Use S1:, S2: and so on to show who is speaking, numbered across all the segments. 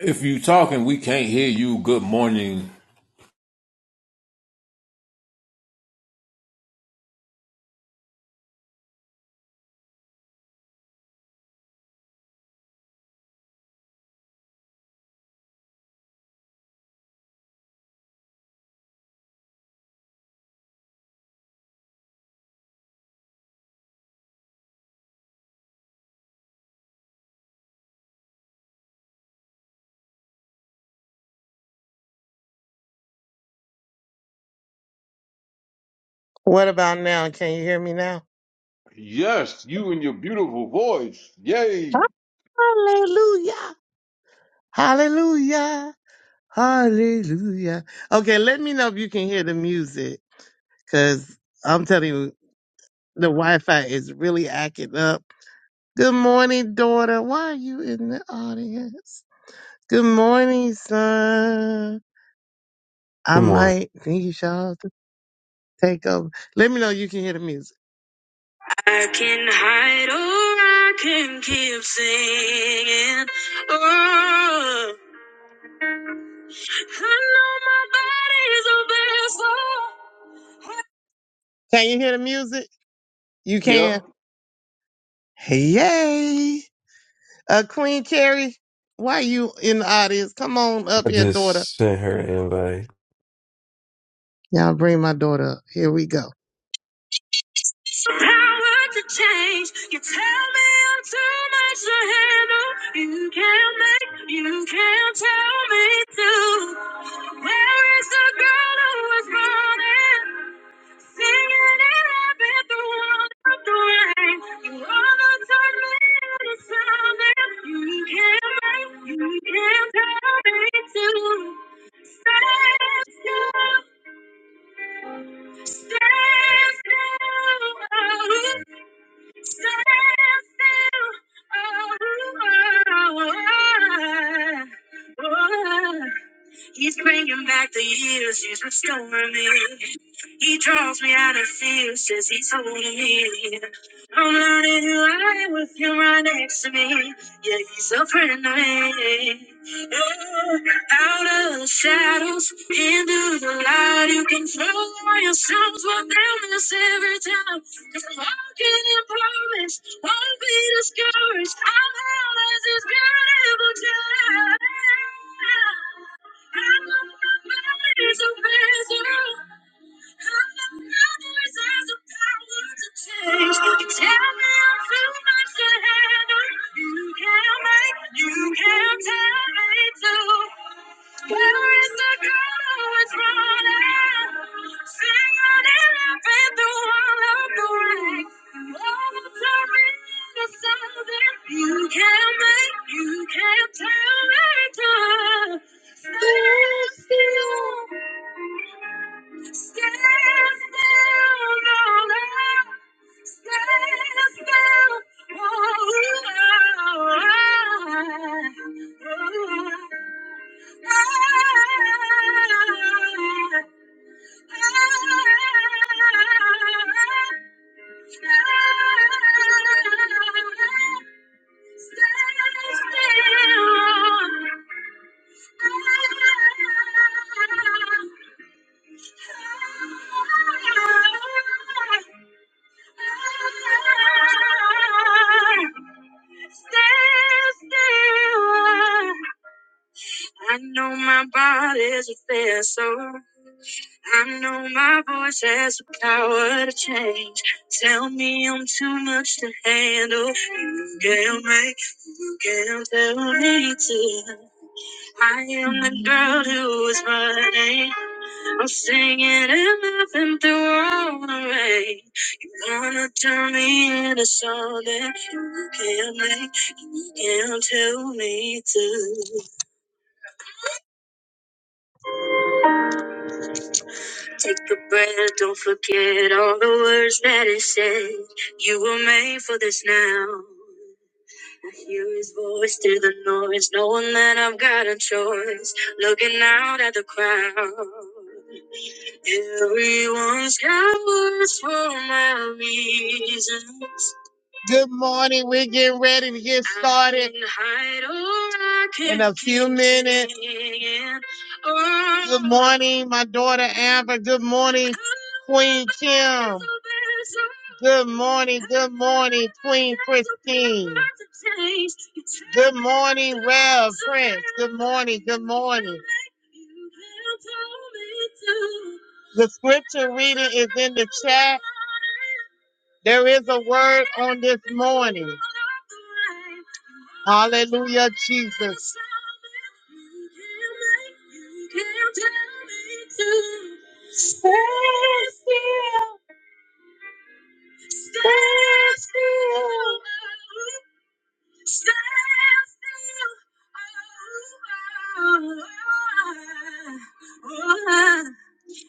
S1: If you talking, we can't hear you. Good morning.
S2: What about now? Can you hear me now?
S1: Yes, you and your beautiful voice. Yay.
S2: Hallelujah. Hallelujah. Hallelujah. Okay, let me know if you can hear the music because I'm telling you, the Wi Fi is really acting up. Good morning, daughter. Why are you in the audience? Good morning, son. I
S3: Good morning.
S2: might need y'all to take over. Let me know you can hear the music. I can hide or I can keep singing. Oh, I know my body's a vessel. Can you hear the music? You can.
S1: Yep.
S2: Yay. Uh, Queen Carrie, why you in the audience? Come on up
S3: I
S2: here, daughter.
S3: just sent her an invite.
S2: Y'all bring my daughter up. Here we go. It's your power to change. You tell me I'm too much to handle. You can't make, you can't tell me to. Where is the girl who was running? Singing it up at the one of the rain. You wanna turn me into something. You can't make, you can't tell me to. Stay still. He's bringing back the years, he's restoring me. He draws me out of fear, says he's holding me. I'm learning who I am with him right next to me. Yeah, he's a friend of mine. Oh, out of the shadows, into the light, you can throw all your songs, but down this every time. Cause I'm walking in promise, won't be discouraged. I'm held as his beautiful child. You can't make, you can't tell it. all. Stand still. Stand still. I know my body's a vessel. I know my voice has the power to change. Tell me I'm too much to handle. You can not make, you can not tell me to. I am the girl who is running. I'll sing it and laughing through all the rain. You wanna turn me into something you can't make, you can't tell me to. Take a breath, don't forget all the words that it said. You were made for this now. I hear his voice through the noise, knowing that I've got a choice. Looking out at the crowd. Everyone's got words for my reasons. Good morning. We're getting ready to get started in a few minutes. Oh. Good morning, my daughter Amber. Good morning, Queen Kim. Good morning, good morning, Queen Christine. Good morning, Rev Prince. Good morning, good morning. The scripture reading is in the chat. There is a word on this morning. Hallelujah, Jesus.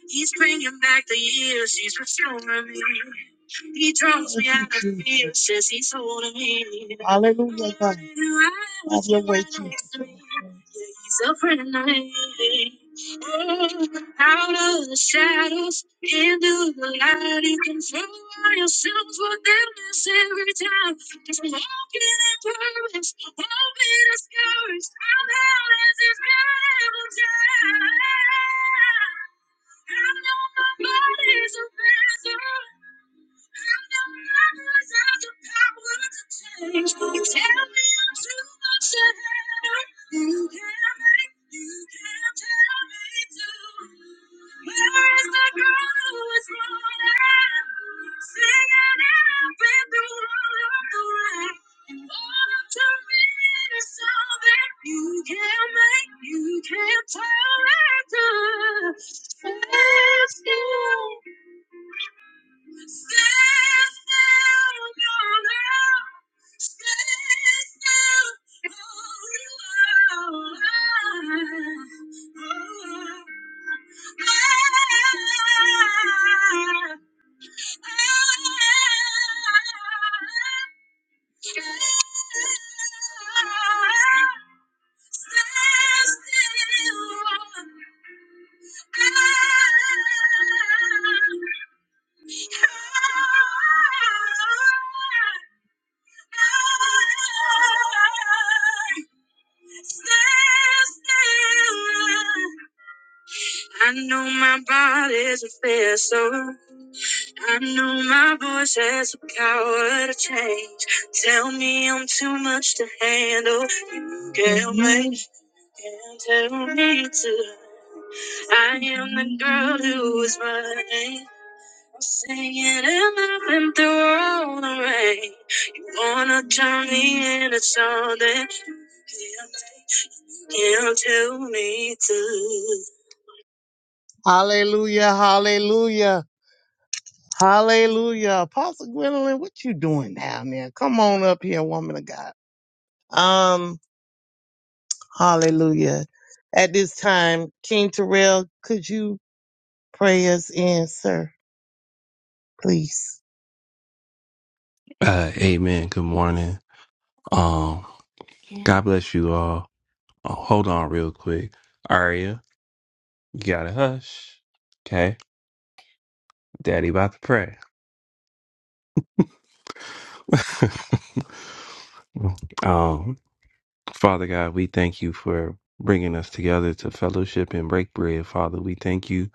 S2: He's bringing back the years. He's restoring me. He draws me out of fear, says he's holding me. Hallelujah, God. Have your way, Jesus. He's a friend. I need. Oh, out of the shadows, into the light, you can find yourselves within every time. Just walking in purpose, hoping discouraged. I'm out as if never time. I know my body's a vessel. Stay still, oh no. Stay still, hold me while I, I, I, I, I, I, I, I, I, stay still. I know my body's a vessel. I know my voice has the power to change. Tell me I'm too much to handle. Girl, make and tell me to. I am the girl who is running, Singing in the rain. Wanna turn me into something. Now tell me to- Hallelujah, hallelujah, hallelujah. Apostle Gwendolyn, what you doing down there? Come on up here, woman of God. Um, hallelujah. At this time, King Terrell, could you pray us in, sir, please?
S3: Uh, amen. Good morning. Um, God bless you all. Oh, hold on real quick. Aria, you gotta hush. Okay. Daddy about to pray. um, Father God, we thank you for bringing us together to fellowship and break bread. Father, we thank you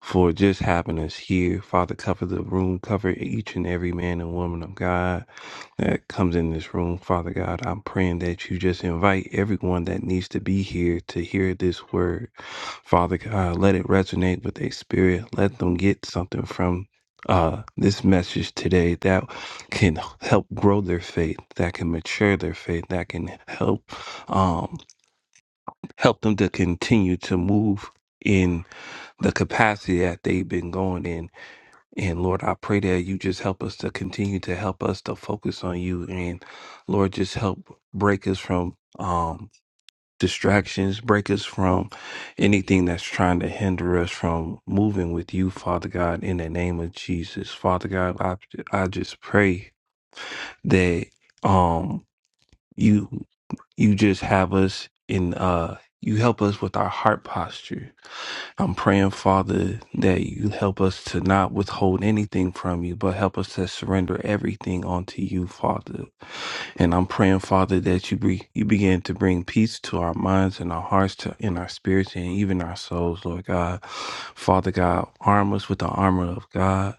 S3: for just having us here. Father, cover the room, cover each and every man and woman of God. that comes in this room. Father God, I'm praying that you just invite everyone that needs to be here to hear this word. Father God, let it resonate with their spirit. Let them get something from uh, this message today that can help grow their faith, that can mature their faith, that can help um, help them to continue to move in the capacity that they've been going in and Lord, I pray that you just help us to continue to help us to focus on you. And Lord, just help break us from um, distractions, break us from anything that's trying to hinder us from moving with you, Father God, in the name of Jesus. Father God, I, I just pray that um, you you just have us in, uh, you help us with our heart posture I'm praying, Father, that you help us to not withhold anything from you, but help us to surrender everything onto you, Father. And I'm praying, Father, that you be, you begin to bring peace to our minds and our hearts, to in our spirits and even our souls, Lord God. Father God, arm us with the armor of God.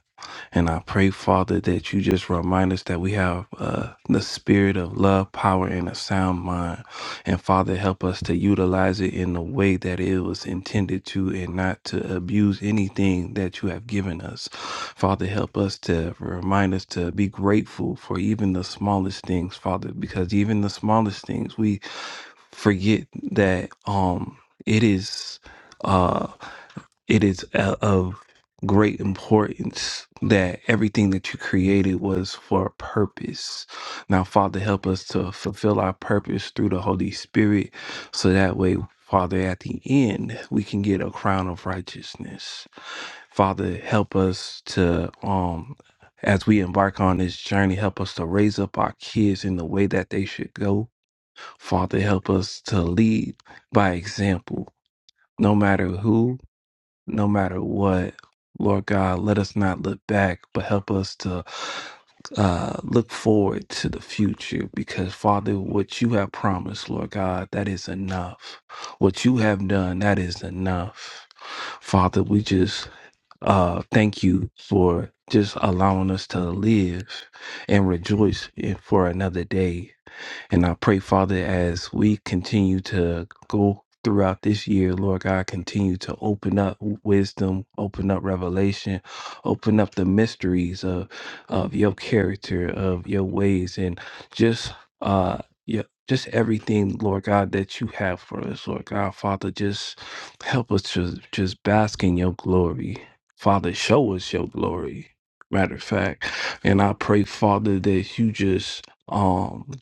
S3: And I pray, Father, that you just remind us that we have uh, the spirit of love, power, and a sound mind. And Father, help us to utilize it in the way that it was intended to and not to abuse anything that you have given us. Father, help us to remind us to be grateful for even the smallest things, Father, because even the smallest things, we forget that um, it is. uh, it is uh, of great importance that everything that you created was for a purpose. Now, Father, help us to fulfill our purpose through the Holy Spirit so that way, Father, at the end, we can get a crown of righteousness. Father, help us to, um, as we embark on this journey, help us to raise up our kids in the way that they should go. Father, help us to lead by example, no matter who no matter what. Lord God, let us not look back, but help us to uh, look forward to the future because, Father, what you have promised, Lord God, that is enough. What you have done, that is enough. Father, we just uh, thank you for just allowing us to live and rejoice in- for another day. And I pray, Father, as we continue to go throughout this year, Lord God, continue to open up wisdom, open up revelation, open up the mysteries of of your character, of your ways, and just uh yeah, just everything, Lord God, that you have for us, Lord God, Father, just help us to just bask in your glory. Father, show us your glory. Matter of fact. And I pray, Father, that you just um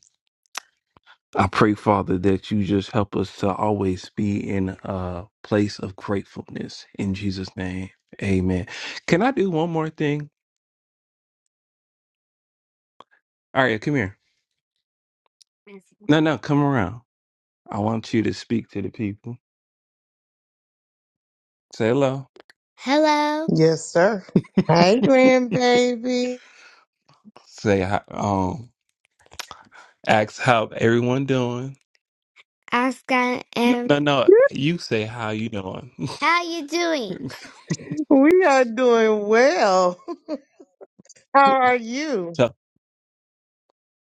S3: I pray, Father, that you just help us to always be in a place of gratefulness. In Jesus' name, amen. Can I do one more thing? All right, come here. No, no, come around. I want you to speak to the people. Say hello. Hello.
S2: Yes, sir. Hey, grandbaby.
S3: Say, hi- um, ask how everyone doing. I Scott No, no, no. You say how you doing. how you doing?
S2: We are doing well. How are you?
S3: So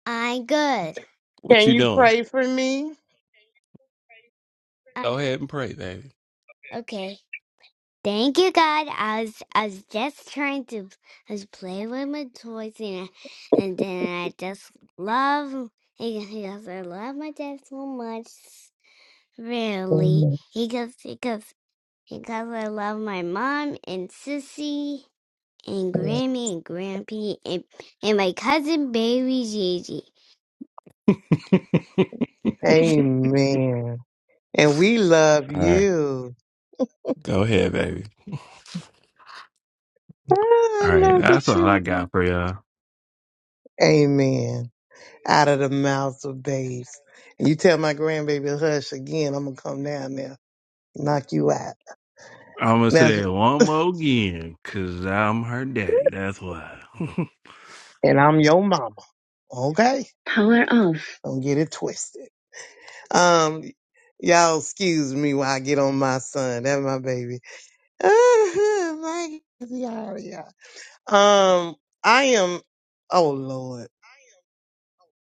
S3: I'm good. What
S2: Can
S3: you
S2: you
S3: doing?
S2: pray for me?
S3: I, Go ahead and pray, baby. okay. Thank you, God. I was I was just trying to I was playing with my toys and and then I just love because I love my dad so much. Really,
S2: Amen.
S3: because because because I love my mom and sissy and Grammy and Grampy and and my cousin baby Gigi.
S2: Amen. And we love
S3: All right.
S2: you.
S3: Go ahead, baby.
S2: I
S3: All right,
S2: love the
S3: that's all I
S2: children.
S3: got for y'all.
S2: Amen. Out of the mouths of babes. And you tell my grandbaby hush again, I'm gonna come down there, knock you out.
S3: I'm gonna
S2: That's
S3: say it one more again, cause I'm her daddy. That's why.
S2: and I'm your mama. Okay? Don't get it twisted. Um y'all excuse me while I get on my son. That's my baby. my y'all, y'all. Um I am oh Lord.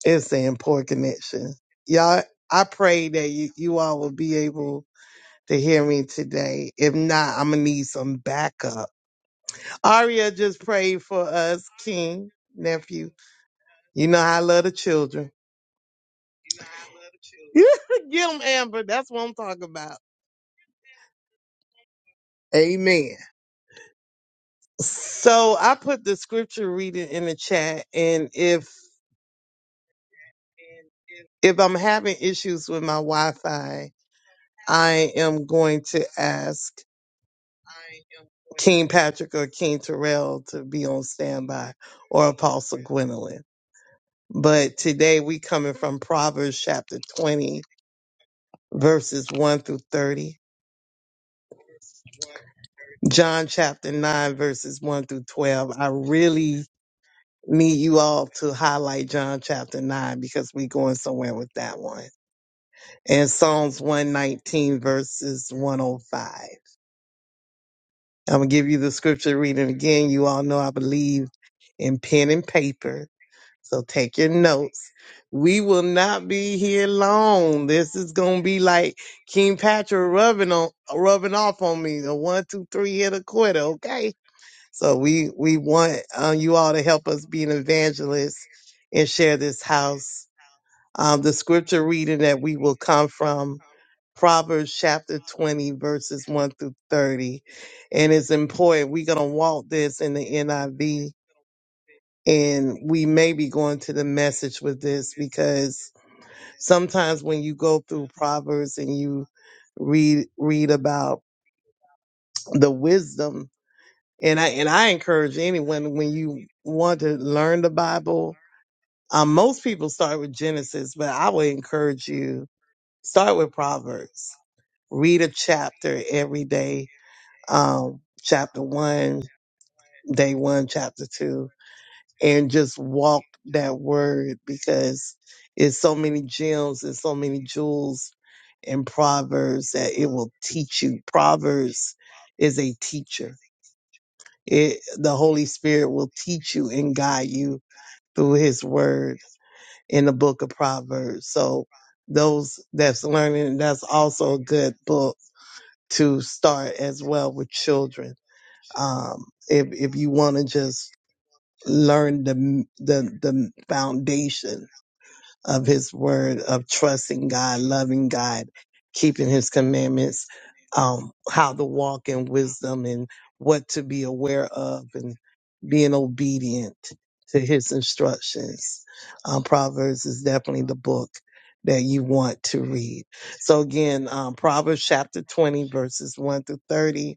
S2: It's saying poor connection. Y'all, I pray that you, you all will be able to hear me today. If not, I'm going to need some backup. Aria just prayed for us, King, nephew. You know I love the children. Get them, Amber. That's what I'm talking about. Amen. So I put the scripture reading in the chat, and if if I'm having issues with my Wi-Fi, I am going to ask. King Patrick or King Terrell to be on standby or Apostle Gwendolyn. But today we coming from Proverbs chapter 20 verses 1 through 30. John chapter 9 verses 1 through 12. I really need you all to highlight John chapter 9 because we going somewhere with that one. And Psalms 119 verses 105. I'm going to give you the scripture reading again. You all know I believe in pen and paper So take your notes. We will not be here long. This is gonna be like King Patrick rubbing on rubbing off on me. The one, two, three hit a quitter, okay? So we we want uh, you all to help us be an evangelist and share this house. Um, the scripture reading that we will come from Proverbs chapter 20, verses 1 through 30. And it's important. We're gonna walk this in the NIV and we may be going to the message with this because sometimes when you go through proverbs and you read read about the wisdom and i and i encourage anyone when you want to learn the bible um, most people start with genesis but i would encourage you start with proverbs read a chapter every day um, chapter one day one chapter two and just walk that word because it's so many gems and so many jewels in Proverbs that it will teach you. Proverbs is a teacher. It, the Holy Spirit will teach you and guide you through His Word in the book of Proverbs. So those that's learning, that's also a good book to start as well with children. Um, if if you want to just learn the the the foundation of his word of trusting God, loving God, keeping his commandments, um, how to walk in wisdom and what to be aware of and being obedient to his instructions. Um, Proverbs is definitely the book that you want to read. So again, um, Proverbs chapter 20 verses 1 through 30,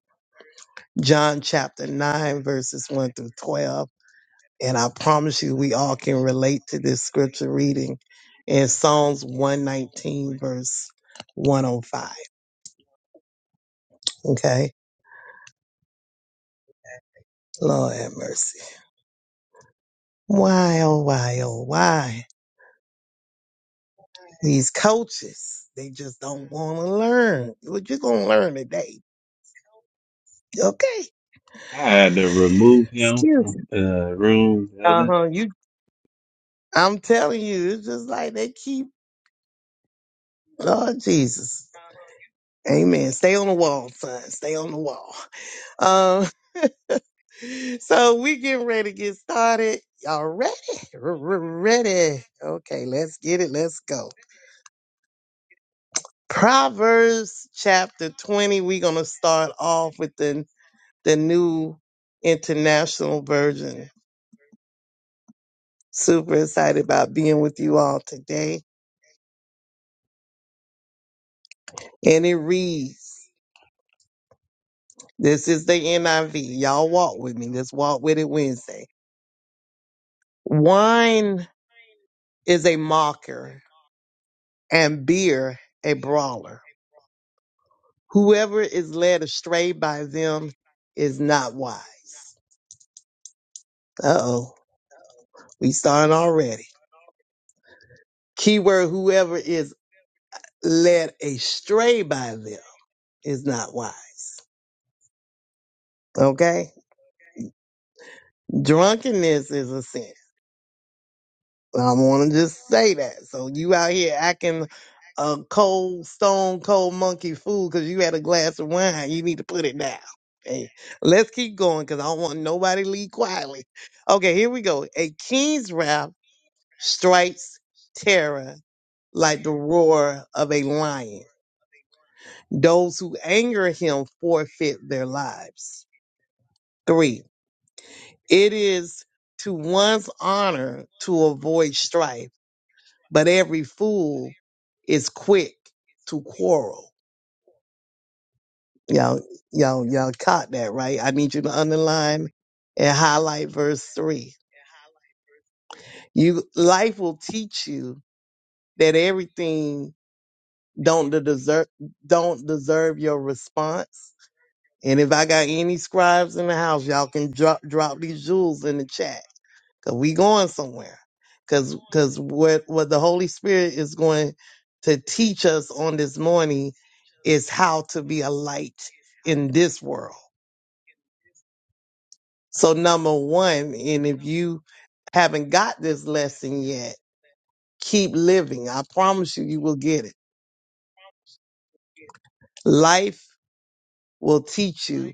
S2: John chapter 9 verses 1 through 12, and I promise you, we all can relate to this scripture reading in Psalms 119, verse 105. Okay? Lord have mercy. Why, oh, why, oh, why? These coaches, they just don't want to learn. What you going to learn today? Okay?
S3: I had to remove him
S2: Excuse
S3: from
S2: me.
S3: the room the
S2: Uh
S3: other
S2: huh. You, I'm telling you, it's just like they keep, Lord Jesus. Amen. Stay on the wall, son. Stay on the wall. Um, so we getting ready to get started. Y'all ready? R- r- Ready. Okay, let's get it. Let's go. Proverbs chapter 20. We're gonna start off with the, the new international version. Super excited about being with you all today. And it reads, This is the NIV. Y'all walk with me. Let's walk with it Wednesday. Wine is a mocker and beer a brawler Whoever is led astray by them is not wise. Uh oh, we starting already. Keyword whoever is led astray by them is not wise. Okay? Drunkenness is a sin. I want to just say that. So you out here acting a cold, stone cold monkey fool because you had a glass of wine. You need to put it down. Hey, let's keep going because I don't want nobody to leave quietly. Okay, here we go. A king's wrath strikes terror like the roar of a lion. Those who anger him forfeit their lives. Three, it is to one's honor to avoid strife, but every fool is quick to quarrel. Y'all, y'all, y'all caught that, right? I need you to underline and highlight verse three. You, life will teach you that everything don't the deserve don't deserve your response. And if I got any scribes in the house, y'all can drop drop these jewels in the chat. Cause we going somewhere. Cause cause what what the Holy Spirit is going to teach us on this morning is how to be a light in this world. So number one, and if you haven't got this lesson yet, keep living. I promise you, you will get it. Life will teach you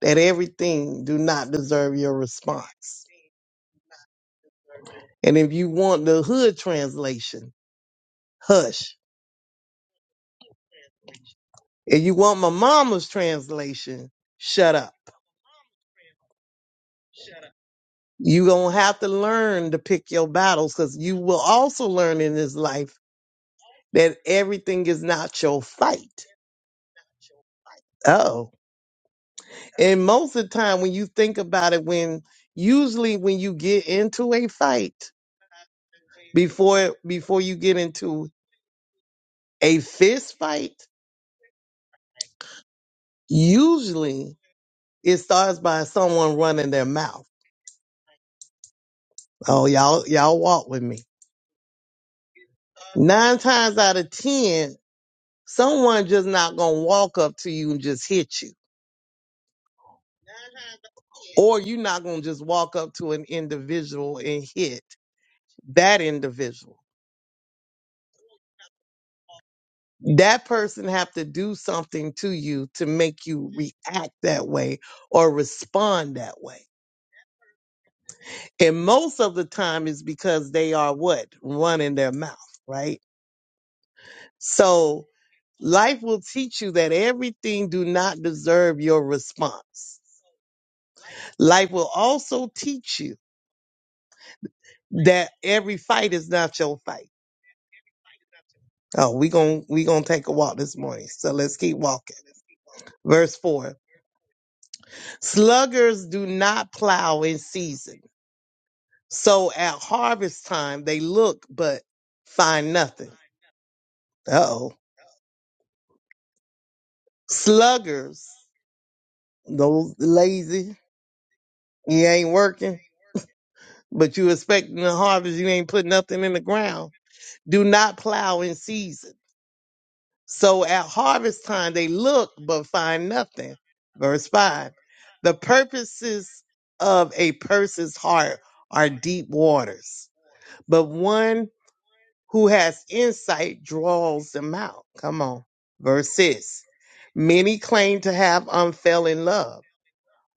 S2: that everything do not deserve your response. And if you want the hood translation, hush. If you want my mama's translation, shut up. You gonna have to learn to pick your battles because you will also learn in this life that everything is not your fight. Oh. And most of the time when you think about it, when usually when you get into a fight, before before you get into a fist fight, usually It starts by someone running their mouth. Oh, y'all, y'all walk with me. Nine times out of ten, someone just not gonna walk up to you and just hit you. Or you're not gonna just walk up to an individual and hit that individual. That person have to do something to you to make you react that way or respond that way. And most of the time it's because they are what? Running their mouth, right? So Life will teach you that everything do not deserve your response. Life will also teach you that every fight is not your fight. Oh, we gon' we going to take a walk this morning. So let's keep walking. Verse 4. Sluggers do not plow in season. So at harvest time they look but find nothing. Uh-oh. Sluggers, those lazy, you ain't working, but you expecting the harvest, you ain't putting nothing in the ground do not plow in season. So at harvest time they look but find nothing. Verse 5. The purposes of a person's heart are deep waters, but one who has insight draws them out. Come on. Verse 6. Many claim to have unfailing love,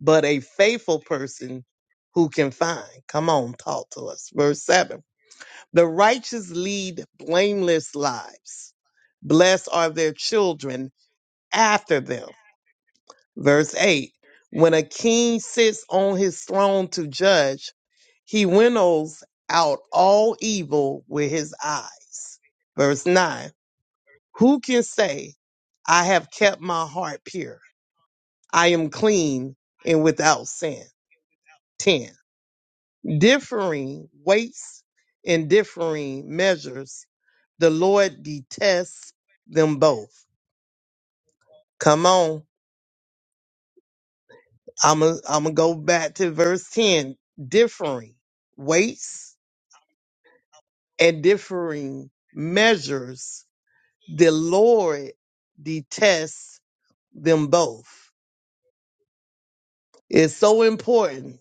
S2: but a faithful person who can find. Come on, talk to us. Verse 7 the righteous lead blameless lives. Blessed are their children after them. Verse 8 When a king sits on his throne to judge, he winnows out all evil with his eyes. Verse 9 Who can say, I have kept my heart pure? I am clean and without sin. 10. differing weights and differing measures, the Lord detests them both. Come on. I'm going to go back to verse 10. Differing weights and differing measures, the Lord detests them both. It's so important.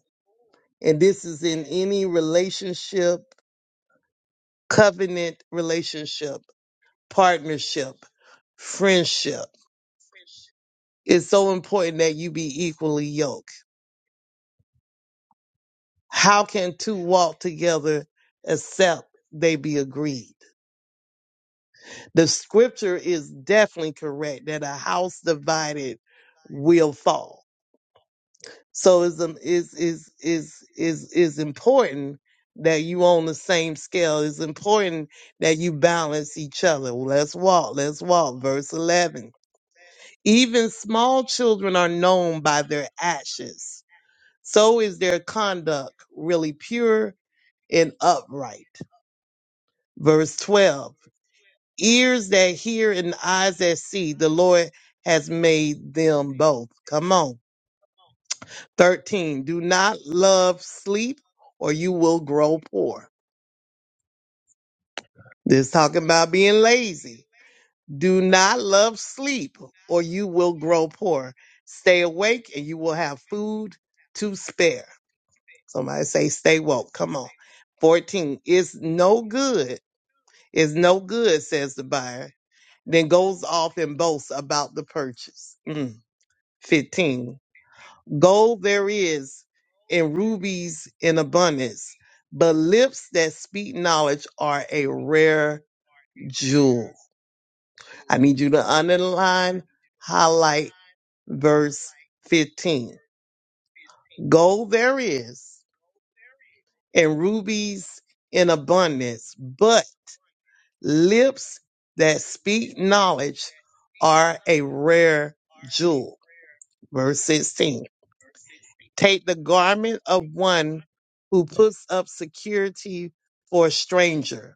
S2: And this is in any relationship, covenant relationship, partnership, friendship. It's so important that you be equally yoked. How can two walk together except they be agreed? The scripture is definitely correct that a house divided will fall. So it's um, is is is is is important that you on the same scale. It's important that you balance each other. Let's walk, let's walk. Verse eleven. Even small children are known by their actions. So is their conduct really pure and upright. Verse 12 Ears that hear and eyes that see, the Lord has made them both. Come on. 13 Do not love sleep, or you will grow poor. This talking about being lazy. Do not love sleep, or you will grow poor. Stay awake, and you will have food to spare. Somebody say, Stay woke. Come on. 14 It's no good is no good, says the buyer, then goes off and boasts about the purchase. Mm. 15. Gold there is and rubies in abundance, but lips that speak knowledge are a rare jewel. I need you to underline, highlight verse 15. Gold there is and rubies in abundance, but Lips that speak knowledge are a rare jewel. Verse 16. Take the garment of one who puts up security for a stranger.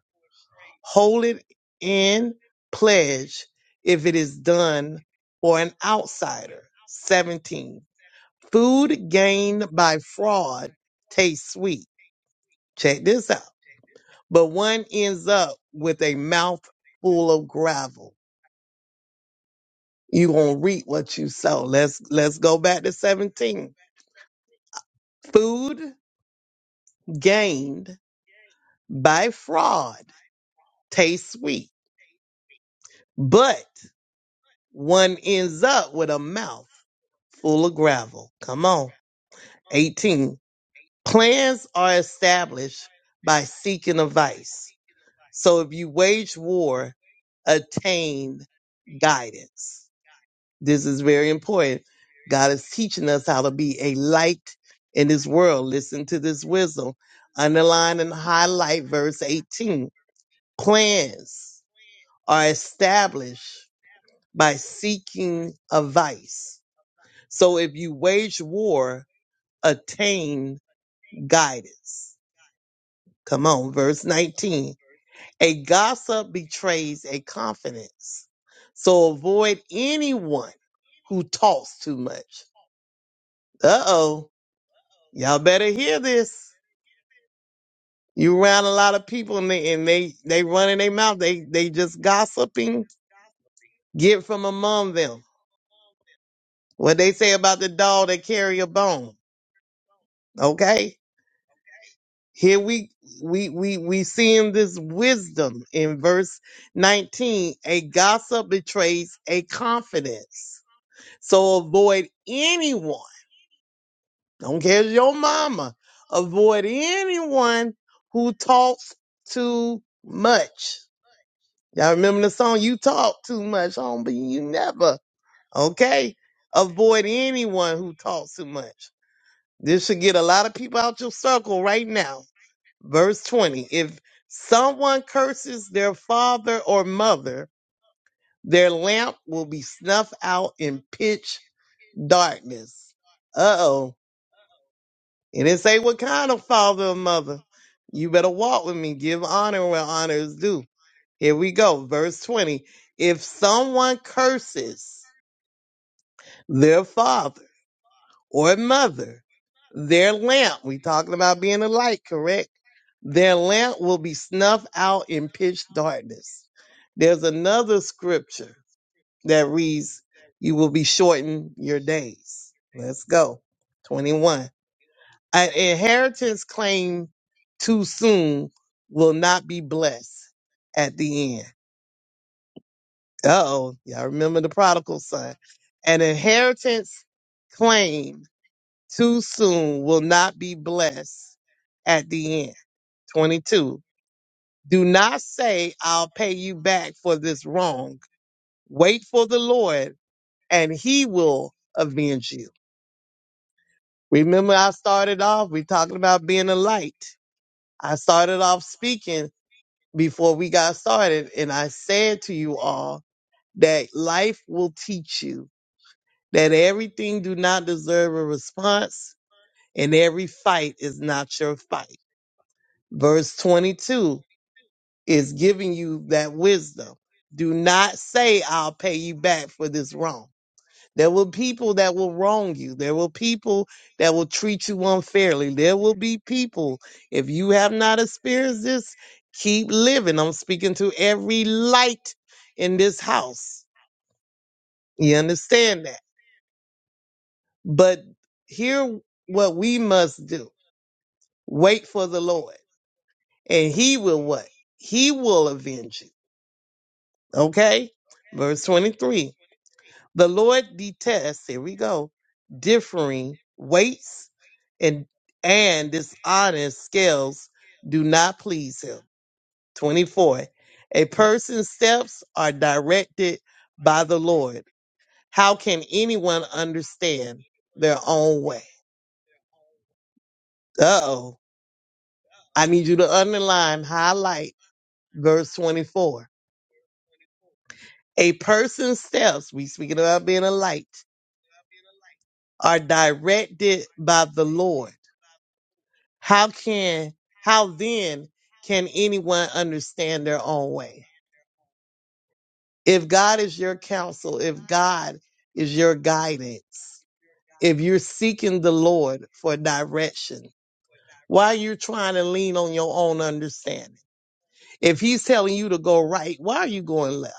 S2: Hold it in pledge if it is done for an outsider. 17. Food gained by fraud tastes sweet. Check this out. But one ends up with a mouth full of gravel. you gonna reap what you sow. Let's let's go back to 17. Food gained by fraud tastes sweet, but one ends up with a mouth full of gravel. Come on. 18. Plans are established by seeking advice. So if you wage war, attain guidance. This is very important. God is teaching us how to be a light in this world. Listen to this wisdom. Underline and highlight verse 18. Plans are established by seeking advice. So if you wage war, attain guidance. Come on, verse 19. A gossip betrays a confidence. So avoid anyone who talks too much. Uh oh Y'all better hear this. You around a lot of people and they and they, they running their mouth. They they just gossiping. Get from among them. What they say about the dog that carry a bone. Okay? Here we we we we seeing this wisdom in verse 19. A gossip betrays a confidence. So avoid anyone. Don't care if your mama. Avoid anyone who talks too much Y'all remember the song You Talk Too Much, Homie? You never. Okay? Avoid anyone who talks too much. This should get a lot of people out your circle right now. Verse 20. If someone curses their father or mother, their lamp will be snuffed out in pitch darkness. Uh oh. And It say what kind of father or mother. You better walk with me. Give honor where honor is due. Here we go, verse 20. If someone curses their father or mother, their lamp, we talking about being a light, correct? Their lamp will be snuffed out in pitch darkness. There's another scripture that reads, You will be shortened your days. Let's go. 21. An inheritance claimed too soon will not be blessed at the end. Oh, y'all remember the prodigal son. An inheritance claim too soon will not be blessed at the end. 22. Do not say, I'll pay you back for this wrong. Wait for the Lord and he will avenge you. Remember, I started off, we talking about being a light. I started off speaking before we got started, and I said to you all that life will teach you that everything do not deserve a response and every fight is not your fight. Verse 22 is giving you that wisdom. Do not say I'll pay you back for this wrong. There will people that will wrong you. There will people that will treat you unfairly. There will be people. If you have not experienced this, keep living. I'm speaking to every light in this house. You understand that? But here what we must do. Wait for the Lord, and he will what? He will avenge you. Okay? Verse 23. The Lord detests, here we go, differing weights and and dishonest scales do not please him. 24. A person's steps are directed by the Lord. How can anyone understand their own way? Uh oh. I need you to underline, highlight verse 24. A person's steps, we speaking about being a light, are directed by the Lord. How can how then can anyone understand their own way? If God is your counsel, if God is your guidance, if you're seeking the Lord for direction, why are you trying to lean on your own understanding? If he's telling you to go right, why are you going left?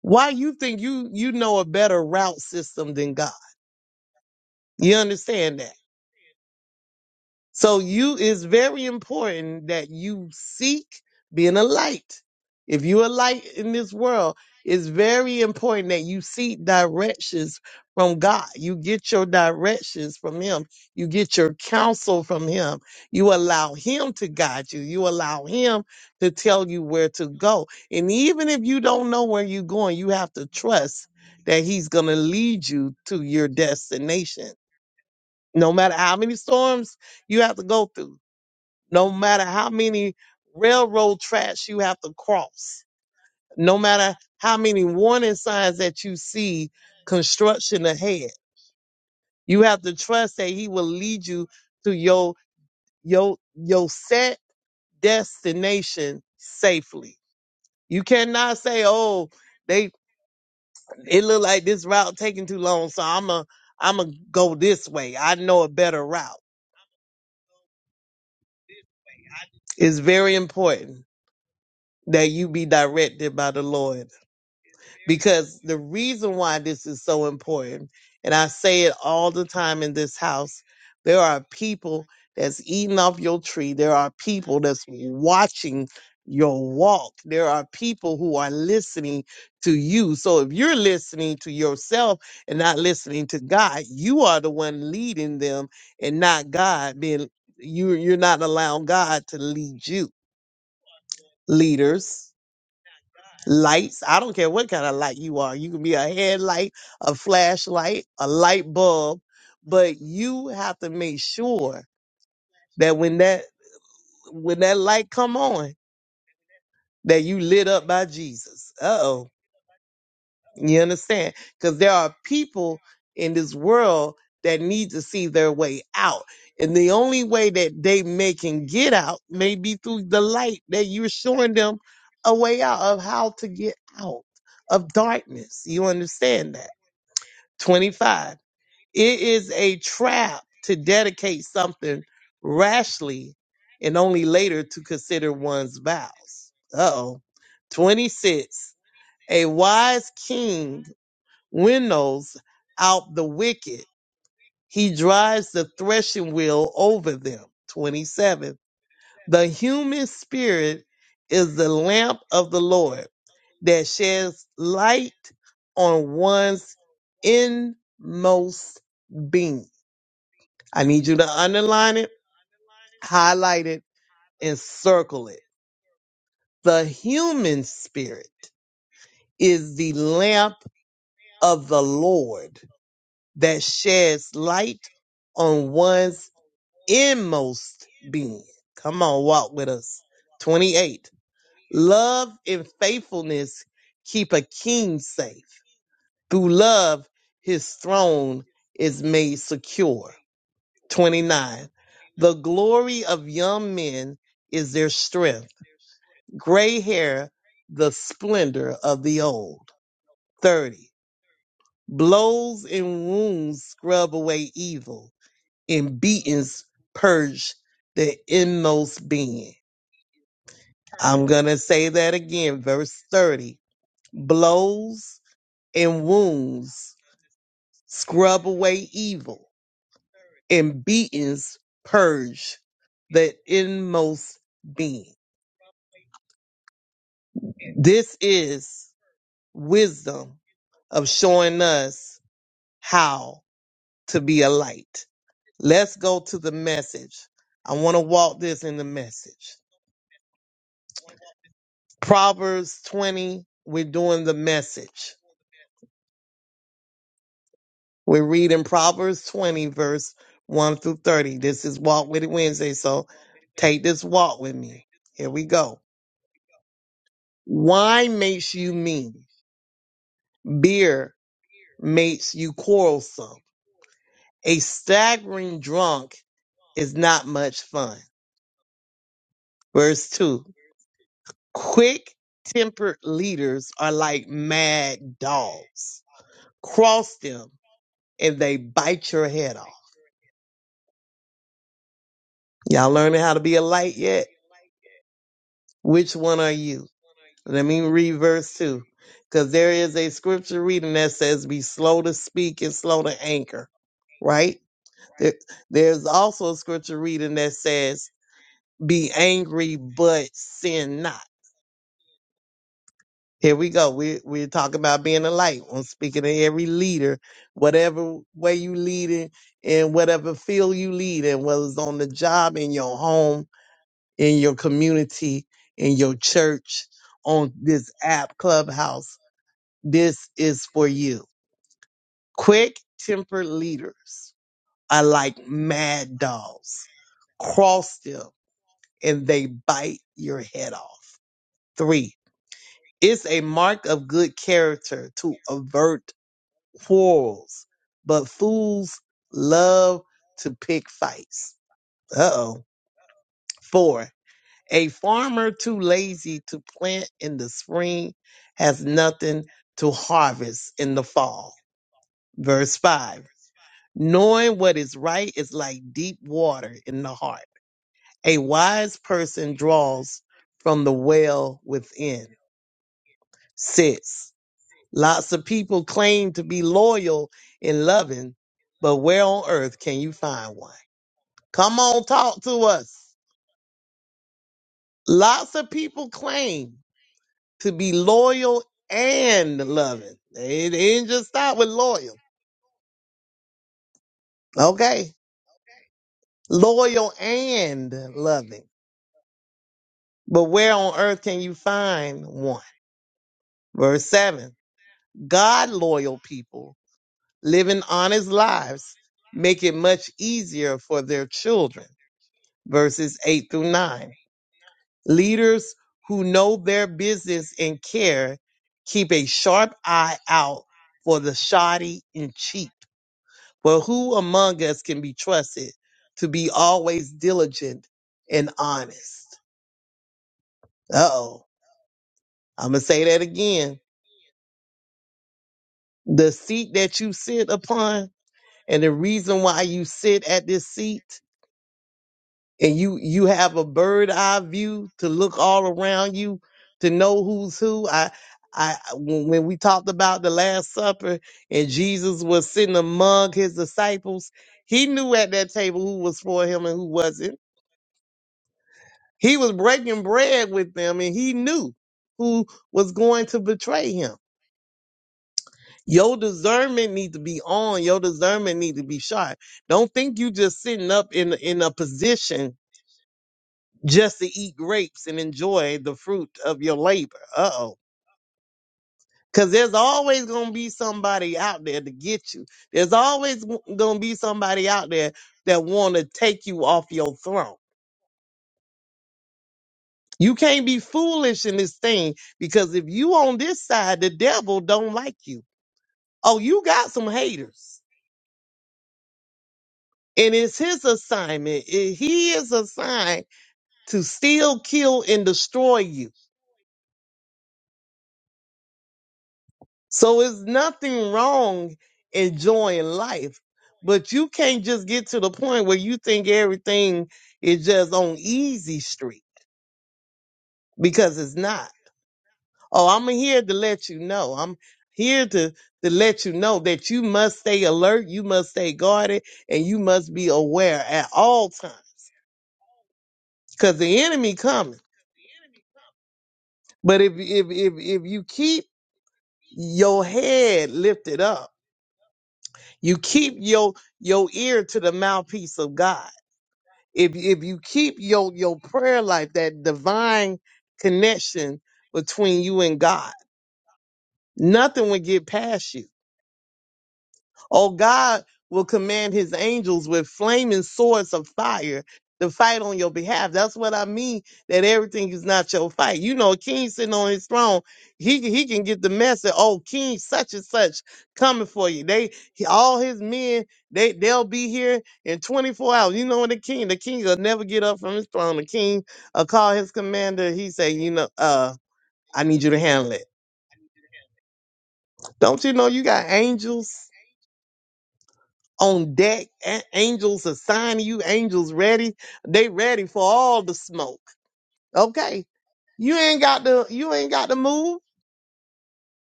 S2: Why you think you you know a better route system than God? You understand that? So you it's very important that you seek being a light. If you're a light in this world, it's very important that you seek directions from God. You get your directions from Him. You get your counsel from Him. You allow Him to guide you. You allow Him to tell you where to go. And even if you don't know where you're going, you have to trust that He's going to lead you to your destination no matter how many storms you have to go through, no matter how many railroad tracks you have to cross, no matter how many warning signs that you see construction ahead, you have to trust that he will lead you to your your your set destination safely. You cannot say, "Oh, they it look like this route taking too long, so I'm a I'm a go this way. I know a better route." It's very important that you be directed by the Lord. Because the reason why this is so important, and I say it all the time in this house, there are people that's eating off your tree. There are people that's watching your walk. There are people who are listening to you. So if you're listening to yourself and not listening to God, you are the one leading them and not God being you you're not allowing God to lead you. Leaders Lights. I don't care what kind of light you are. You can be a headlight, a flashlight, a light bulb, but you have to make sure that when that when that light come on, that you lit up by Jesus. Uh oh. You understand? Because there are people in this world that need to see their way out. And the only way that they may can get out may be through the light that you're showing them a way out of how to get out of darkness. You understand that? 25. It is a trap to dedicate something rashly and only later to consider one's vows. Uh oh. 26. A wise king winnows out the wicked. He drives the threshing wheel over them. 27. The human spirit is the lamp of the Lord that sheds light on one's inmost being. I need you to underline it, highlight it, and circle it. The human spirit is the lamp of the Lord that sheds light on one's in most being. Come on, walk with us. 28. Love and faithfulness keep a king safe. Through love, his throne is made secure. 29. The glory of young men is their strength. Gray hair, the splendor of the old. 30. Blows and wounds scrub away evil, and beatings purge the inmost being. I'm going to say that again, verse 30. Blows and wounds scrub away evil, and beatings purge the inmost being. This is wisdom of showing us how to be a light. Let's go to the message. I want to walk this in the message. Proverbs 20, we're doing the message. We read in Proverbs 20, verse 1 through 30. This is Walk With It Wednesday, so take this walk with me. Here we go. Wine makes you mean, beer makes you quarrelsome. A staggering drunk is not much fun. Verse 2 Quick tempered leaders are like mad dogs. Cross them and they bite your head off. Y'all learning how to be a light yet? Which one are you? Let me read verse 2. Because there is a scripture reading that says, Be slow to speak and slow to anger, right? There, there's also a scripture reading that says, Be angry, but sin not. Here we go. We're, we're talking about being a light. I'm speaking to every leader, whatever way you lead in, in whatever field you lead in, whether it's on the job, in your home, in your community, in your church, on this app, Clubhouse This is for you. Quick tempered leaders are like mad dogs. Cross them and they bite your head off. Three, it's a mark of good character to avert quarrels, but fools love to pick fights. Uh oh. Four, a farmer too lazy to plant in the spring has nothing to harvest in the fall. Verse 5 Knowing what is right is like deep water in the heart. A wise person draws from the well within. Six. Lots of people claim to be loyal and loving, but where on earth can you find one? Come on, talk to us. Lots of people claim to be loyal and loving. It didn't just stop with loyal. Okay. Loyal and loving. But where on earth can you find one? Verse 7 God loyal people living honest lives make it much easier for their children. Verses 8 through 9. Leaders who know their business and care keep a sharp eye out for the shoddy and cheap. But who among us can be trusted to be always diligent and honest? Uh oh. I'm going to say that again. The seat that you sit upon And the reason why you sit at this seat and you you have a bird eye view to look all around you to know who's who. I I when when we talked about the last supper and Jesus was sitting among his disciples, he knew at that table who was for him and who wasn't. He was breaking bread with them and he knew who was going to betray him. Your discernment need to be on. Your discernment need to be sharp. Don't think you just sitting up in in a position just to eat grapes and enjoy the fruit of your labor. Uh oh. Because there's always going to be somebody out there to get you. There's always going to be somebody out there that want to take you off your throne. You can't be foolish in this thing because if you on this side, the devil don't like you. Oh, you got some haters. And it's his assignment. It- He is assigned to steal, kill, and destroy you. So it's nothing wrong enjoying life, but you can't just get to the point where you think everything is just on easy street because it's not. Oh, I'm here to let you know. I'm here to to let you know that you must stay alert, you must stay guarded, and you must be aware at all times because the enemy coming. But if if if if you keep your head lifted up, you keep your your ear to the mouthpiece of God if if you keep your your prayer life, that divine connection between you and God, nothing will get past you. Oh, God will command his angels with flaming swords of fire to fight on your behalf. That's what I mean, that everything is not your fight. You know, a king sitting on his throne, he, can- he can get the message, oh, king such and such coming for you. They, he- all his men, they, they'll be here in 24 hours. You know, when the king, the king will never get up from his throne. The king will call his commander. He say, you know, uh, I need you to handle it. Don't you know you got angels? on deck. A- angels assign you, angels ready. They ready for all the smoke. Okay. You ain't got to you ain't got to move.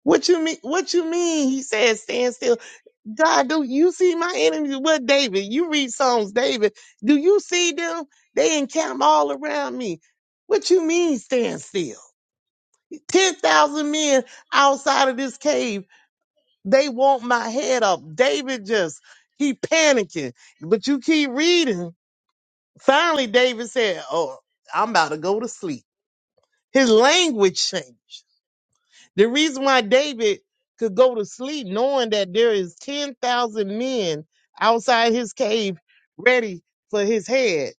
S2: What you mean what you mean? He says, stand still. God, do you see my enemies? What David? You read Psalms, David. Do you see them? They encamp all around me. What you mean stand still? 10,000 men outside of this cave, they want my head up. David just, he panicking. But you keep reading. Finally, David said, Oh, I'm about to go to sleep. His language changed. The reason why David could go to sleep knowing that there is 10,000 men outside his cave ready for his head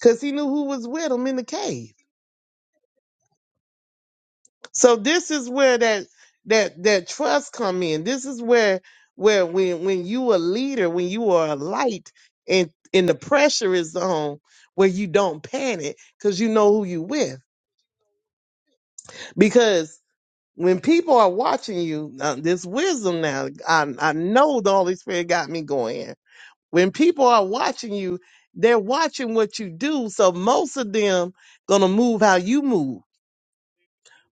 S2: because he knew who was with him in the cave. So this is where that that that trust come in. This is where where when when you a leader, when you are a light and and the pressure is on where you don't panic because you know who you with. Because when people are watching you, uh, this wisdom now, I, I know the Holy Spirit got me going. here. When people are watching you, they're watching what you do. So most of them gonna move how you move.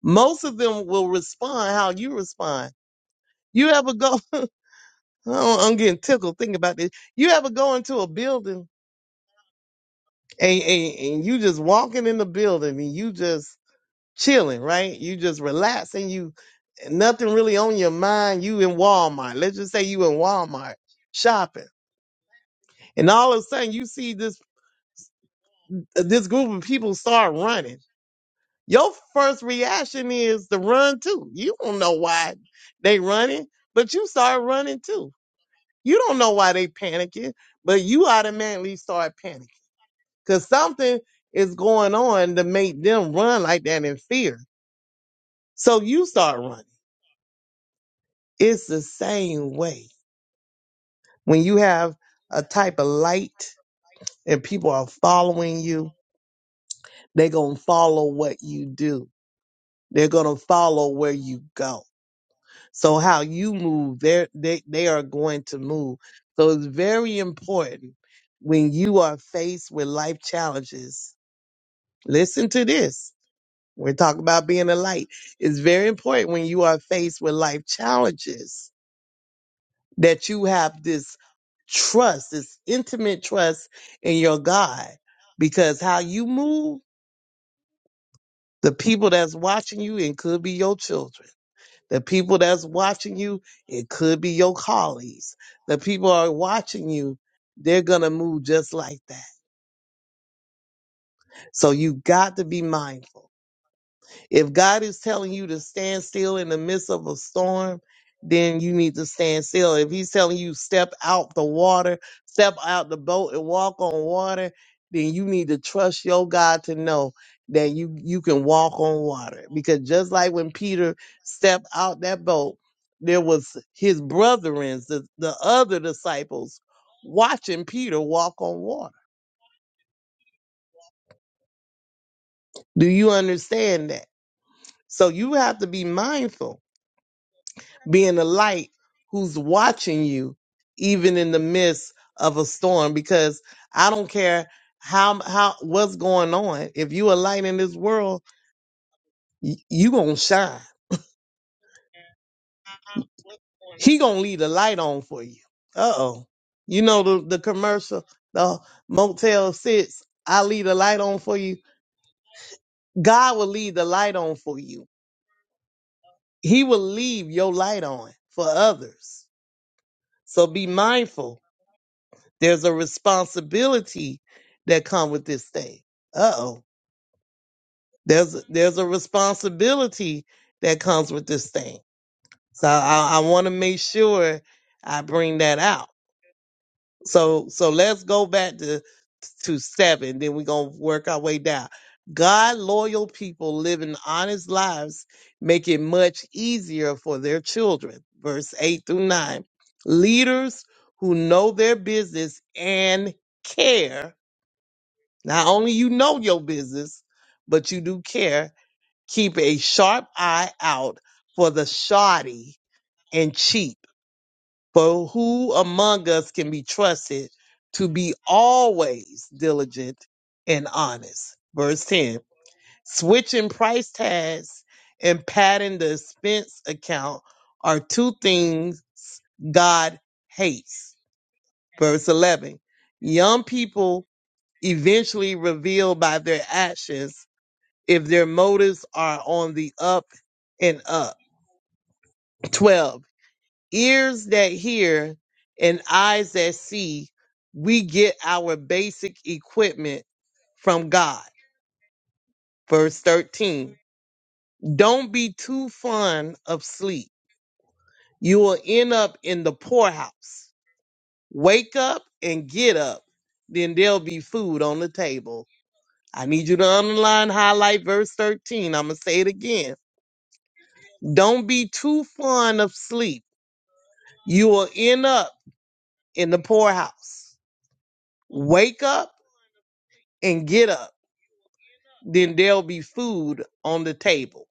S2: Most of them will respond how you respond. You ever go? Oh, I'm getting tickled thinking about this. You ever go into a building and, and, and you just walking in the building and you just chilling, right? You just relaxing. You nothing really on your mind. You in Walmart. Let's just say you in Walmart shopping, and all of a sudden you see this this group of people start running. Your first reaction is to run too. You don't know why they running, but you start running too. You don't know why they panicking, but you automatically start panicking because something is going on to make them run like that in fear. So you start running. It's the same way When you have a type of light and people are following you, they're going to follow what you do. They're going to follow where you go. So how you move, they're, they, they are going to move. So it's very important when you are faced with life challenges. Listen to this. We're talking about being a light. It's very important when you are faced with life challenges that you have this trust, this intimate trust in your God, because how you move, the people that's watching you, it could be your children. The people that's watching you, it could be your colleagues. The people are watching you, they're gonna move just like that. So you got to be mindful. If God is telling you to stand still in the midst of a storm, then you need to stand still. If He's telling you step out the water, step out the boat and walk on water, then you need to trust your God to know that you you can walk on water. Because just like when Peter stepped out that boat, there was his brethren, the, the other disciples, watching Peter walk on water. Do you understand that? So you have to be mindful being a light who's watching you even in the midst of a storm because I don't care how how what's going on if you a light in this world y- you going to shine he going to leave the light on for you uh-oh you know the the commercial the motel 6 I leave the light on for you God will leave the light on for you he will leave your light on for others so be mindful There's a responsibility that comes with this thing. Uh oh. There's there's a responsibility that comes with this thing. So I, I want to make sure I bring that out. So so let's go back to to seven. Then we're gonna work our way down. God loyal people living honest lives make it much easier for their children. Verse eight through nine. Leaders who know their business and care Not only you know your business, but you do care. Keep a sharp eye out for the shoddy and cheap. For who among us can be trusted to be always diligent and honest? Verse 10 switching price tags and padding the expense account are two things God hates. Verse 11 young people eventually reveal by their actions if their motives are on the up and up. 12. Ears that hear and eyes that see, we get our basic equipment from God. Verse 13. Don't be too fond of sleep. You will end up in the poorhouse. Wake up and get up. Then there'll be food on the table. I need you to underline, highlight verse 13. I'm going to say it again. Don't be too fond of sleep You will end up in the poorhouse. Wake up and get up. Then there'll be food on the table.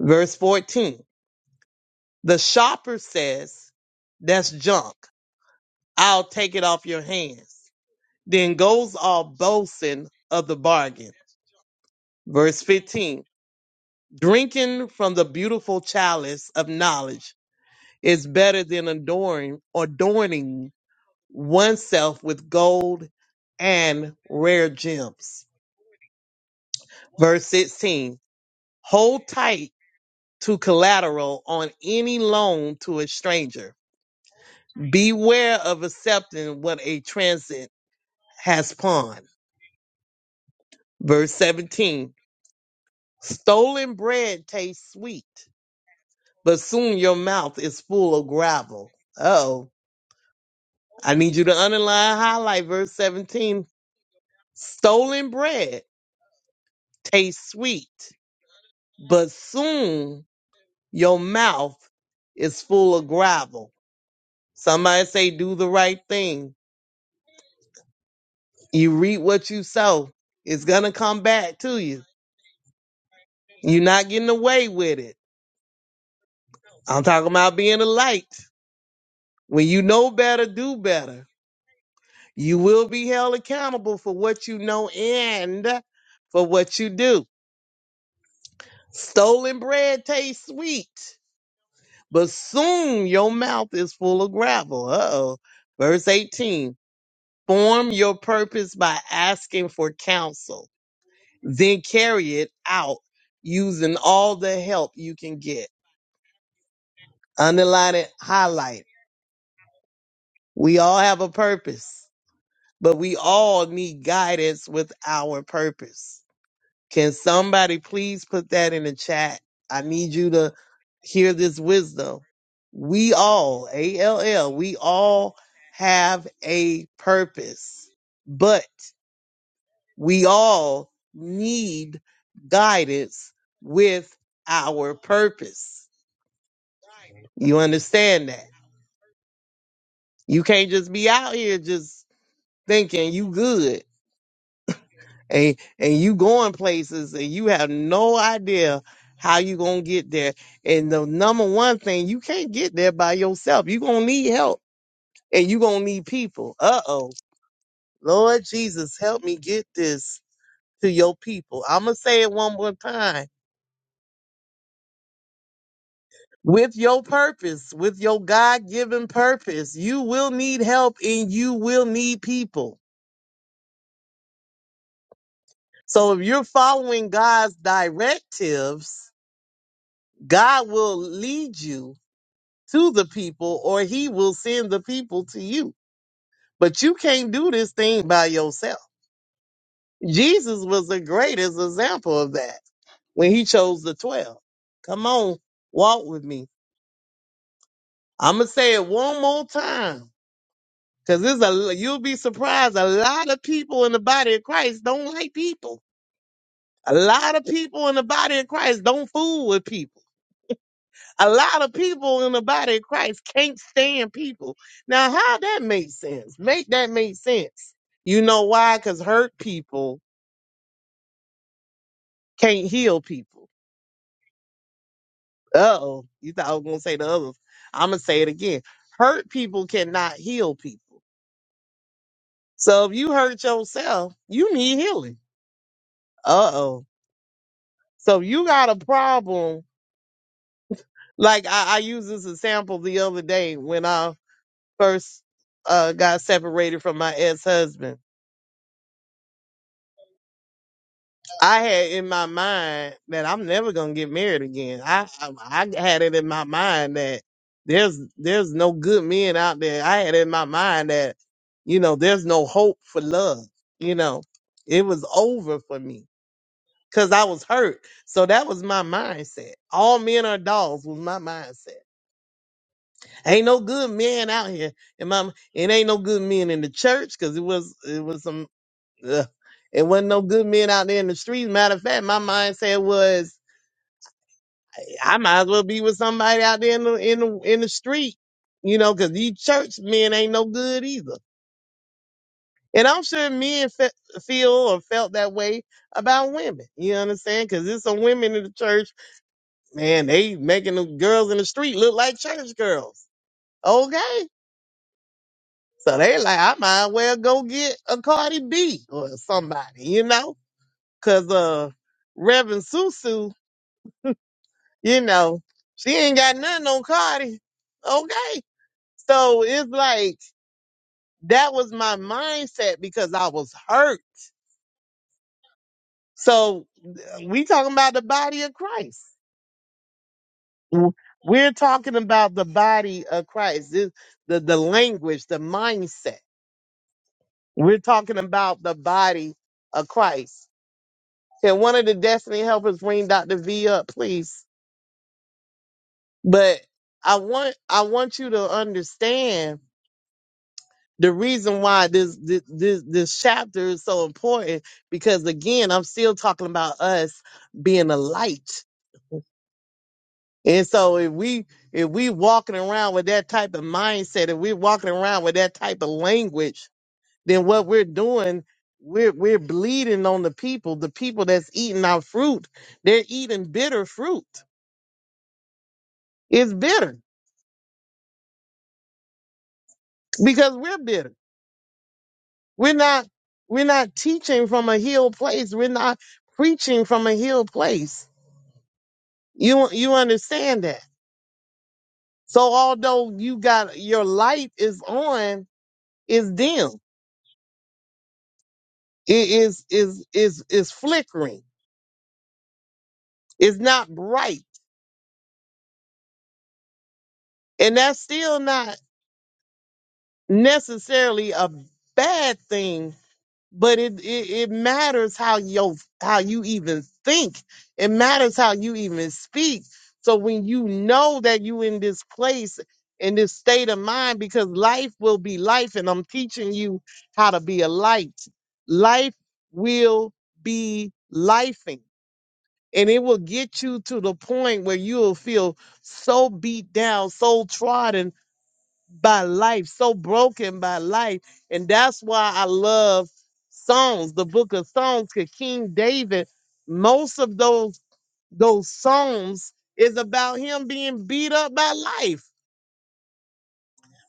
S2: Verse 14. The shopper says, That's junk. I'll take it off your hands. Then goes all boasting of the bargain. Verse 15. Drinking from the beautiful chalice of knowledge is better than adoring, adorning oneself with gold and rare gems. Verse 16 Hold tight to collateral on any loan to a stranger. Beware of accepting what a transit has pawned. Verse 17 Stolen bread tastes sweet, but soon your mouth is full of gravel. Oh, I need you to underline, highlight verse 17. Stolen bread tastes sweet, but soon your mouth is full of gravel. Somebody say, do the right thing. You reap what you sow. It's going to come back to you. You're not getting away with it. I'm talking about being a light. When you know better, do better. You will be held accountable for what you know and for what you do. Stolen bread tastes sweet, but soon your mouth is full of gravel. Uh oh. Verse 18 Form your purpose by asking for counsel then carry it out using all the help you can get. Underline it, highlight. it. We all have a purpose, but we all need guidance with our purpose. Can somebody please put that in the chat? I need you to hear this wisdom. We all, A L L, we all have a purpose, but We all need guidance with our purpose. You understand that? You can't just be out here just thinking you good and and you going places and you have no idea how you gonna get there. And the number one thing, you can't get there by yourself. you gonna need help and you gonna need people. Uh oh. Lord Jesus, help me get this to your people. I'ma say it one more time with your purpose, with your God given purpose, you will need help and you will need people. So if you're following God's directives, God will lead you to the people or he will send the people to you. But you can't do this thing by yourself. Jesus was the greatest example of that when he chose the 12. Come on, walk with me. I'm going to say it one more time. Cause there's a you'll be surprised. A lot of people in the body of Christ don't like people. A lot of people in the body of Christ don't fool with people. A lot of people in the body of Christ can't stand people. Now, how that makes sense? Make that make sense. You know why? Cause hurt people can't heal people. Uh oh. You thought I was gonna say the other. I'm gonna say it again. Hurt people cannot heal people. So if you hurt yourself, you need healing. Uh oh. So if you got a problem. Like I, I used this as a sample the other day when I first uh, got separated from my ex husband. I had in my mind that I'm never gonna get married again. I, I I had it in my mind that there's there's no good men out there. I had in my mind that you know there's no hope for love. You know it was over for me because I was hurt. So that was my mindset. All men are dogs was my mindset Ain't no good men out here, and mama, it ain't no good men in the church because it was it was some ugh, it wasn't no good men out there in the streets. Matter of fact, my mindset was I might as well be with somebody out there in the in the in the street, you know, because these church men ain't no good either. And I'm sure men fe- feel or felt that way about women. You understand? Because there's some women in the church, man, they making the girls in the street look like church girls. Okay, So they like, I might as well go get a Cardi B or somebody, you know? Cause uh Reverend Susu, you know, she ain't got nothing on Cardi. Okay. So it's like that was my mindset because I was hurt. So we talking about the body of Christ. We're talking about the body of Christ. This, the the language, the mindset. We're talking about the body of Christ. Can one of the destiny helpers bring Dr. V up, please? But I want I want you to understand the reason why this this this, this chapter is so important because again, I'm still talking about us being a light. And so if we if we walking around with that type of mindset, if we're walking around with that type of language, then what we're doing, we're we're bleeding on the people, the people that's eating our fruit, they're eating bitter fruit. It's bitter because we're bitter. We're not we're not teaching from a healed place. We're not preaching from a healed place. You you understand that. So although you got your light is on, is dim. It is is is is flickering. It's not bright. And that's still not necessarily a bad thing but it, it it matters how you how you even think. It matters how you even speak. So when you know that you in this place in this state of mind, because life will be life, and I'm teaching you how to be a light. Life will be lifing. And it will get you to the point where you will feel so beat down, so trodden by life, so broken by life. And that's why I love Psalms, the book of Psalms, because King David, most of those those Psalms is about him being beat up by life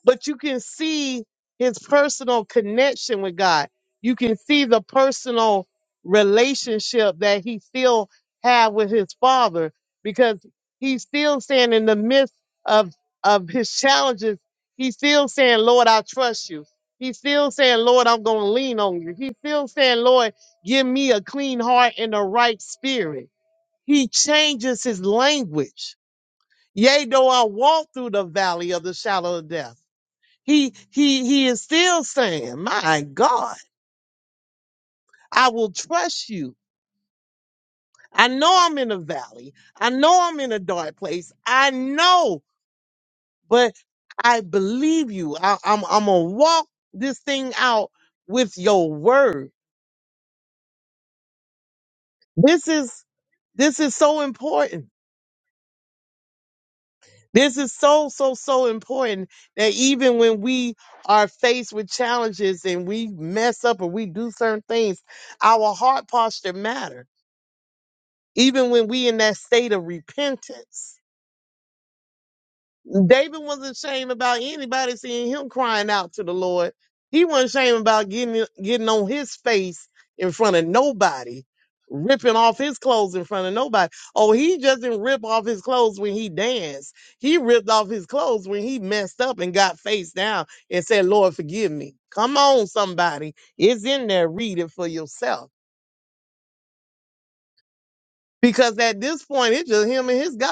S2: but you can see his personal connection with God. You can see the personal relationship that he still had with his father because he's still saying in the midst of of his challenges, he's still saying, Lord, I trust you. He's still saying, Lord, I'm gonna lean on you. He's still saying, Lord, give me a clean heart and a right spirit. He changes his language. Yea, though I walk through the valley of the shadow of death. He he he is still saying, "My God, I will trust you. I know I'm in a valley. I know I'm in a dark place. I know, but I believe you. I, I'm I'm gonna walk this thing out with your word. This is this is so important. This is so so so important that even when we are faced with challenges and we mess up or we do certain things, our heart posture matters Even when we in that state of repentance, David wasn't ashamed about anybody seeing him crying out to the Lord. He wasn't ashamed about getting getting on his face in front of nobody, ripping off his clothes in front of nobody. Oh, he just didn't rip off his clothes when he danced. He ripped off his clothes when he messed up and got face down and said, Lord, forgive me. Come on, somebody. It's in there. Read it for yourself. Because at this point, it's just him and his guy.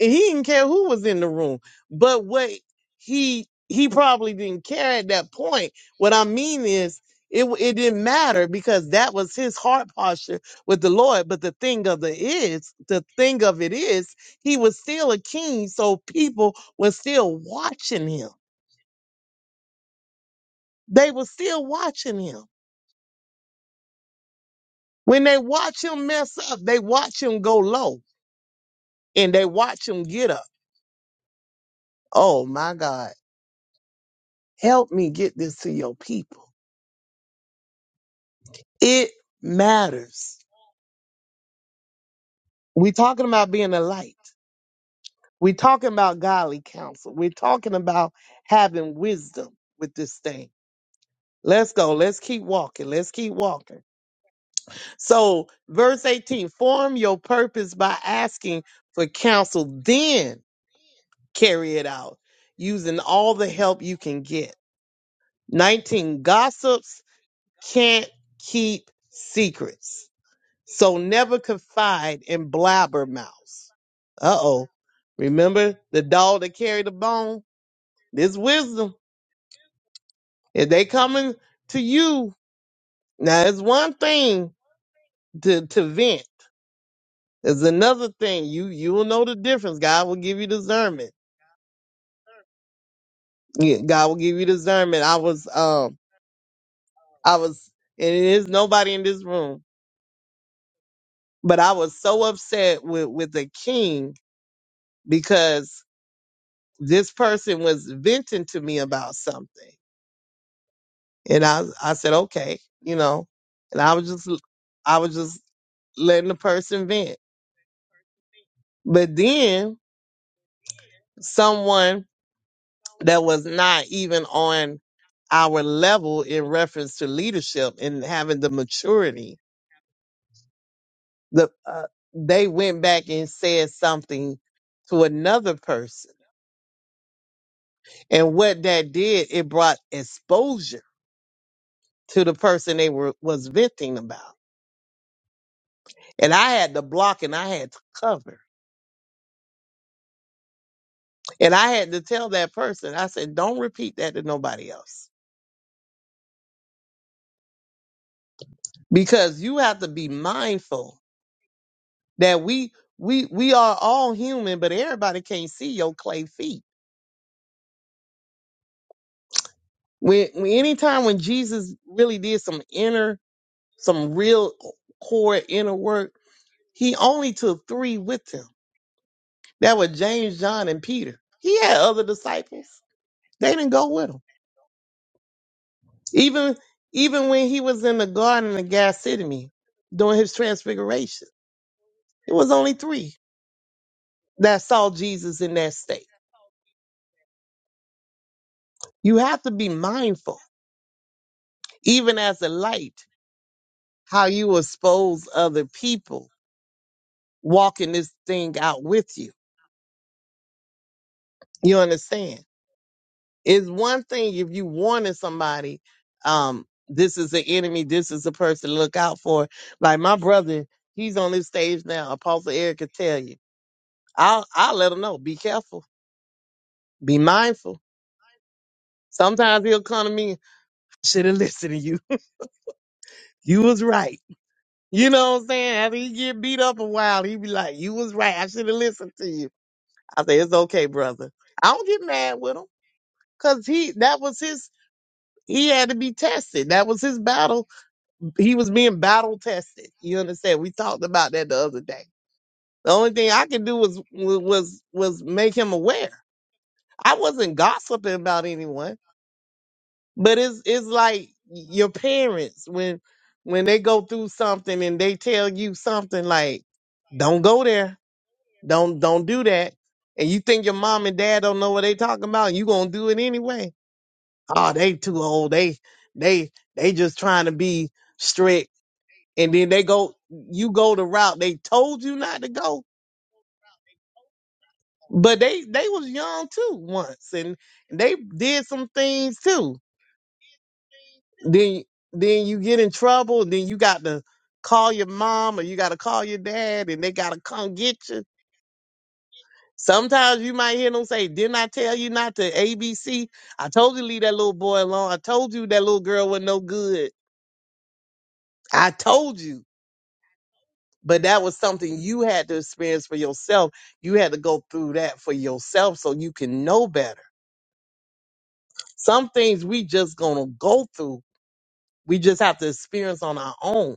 S2: And He didn't care who was in the room. But what he he probably didn't care at that point. What I mean is, it w- it didn't matter because that was his heart posture with the Lord. But the thing of the is, the thing of it is, he was still a king, so people were still watching him. They were still watching him. When they watch him mess up, they watch him go low, and they watch him get up. Oh my God. Help me get this to your people. It matters. We're talking about being a light. We're talking about godly counsel. We're talking about having wisdom with this thing. Let's go. Let's keep walking. Let's keep walking. So, verse 18 form your purpose by asking for counsel, then carry it out using all the help you can get. 19 gossips can't keep secrets. So never confide in blabbermouths. Uh oh. Remember the dog that carried the bone? This wisdom. If they coming to you, now it's one thing to, to vent. It's another thing. You you will know the difference. God will give you discernment. Yeah, God will give you discernment. I was um I was and it is nobody in this room, but I was so upset with with the king because this person was venting to me about something And I, I said, okay, you know, and I was just, I was just letting the person vent. But then someone that was not even on our level in reference to leadership and having the maturity, the, uh, they went back and said something to another person. And what that did, it brought exposure to the person they were, was venting about. And I had to block and I had to cover. And I had to tell that person, I said, don't repeat that to nobody else. Because you have to be mindful that we we we are all human, but everybody can't see your clay feet. When, when anytime when Jesus really did some inner, some real core inner work, he only took three with him. That were James, John, and Peter. He had other disciples. They didn't go with him. Even even when he was in the garden of Gethsemane during his transfiguration It was only three that saw Jesus in that state. You have to be mindful, even as a light, how you expose other people walking this thing out with you. You understand? It's one thing if you warning somebody, um, this is the enemy, this is the person to look out for. Like my brother, he's on this stage now. Apostle Eric can tell you. I'll I'll let him know. Be careful. Be mindful. Sometimes he'll come to me. Should have listened to you. You was right You know what I'm saying? After he get beat up a while, he be like, "You was right. I should have listened to you." I say, "It's okay, brother. I don't get mad with him because he that was his. He had to be tested. That was his battle. He was being battle tested. You understand? We talked about that the other day. The only thing I could do was was was make him aware. I wasn't gossiping about anyone, but it's it's like your parents when when they go through something and they tell you something like, "Don't go there." Don't don't do that. And you think your mom and dad don't know what they talking about, and you gonna do it anyway. Oh, they too old. They they they just trying to be strict. And then they go you go the route they told you not to go. But they they was young too once and they did some things too. Then then you get in trouble, and then you got to call your mom or you gotta call your dad and they gotta come get you Sometimes you might hear them say, Didn't I tell you not to ABC? I told you to leave that little boy alone. I told you that little girl was no good. I told you. But that was something you had to experience for yourself. You had to go through that for yourself so you can know better. Some things we just gonna go through. We just have to experience on our own.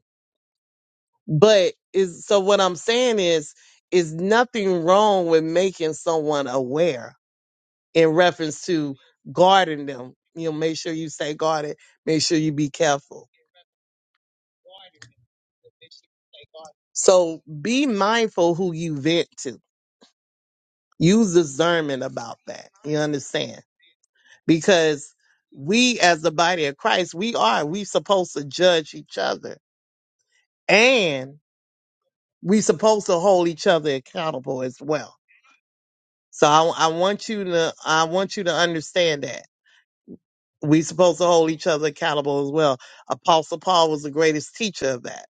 S2: But is so what I'm saying is is nothing wrong with making someone aware in reference to guarding them. You know, make sure you stay guarded. Make sure you be careful. So be mindful who you vent to. Use discernment about that. You understand? Because we as the body of Christ, we are, we supposed to judge each other and we supposed to hold each other accountable as well. So I, I want you to, I want you to understand that. we supposed to hold each other accountable as well. Apostle Paul was the greatest teacher of that.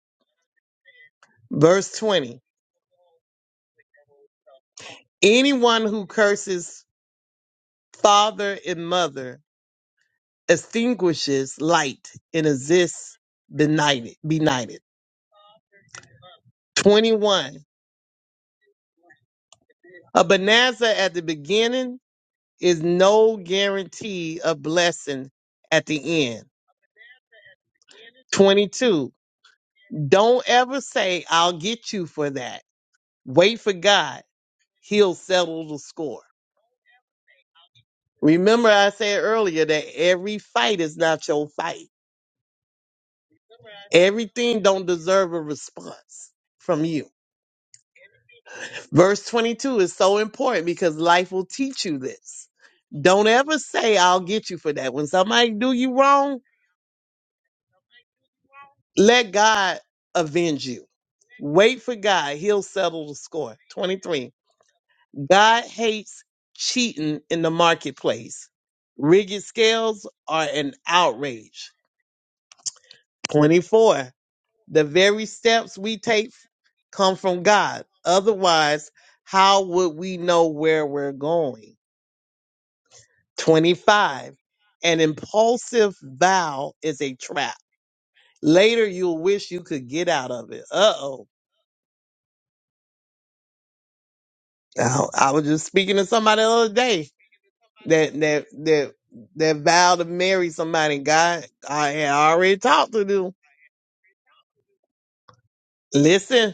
S2: Verse 20. Anyone who curses father and mother extinguishes light and exists benighted. benighted. 21. A bonanza at the beginning is no guarantee of blessing at the end. 22. Don't ever say, I'll get you for that. Wait for God. He'll settle the score. Remember, I said earlier that every fight is not your fight. Everything don't deserve a response from you. Verse 22 is so important because life will teach you this. Don't ever say, I'll get you for that. When somebody do you wrong, let God avenge you. Wait for God. He'll settle the score. 23. God hates cheating in the marketplace. Rigged scales are an outrage. 24. The very steps we take come from God. Otherwise, how would we know where we're going? 25. An impulsive vow is a trap. Later, you'll wish you could get out of it. Uh oh. I I was just speaking to somebody the other day that that that that vowed to marry somebody. God, I had already talked to them. Listen,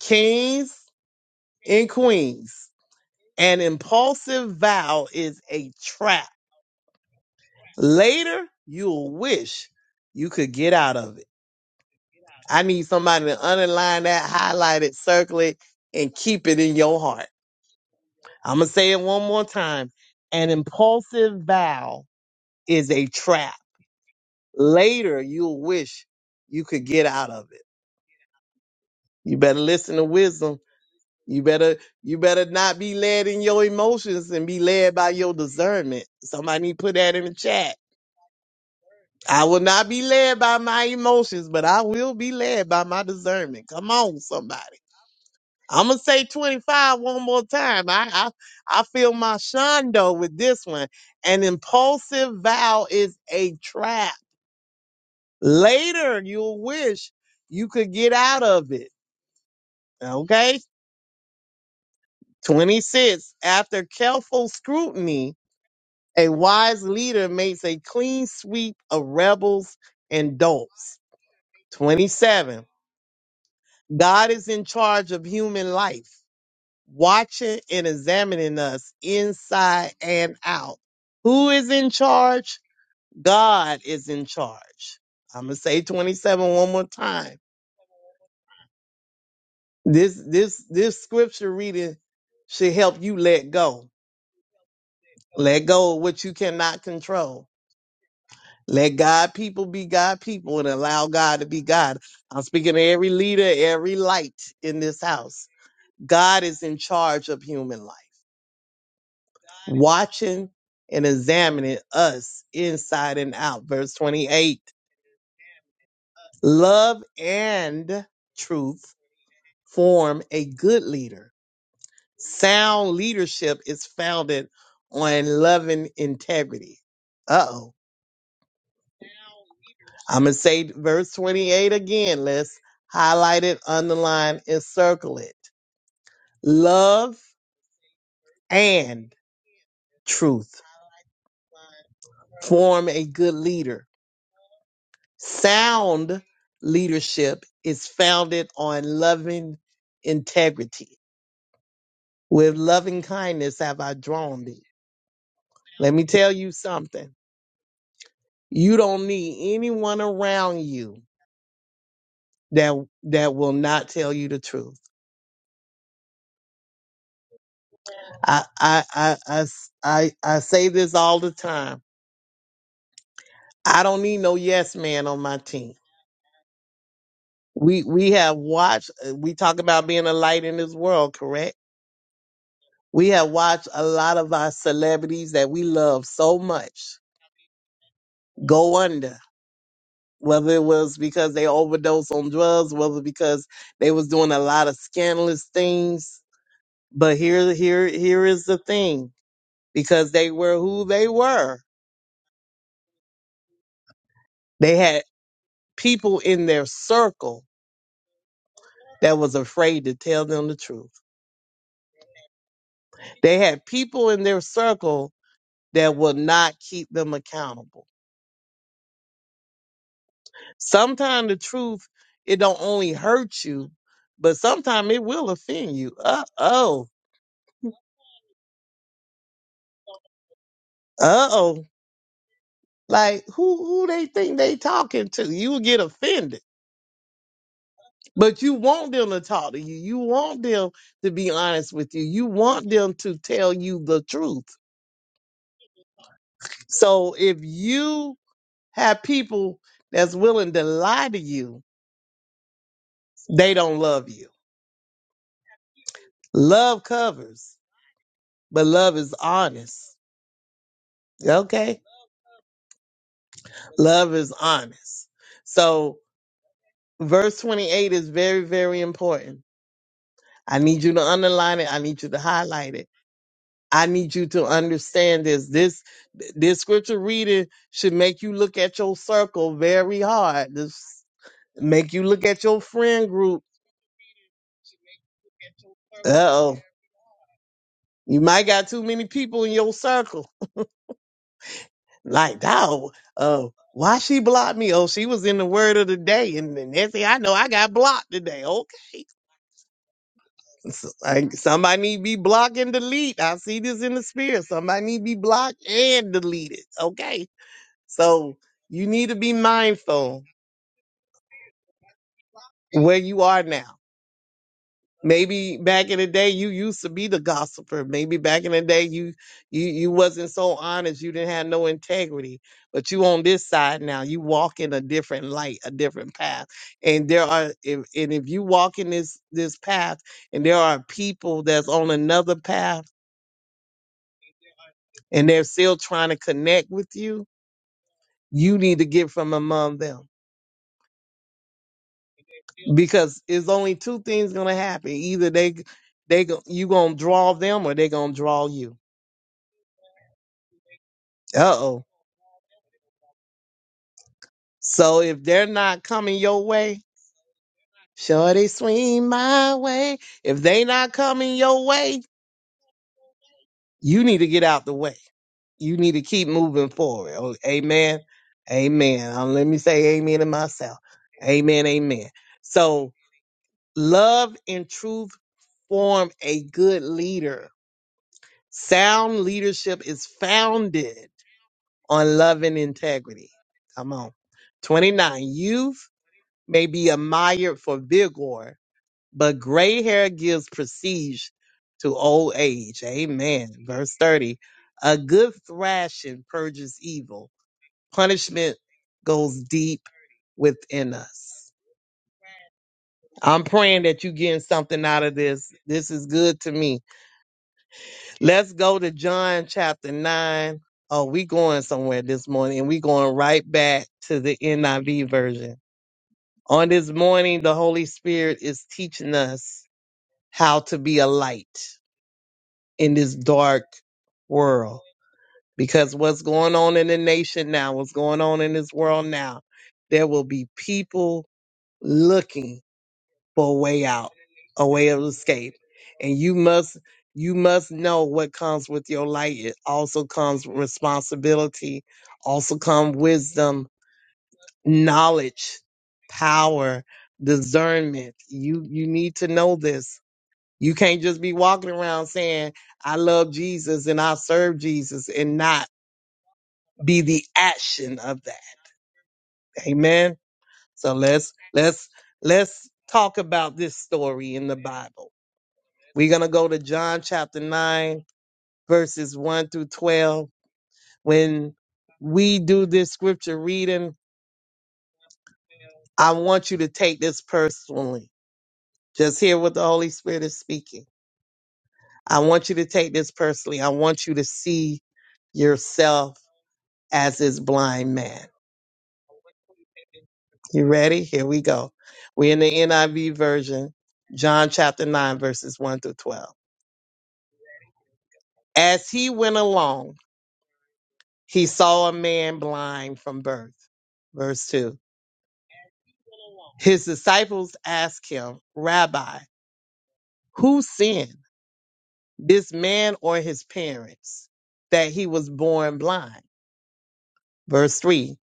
S2: kings and queens. An impulsive vow is a trap Later, you'll wish you could get out of it. I need somebody to underline that, highlight it, circle it, and keep it in your heart. I'm going to say it one more time. An impulsive vow is a trap. Later, you'll wish you could get out of it. You better listen to wisdom. You better you better not be led in your emotions and be led by your discernment. Somebody put that in the chat I will not be led by my emotions, but I will be led by my discernment. Come on, somebody. I'm gonna say 25 one more time. I I, I feel my shondo with this one. An impulsive vow is a trap. Later, you'll wish you could get out of it. Okay. 26. After careful scrutiny, a wise leader makes a clean sweep of rebels and dolts. 27. God is in charge of human life, watching and examining us inside and out. Who is in charge? God is in charge. I'm gonna say 27 one more time. This this this scripture reading should help you let go. Let go of what you cannot control. Let God people be God people and allow God to be God. I'm speaking to every leader, every light in this house. God is in charge of human life. watching and examining us inside and out. Verse 28 Love and truth form a good leader. Sound leadership is founded on loving integrity. Uh oh. I'm going to say verse 28 again. Let's highlight it, underline, and circle it. Love and truth form a good leader Sound leadership is founded on loving integrity. With loving kindness have I drawn thee. Let me tell you something. You don't need anyone around you that that will not tell you the truth. I I I I s- I, I say this all the time. I don't need no yes man on my team. We we have watched. uh, We talk about being a light in this world, correct? We have watched a lot of our celebrities that we love so much go under, whether it was because they overdosed on drugs, whether because they was doing a lot of scandalous things. But here, here, here is the thing: because they were who they were, they had people in their circle that was afraid to tell them the truth. They had people in their circle that would not keep them accountable Sometimes the truth, it don't only hurt you, but sometimes it will offend you. Uh oh. Uh oh. Like who who they think they talking to? You will get offended. But you want them to talk to you. You want them to be honest with you. You want them to tell you the truth. So if you have people that's willing to lie to you, they don't love you. Love covers, but love is honest. Okay? Love is honest. So verse 28 is very, very important. I need you to underline it. I need you to highlight it. I need you to understand this. This this scripture reading should make you look at your circle very hard. This make you look at your friend group. Uh oh. You might got too many people in your circle. Like, oh, oh, why she blocked me? Oh, she was in the word of the day. And the next thing I know, I got blocked today. Okay. S- I, somebody need to be block and delete. I see this in the spirit. Somebody need to be blocked and deleted. Okay. So you need to be mindful where you are now. Maybe back in the day you used to be the gossiper. Maybe back in the day you you you wasn't so honest. You didn't have no integrity. But you on this side now. You walk in a different light, a different path. And there are if, and if you walk in this this path and there are people that's on another path and they're still trying to connect with you, you need to get from among them because it's only two things gonna happen: either they they go- you gonna draw them or they gonna draw you. Uh oh. So if they're not coming your way, sure they swing my way. If they not coming your way, you need to get out the way. You need to keep moving forward. Oh, amen. Amen. Um, let me say amen to myself. Amen. Amen. So Love and truth form a good leader. Sound leadership is founded on love and integrity. Come on. 29. Youth may be admired for vigor, but gray hair gives prestige to old age. Amen. Verse 30. A good thrashing purges evil, punishment goes deep within us. I'm praying that you're getting something out of this. This is good to me Let's go to John chapter 9. Oh, we going somewhere this morning and we going right back to the NIV version. On this morning, the Holy Spirit is teaching us how to be a light in this dark world because what's going on in the nation now, what's going on in this world now, there will be people looking for a way out, a way of escape. And you must you must know what comes with your light. It also comes responsibility, also come wisdom, knowledge, power, discernment. You you need to know this. You can't just be walking around saying, I love Jesus and I serve Jesus and not be the action of that. Amen. So let's let's let's talk about this story in the Bible. We're going to go to John chapter 9, verses 1 through 12. When we do this scripture reading, I want you to take this personally. Just hear what the Holy Spirit is speaking. I want you to take this personally. I want you to see yourself as this blind man. You ready? Here we go. We're in the NIV version, John chapter 9, verses 1 through 12. As he went along, he saw a man blind from birth. Verse 2. His disciples asked him, Rabbi, who sinned, this man or his parents, that he was born blind? Verse 3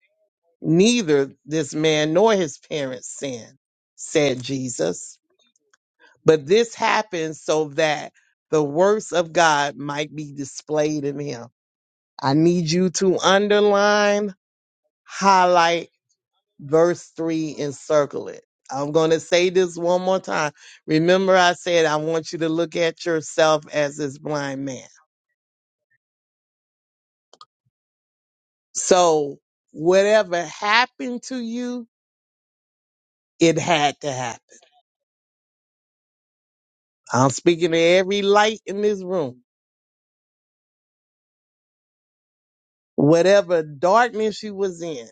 S2: Neither this man nor his parents sinned, said Jesus. But this happened so that the works of God might be displayed in him. I need you to underline, highlight, verse 3 and circle it. I'm going to say this one more time. Remember, I said, I want you to look at yourself as this blind man. So, whatever happened to you, it had to happen. I'm speaking to every light in this room. Whatever darkness you was in,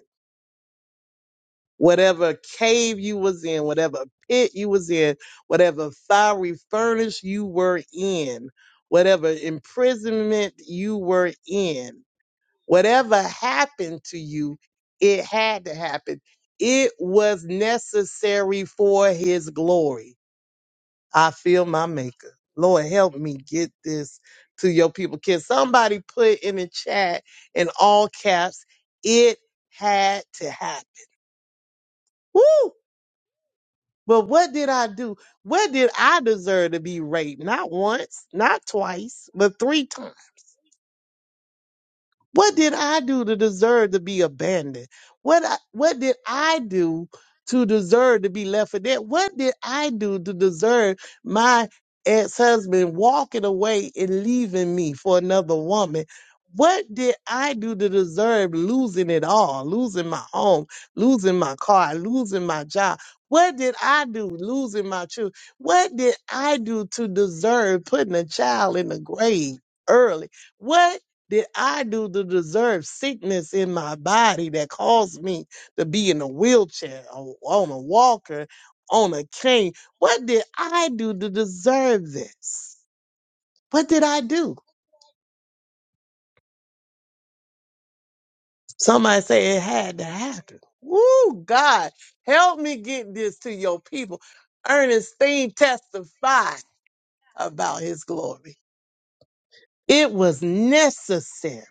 S2: whatever cave you was in, whatever pit you was in, whatever fiery furnace you were in, whatever imprisonment you were in, Whatever happened to you, it had to happen. It was necessary for his glory. I feel my maker. Lord, help me get this to your people. Can somebody put in the chat in all caps, it had to happen. Woo! But what did I do? What did I deserve to be raped? Not once, not twice, but three times. What did I do to deserve to be abandoned? What I, what did I do to deserve to be left for dead? What did I do to deserve my ex-husband walking away and leaving me for another woman? What did I do to deserve losing it all? Losing my home, losing my car, losing my job. What did I do? Losing my children. What did I do to deserve putting a child in the grave early? What did I do to deserve sickness in my body that caused me to be in a wheelchair or on a walker, on a cane? What did I do to deserve this? What did I do? Somebody say it had to happen. Woo, God, help me get this to your people. Ernestine testified about his glory. It was necessary.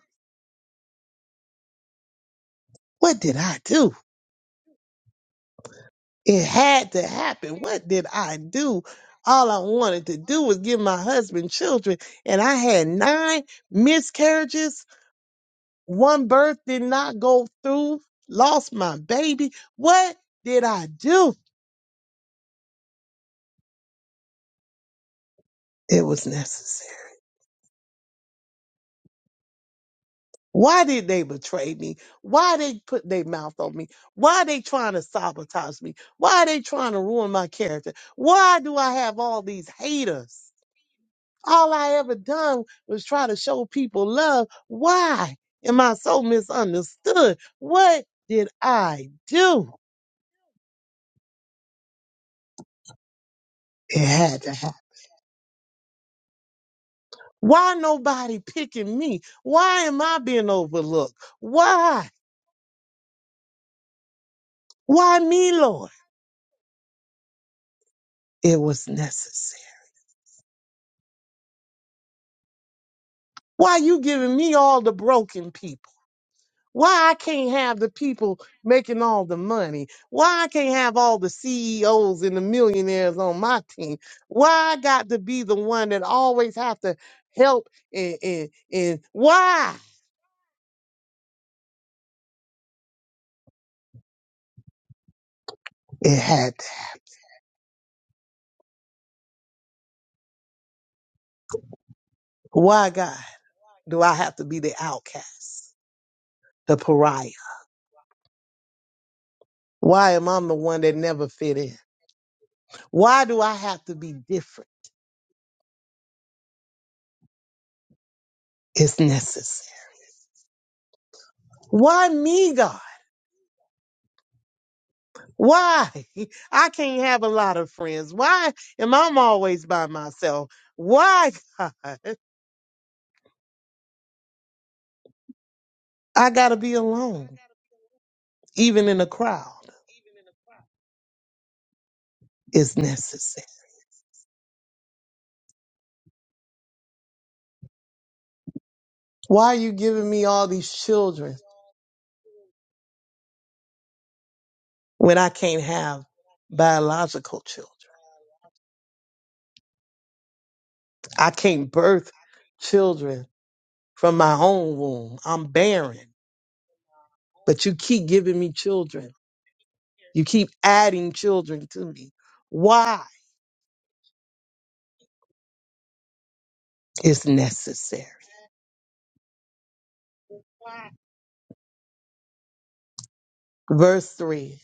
S2: What did I do? It had to happen. What did I do? All I wanted to do was give my husband children, and I had nine miscarriages. One birth did not go through, lost my baby. What did I do? It was necessary. Why did they betray me? Why they put their mouth on me? Why they trying to sabotage me? Why they trying to ruin my character? Why do I have all these haters? All I ever done was try to show people love. Why am I so misunderstood? What did I do? It had to happen. Why nobody picking me? Why am I being overlooked? Why? Why me, Lord? It was necessary. Why you giving me all the broken people? Why I can't have the people making all the money? Why I can't have all the CEOs and the millionaires on my team? Why I got to be the one that always have to help and and, and why it had to- why God do I have to be the outcast, the pariah? Why am I the one that never fit in? Why do I have to be different? It's necessary. Why me, God? Why? I can't have a lot of friends. Why am I always by myself? Why, God? I got to be alone, even in a crowd, is necessary. Why are you giving me all these children when I can't have biological children? I can't birth children from my own womb. I'm barren, but you keep giving me children. You keep adding children to me. Why? It's necessary. Verse 3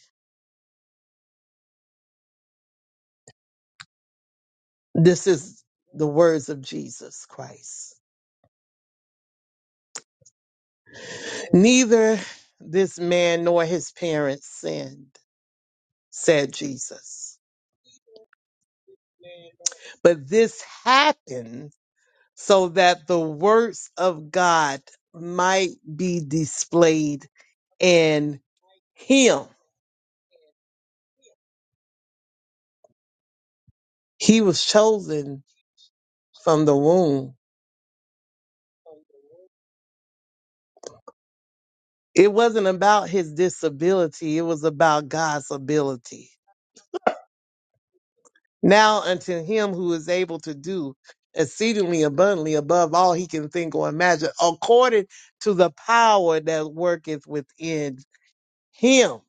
S2: This is the words of Jesus Christ. Neither this man nor his parents sinned, said Jesus. But this happened so that the works of God might be displayed in him. He was chosen from the womb. It wasn't about his disability, it was about God's ability. Now unto him who is able to do exceedingly abundantly above all he can think or imagine, according to the power that worketh within him.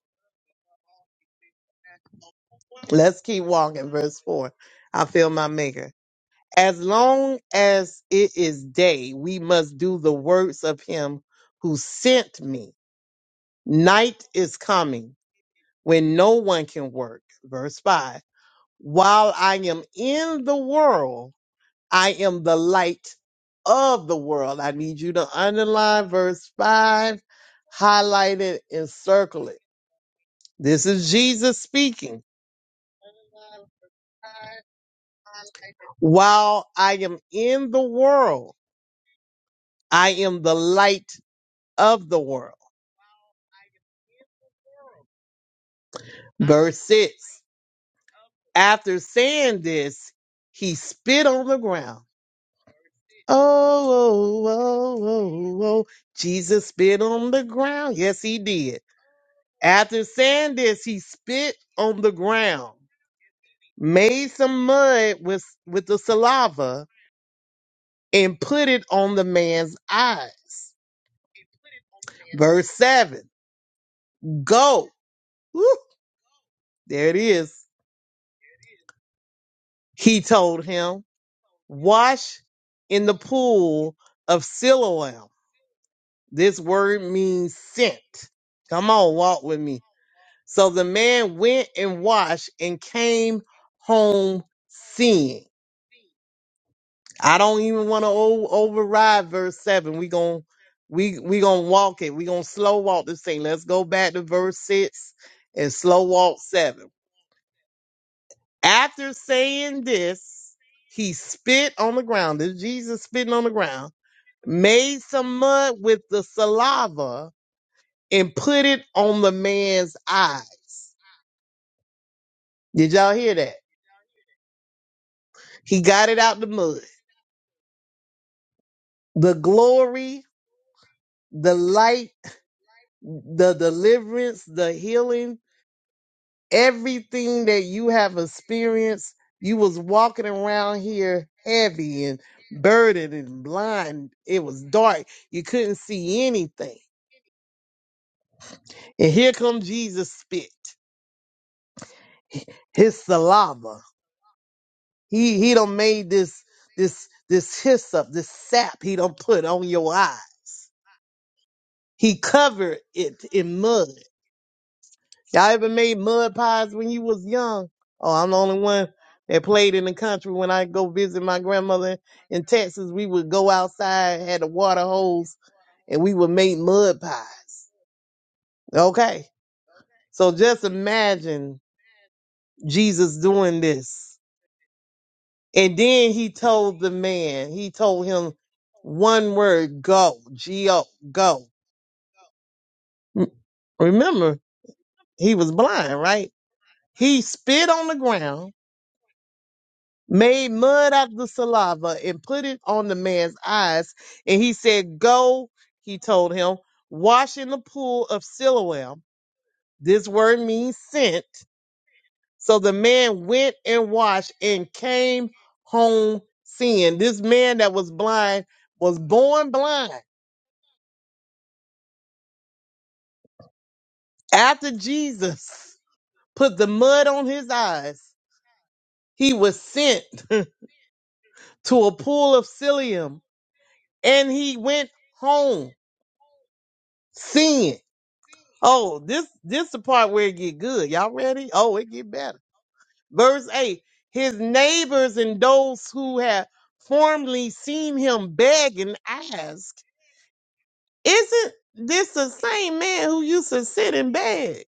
S2: Let's keep walking. Verse 4. I feel my maker. As long as it is day, we must do the works of him who sent me. Night is coming when no one can work. Verse 5. While I am in the world, I am the light of the world. I need you to underline verse 5, highlight it, and circle it. This is Jesus speaking. While I am in the world, I am the light of the world. Verse 6. After saying this, he spit on the ground. Oh, oh, oh, oh, oh. Jesus spit on the ground. Yes, he did. After saying this, he spit on the ground made some mud with with the saliva and put it on the man's eyes. Verse 7. Go. Woo, there it is. He told him, wash in the pool of Siloam. This word means sent. Come on, walk with me. So the man went and washed and came home seeing. I don't even want to override verse seven. We gon' we we gonna walk it. We gonna slow walk this thing. Let's go back to verse six and slow walk seven. After saying this, he spit on the ground. This is Jesus spitting on the ground. Made some mud with the saliva and put it on the man's eyes. Did y'all hear that? He got it out the mud. The glory, the light, the deliverance, the healing everything that you have experienced, you was walking around here heavy and burdened and blind. It was dark. You couldn't see anything. And here come Jesus spit. His saliva. He he done made this this this hyssop, this sap he done put on your eye. He covered it in mud. Y'all ever made mud pies when you was young? Oh, I'm the only one that played in the country. When I go visit my grandmother in Texas, we would go outside, had a water hose, and we would make mud pies. Okay. So just imagine Jesus doing this. And then he told the man, he told him one word, go, G-O, go. Mm, Remember, he was blind, right? He spit on the ground made mud out of the saliva and put it on the man's eyes. And he said, Go, he told him, wash in the pool of Siloam. This word means sent. So the man went and washed and came home seeing. This man that was blind was born blind. After Jesus put the mud on his eyes, he was sent to a pool of Siloam and he went home seeing. Oh, this this the part where it get good. Y'all ready? Oh, it get better. Verse eight: His neighbors and those who had formerly seen him beg and ask, "Isn't this the same man who used to sit and beg?"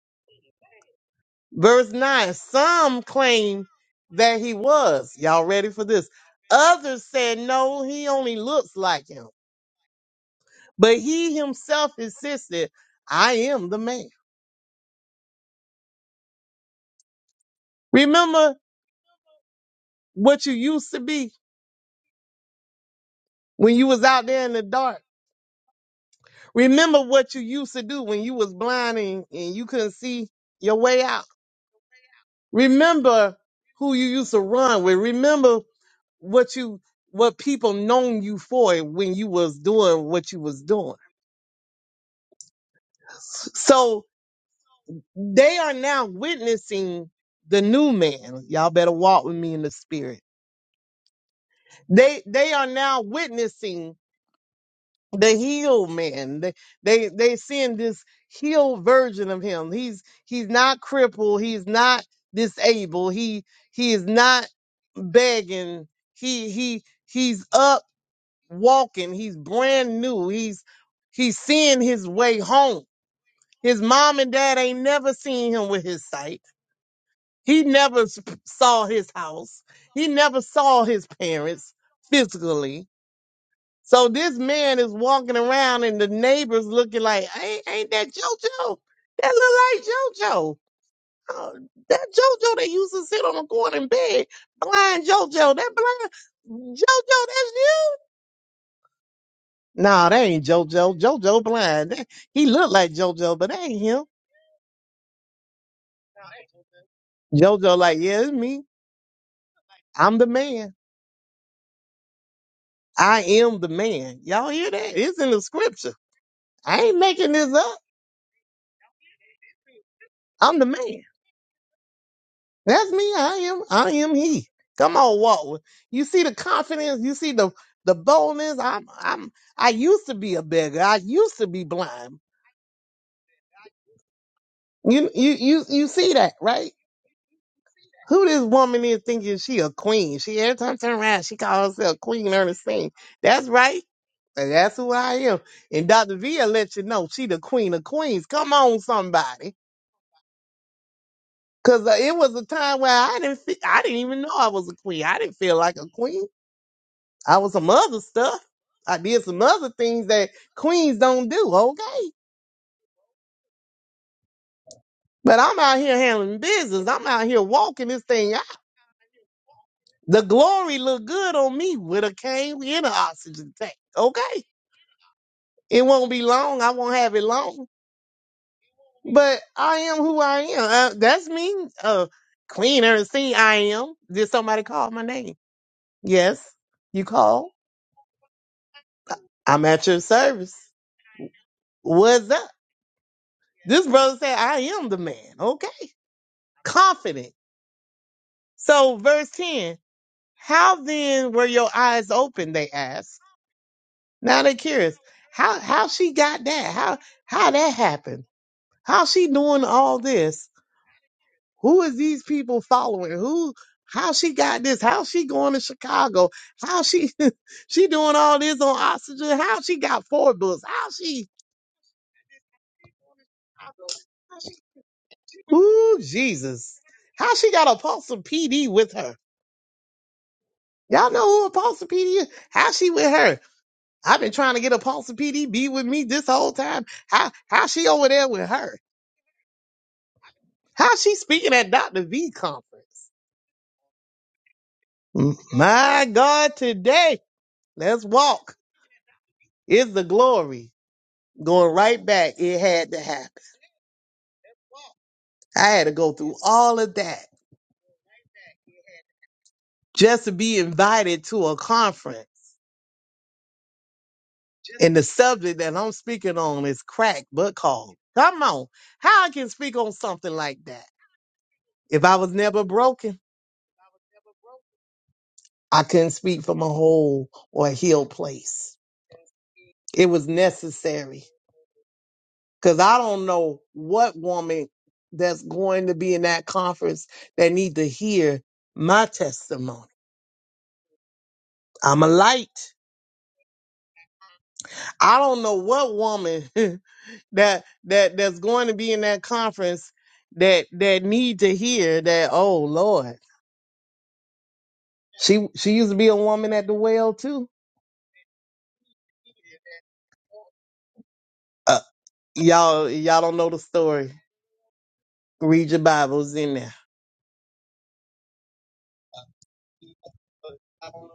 S2: Verse nine: Some claim that he was. Y'all ready for this? Others said, "No, he only looks like him." But he himself insisted, "I am the man." Remember what you used to be when you was out there in the dark. Remember what you used to do when you was blind and, and you couldn't see your way out. Remember who you used to run with. Remember what you what people known you for when you was doing what you was doing. So they are now witnessing the new man. Y'all better walk with me in the spirit. They they are now witnessing the healed man. They they they seeing this healed version of him. He's he's not crippled. He's not disabled. He he is not begging. He he he's up walking. He's brand new. He's he's seeing his way home. His mom and dad ain't never seen him with his sight. He never s- saw his house. He never saw his parents physically so this man is walking around and the neighbors looking like, ain't, ain't that JoJo? That look like JoJo. Oh, that JoJo that used to sit on the corner in bed, blind JoJo, that blind JoJo, that's you. Nah, that ain't JoJo. JoJo blind. That- he looked like JoJo, but that ain't him. JoJo like, yeah, it's me. I'm the man. I am the man. Y'all hear that? It's in the scripture. I ain't making this up. I'm the man. That's me. I am. I am he. Come on, Walter. You see the confidence. You see the the boldness. I'm. I'm. I used to be a beggar. I used to be blind. You. You. You. You see that, right? Who this woman is thinking she a queen? She every time I turn around, she calls herself Queen Ernestine. That's right. And that's who I am. And Dr. V let you know she the queen of queens. Come on, somebody. Cause uh, it was a time where I didn't. Fe- I didn't even know I was a queen. I didn't feel like a queen. I was some other stuff. I did some other things that queens don't do, okay? But I'm out here handling business. I'm out here walking this thing out. The glory look good on me with a cane and an oxygen tank, okay? It won't be long. I won't have it long. But I am who I am. Uh, that's me. Uh, Queen Ernestine, I am. Did somebody call my name? Yes, you called. I- I'm at your service. What's up? This brother said, I am the man, okay? confident. So, verse 10, how then were your eyes open? They asked. Now they're curious. How how she got that? How how that happened? How she doing all this? Who is these people following? Who how she got this? How she going to Chicago? How she she doing all this on oxygen? How she got four books? How she Ooh, Jesus. How she got Apostle PD with her? Y'all know who Apostle PD is? How she with her? I've been trying to get Apostle PDB with me this whole time. How how she over there with her? How she speaking at Dr. V conference? M- My God, today, let's walk. It's the glory. Going right back, it had to happen. I had to go through all of that just to be invited to a conference. And the subject that I'm speaking on is crack but called. Come on. How I can speak on something like that if I was never broken? I couldn't speak from a whole or a healed place. It was necessary because I don't know what woman that's going to be in that conference that need to hear my testimony. I'm a light. I don't know what woman that that that's going to be in that conference that that need to hear that. Oh Lord, she she used to be a woman at the well too. Uh, y'all y'all don't know the story. Read your Bibles in there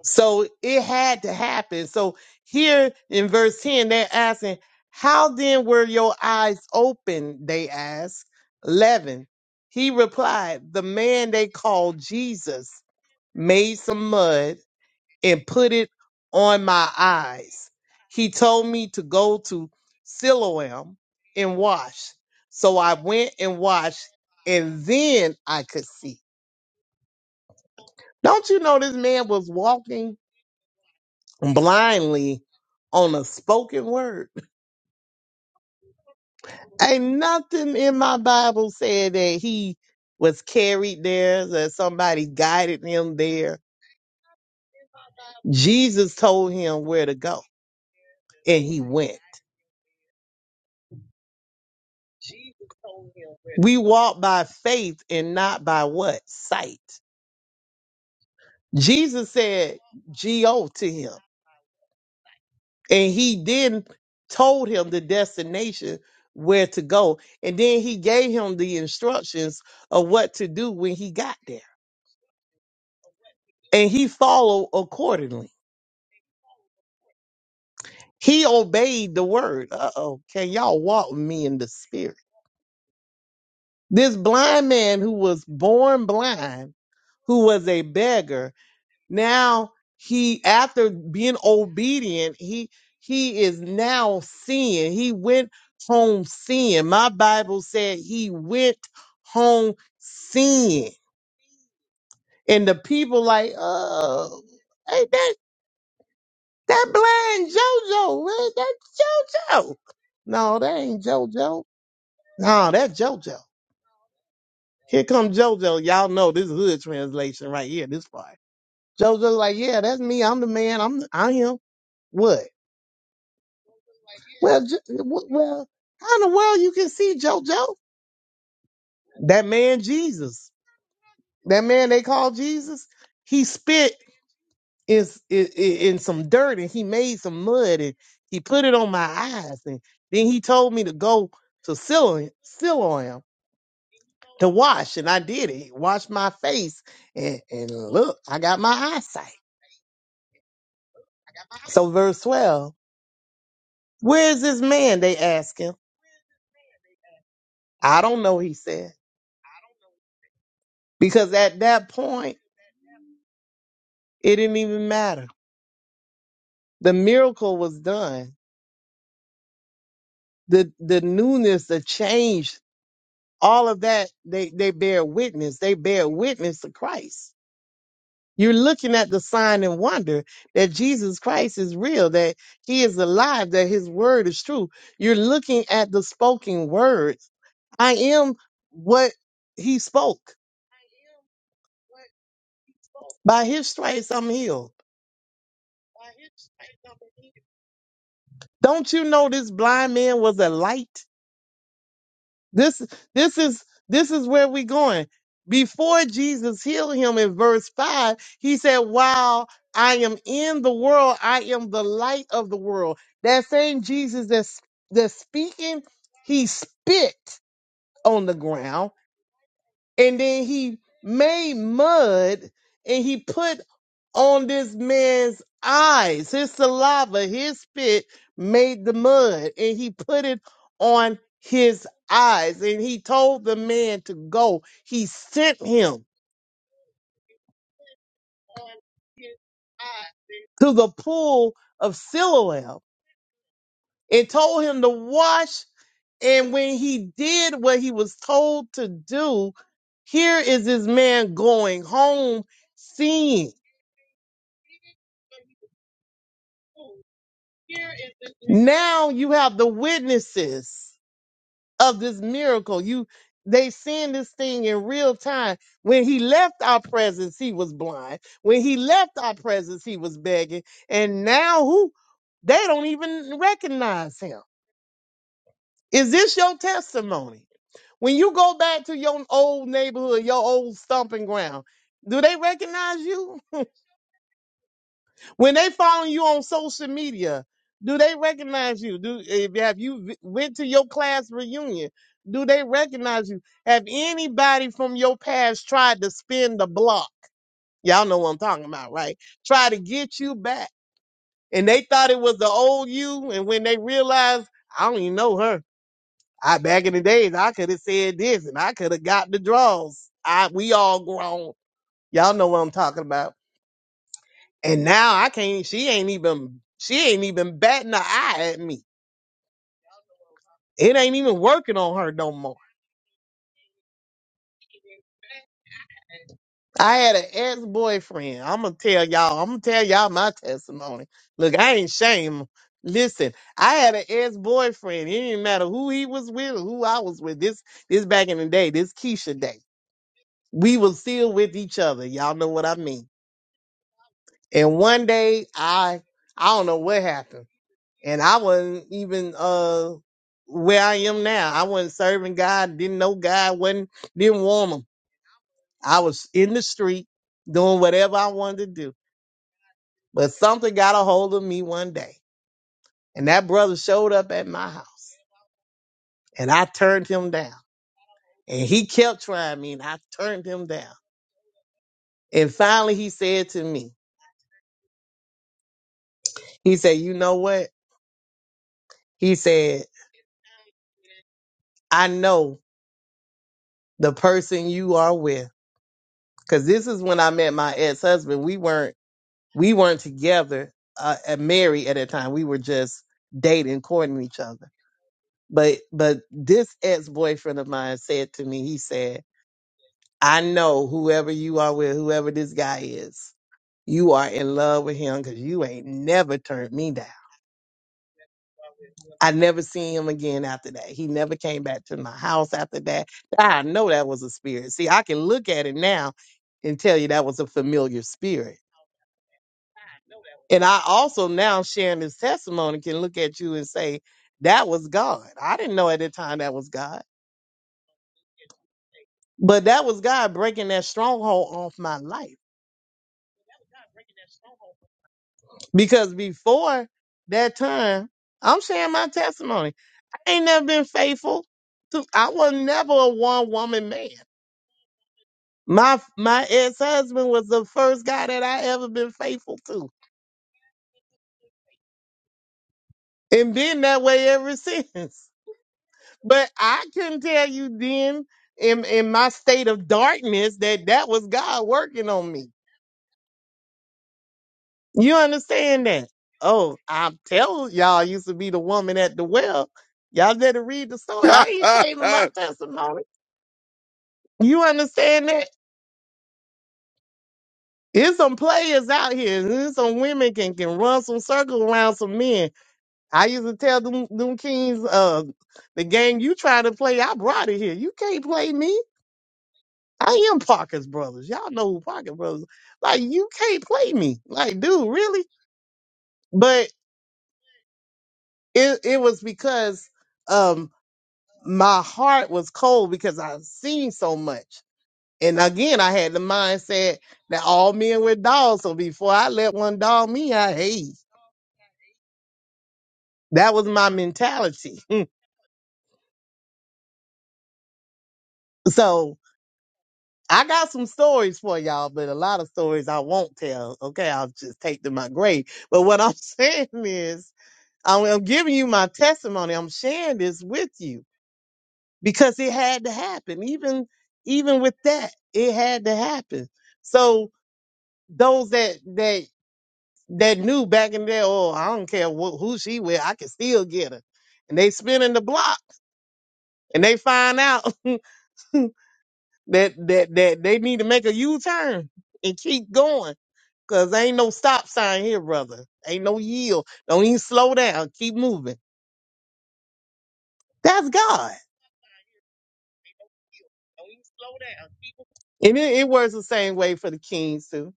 S2: So it had to happen. So here in verse 10, they're asking, How then were your eyes open? They asked. 11. He replied, The man they called Jesus made some mud and put it on my eyes. He told me to go to Siloam and wash. So I went and washed, and then I could see. Don't you know this man was walking blindly on a spoken word. Ain't nothing in my Bible said that he was carried there, that somebody guided him there. Jesus told him where to go, and he went. We walk by faith and not by what? Sight. Jesus said G-O to him, and he then told him the destination where to go, and then he gave him the instructions of what to do when he got there. and he followed accordingly. He obeyed the word. Uh oh, can y'all walk with me in the spirit? This blind man who was born blind, who was a beggar, now he, after being obedient, he he is now seeing. He went home seeing. My Bible said he went home seeing, and the people like, oh. ain't that. That blind JoJo, man, that's JoJo. No, that ain't JoJo. No, that's JoJo. Here come JoJo. Y'all know this is hood translation right here, this part. JoJo's like, yeah, that's me. I'm the man. I'm, I'm What? Well, J- w- well, how in the world you can see JoJo? That man Jesus. That man they call Jesus. He spit. is i- i- in some dirt and he made some mud and he put it on my eyes and then he told me to go to Siloam Siloam to wash and I did it. Wash my face and, and look, I got my eyesight. So verse 12, where is this man? They ask him. I don't know, he said. Because at that point, it didn't even matter. The miracle was done. The the newness, the change, all of that, they, they bear witness. They bear witness to Christ You're looking at the sign and wonder that Jesus Christ is real, that he is alive, that his word is true. You're looking at the spoken word. I am what he spoke. By his stripes, I'm healed. Don't you know this blind man was a light? This this is this is where we going. Before Jesus healed him in verse 5, he said, While I am in the world, I am the light of the world. That same Jesus that's that's speaking, he spit on the ground and then he made mud and he put on this man's eyes his saliva his spit made the mud and he put it on his eyes and he told the man to go he sent him to the pool of siloam and told him to wash And when he did what he was told to do, here is this man going home seeing. Now you have the witnesses of this miracle. You they seen this thing in real time. When he left our presence, he was blind. When he left our presence, he was begging. And now who they don't even recognize him. Is this your testimony? When you go back to your old neighborhood, your old stomping ground, do they recognize you? When they follow you on social media, do they recognize you? Do if have you v- went to your class reunion? Do they recognize you? Have anybody from your past tried to spin the block? Y'all know what I'm talking about, right? Try to get you back. And they thought it was the old you, and when they realized, I don't even know her. I back in the days, I could have said this and I could have got the draws. I we all grown. Y'all know what I'm talking about. And now I can't she ain't even she ain't even batting an eye at me. It ain't even working on her no more. I had an ex-boyfriend. I'ma tell y'all, I'ma tell y'all my testimony. Look, I ain't shame. Listen, I had an ex-boyfriend. It didn't matter who he was with or who I was with. This this back in the day, this Keisha day. We was still with each other. Y'all know what I mean And one day I I don't know what happened. And I wasn't even uh where I am now. I wasn't serving God, didn't know God, wasn't didn't want him. I was in the street doing whatever I wanted to do. But something got a hold of me one day. And that brother showed up at my house and I turned him down. And he kept trying me and I turned him down. And finally he said to me, he said, You know what? He said, I know the person you are with. Cause this is when I met my ex husband. We weren't we weren't together uh, and married at that time. We were just dating, courting each other. But but this ex boyfriend of mine said to me, he said, "I know whoever you are with, whoever this guy is, you are in love with him because you ain't never turned me down. I never seen him again after that. He never came back to my house after that. I know that was a spirit. See, I can look at it now and tell you that was a familiar spirit." And I also now sharing this testimony can look at you and say, that was God. I didn't know at the time that was God, but that was God breaking that stronghold off my life. Because before that time, I'm sharing my testimony. I ain't never been faithful. To, I was never a one woman man. My my ex husband was the first guy that I ever been faithful to, and been that way ever since. But I couldn't tell you then in, in my state of darkness that that was God working on me. You understand that? Oh, I'm telling y'all, I used to be the woman at the well. Y'all better read the story. I ain't shaming my testimony. You understand that? There's some players out here. and There's some women can, can run some circles around some men. I used to tell them, them kings, uh, the game you try to play, I brought it here. You can't play me. I am Parker's brothers. Y'all know who Parker brothers. Like you can't play me. Like, dude, really? But it it was because um my heart was cold because I seen so much. And again, I had the mindset that all men were dogs. So before I let one dog me, I hate. That was my mentality. so I got some stories for y'all, but a lot of stories I won't tell. Okay, I'll just take to my grave. But what I'm saying is I'm, I'm giving you my testimony. I'm sharing this with you because it had to happen. Even even with that, it had to happen. So those that that that knew back in there, oh, I don't care wh- who she with, I can still get her. And they spin in the block and they find out that that that they need to make a U turn and keep going. Cause ain't no stop sign here, brother. Ain't no yield. Don't even slow down. Keep moving. That's God. And it, it works the same way for the kings too.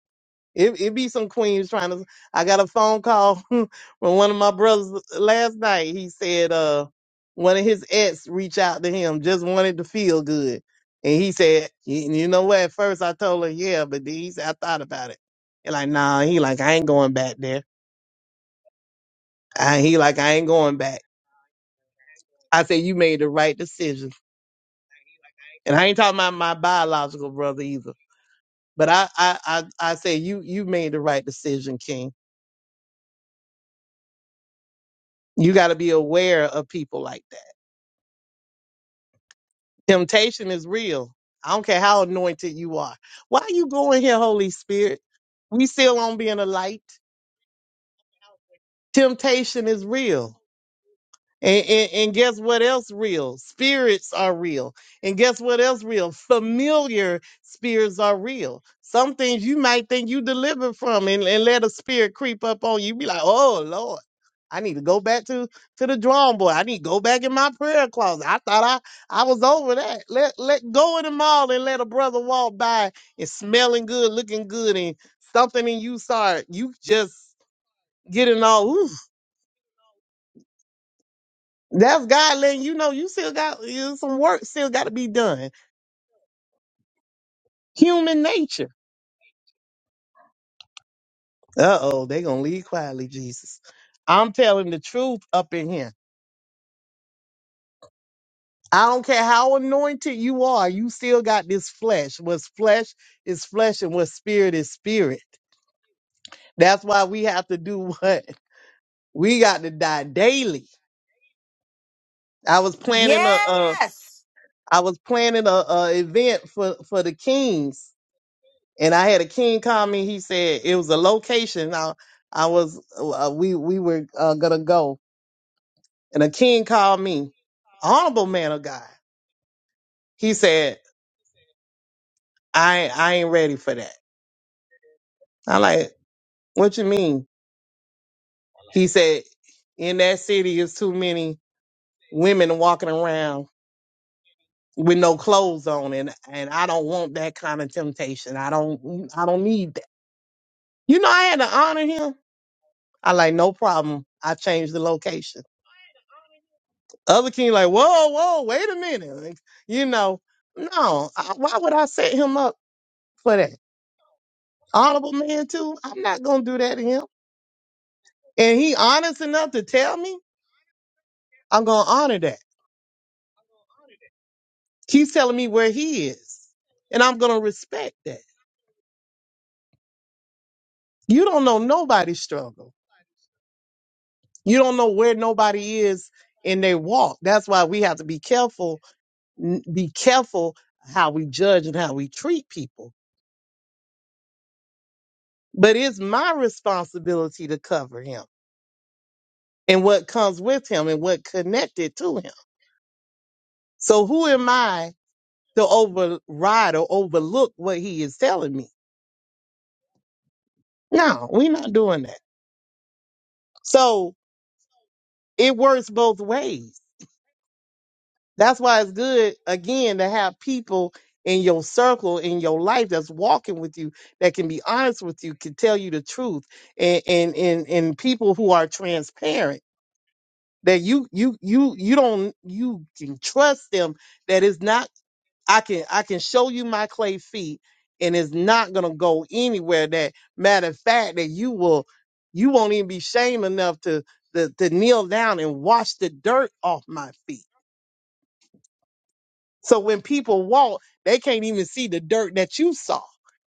S2: It it be some queens trying to. I got a phone call from one of my brothers last night. He said, uh, one of his ex reached out to him, just wanted to feel good, and he said, you, you know what? At first I told her yeah, but then he said I thought about it. And like, nah, he like I ain't going back there. I, he like I ain't going back. I said you made the right decision, and I ain't talking about my biological brother either. But I, I, I, I say you, you made the right decision, King. You got to be aware of people like that. Temptation is real. I don't care how anointed you are. Why you going here, Holy Spirit? We still on being a light. Temptation is real. And, and, and guess what else real? Spirits are real. And guess what else real? Familiar spirits are real. Some things you might think you delivered from and, and let a spirit creep up on you. Be like, oh Lord, I need to go back to, to the drawing board. I need to go back in my prayer closet. I thought I, I was over that. Let let go in the mall and let a brother walk by and smelling good, looking good, and something in you start, you just getting all ooh. That's God letting you know you still got you some work still got to be done. Human nature. Uh oh, they gonna leave quietly, Jesus. I'm telling the truth up in here. I don't care how anointed you are, you still got this flesh. What's flesh is flesh, and what spirit is spirit. That's why we have to do what we got to die daily. I was planning a, a
S4: Yes,
S2: I was planning a, a event for for the kings, And I had a king call me. He said it was a location. I, I was uh, we we were uh, gonna go, and a king called me, honorable man of God. He said I I ain't ready for that. I like what you mean. He said in that city is too many women walking around with no clothes on, and and I don't want that kind of temptation. I don't I don't need that. You know I had to honor him. I like no problem. I changed the location. Other king like, whoa, whoa, wait a minute. Like, you know, no, I, why would I set him up for that? Honorable man too. I'm not gonna do that to him. And he honest enough to tell me, I'm gonna honor that. He's telling me where he is. And I'm gonna respect that. You don't know nobody's struggle. You don't know where nobody is in their walk. That's why we have to be careful, n- be careful how we judge and how we treat people. But it's my responsibility to cover him and what comes with him and what connected to him. So who am I to override or overlook what he is telling me? No, we're not doing that. So it works both ways. That's why it's good again to have people in your circle in your life that's walking with you that can be honest with you can tell you the truth and and and, and people who are transparent that you you you you don't you can trust them that it's not. I can I can show you my clay feet and it's not gonna go anywhere that matter of fact that you will you won't even be shame enough to, to to kneel down and wash the dirt off my feet. So when people walk, they can't even see the dirt that you saw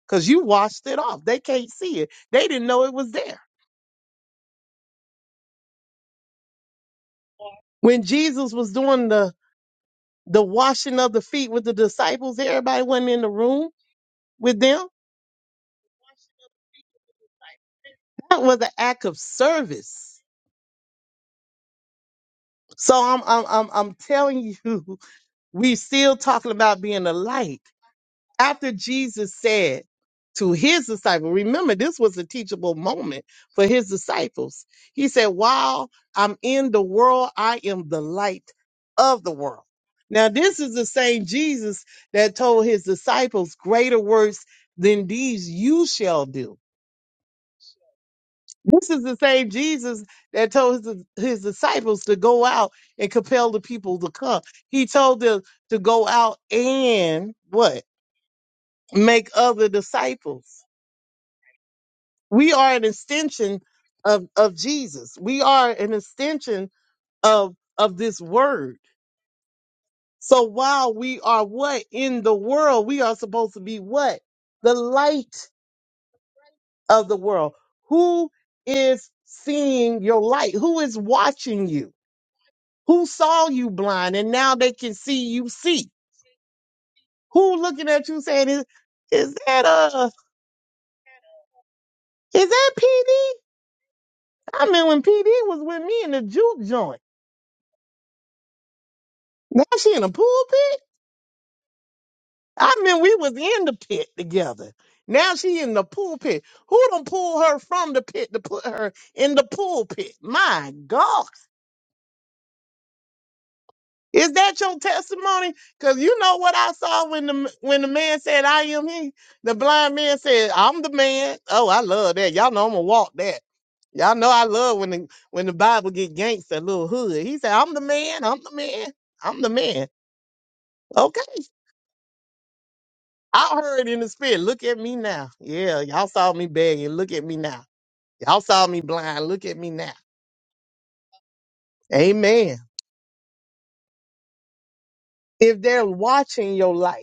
S2: because you washed it off. They can't see it. They didn't know it was there. When Jesus was doing the the washing of the feet with the disciples, everybody wasn't in the room with them. That was an act of service So I'm I'm I'm I'm telling you, we still talking about being a light. After Jesus said to his disciple, remember this was a teachable moment for his disciples. He said, While I'm in the world, I am the light of the world. Now, this is the same Jesus that told his disciples, Greater works than these you shall do this is the same Jesus that told his, his disciples to go out and compel the people to come. He told them to go out and what? Make other disciples. We are an extension of, of Jesus. We are an extension of, of this word. So while we are what in the world, we are supposed to be what? The light of the world. Who is seeing your light? Who is watching you? Who saw you blind and now they can see you see? Who looking at you saying is is that uh is that PD? I mean when PD was with me in the juke joint. Now she in the pulpit. I mean we was in the pit together. Now she in the pulpit. Who done pull her from the pit to put her in the pulpit? My God. Is that your testimony? Because you know what I saw when the when the man said, "I am he." The blind man said, "I'm the man." Oh, I love that. Y'all know I'm gonna walk that. Y'all know I love when the when the Bible get gangster, little hood. He said, "I'm the man. I'm the man. I'm the man." Okay, I heard in the spirit. Look at me now. Yeah, y'all saw me begging. Look at me now. Y'all saw me blind. Look at me now. Amen. If they're watching your life.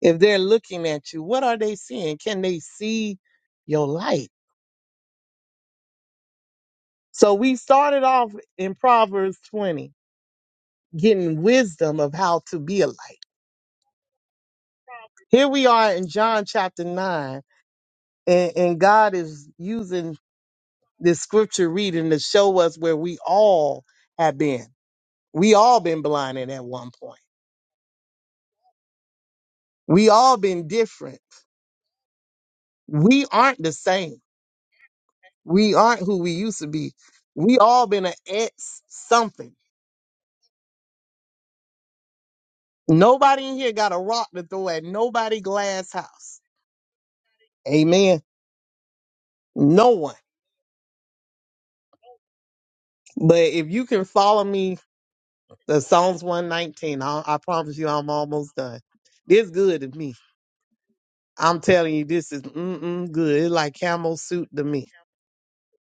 S2: if they're looking at you, what are they seeing? Can they see your light? So we started off in Proverbs 20, getting wisdom of how to be a light. Here we are in John chapter 9, and, and God is using this scripture reading to show us where we all have been. We all been blinded at one point. We all been different. We aren't the same. We aren't who we used to be. We all been an ex something Nobody in here got a rock to throw at nobody glass house. Amen. No one. But if you can follow me, the Psalms 119, I, I promise you I'm almost done. This good to me. I'm telling you, this is mm-mm good. It's like camel suit to me.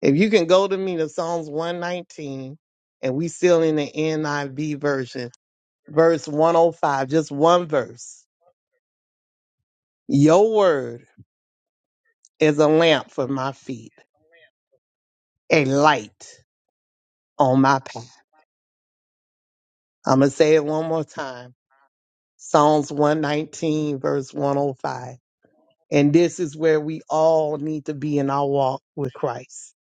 S2: If you can go to me the Psalms 119, and we still in the NIV version, verse 105, just one verse. Your word is a lamp for my feet, a light on my path. I'm going to say it one more time. Psalms 119, verse 105. And this is where we all need to be in our walk with Christ.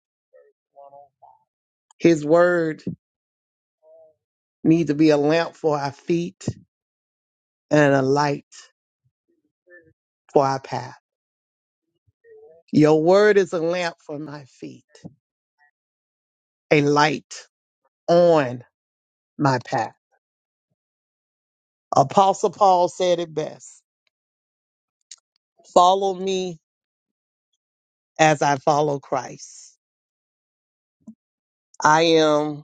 S2: His word need to be a lamp for our feet and a light for our path. Your word is a lamp for my feet, a light on my path. Apostle Paul said it best. Follow me as I follow Christ. I am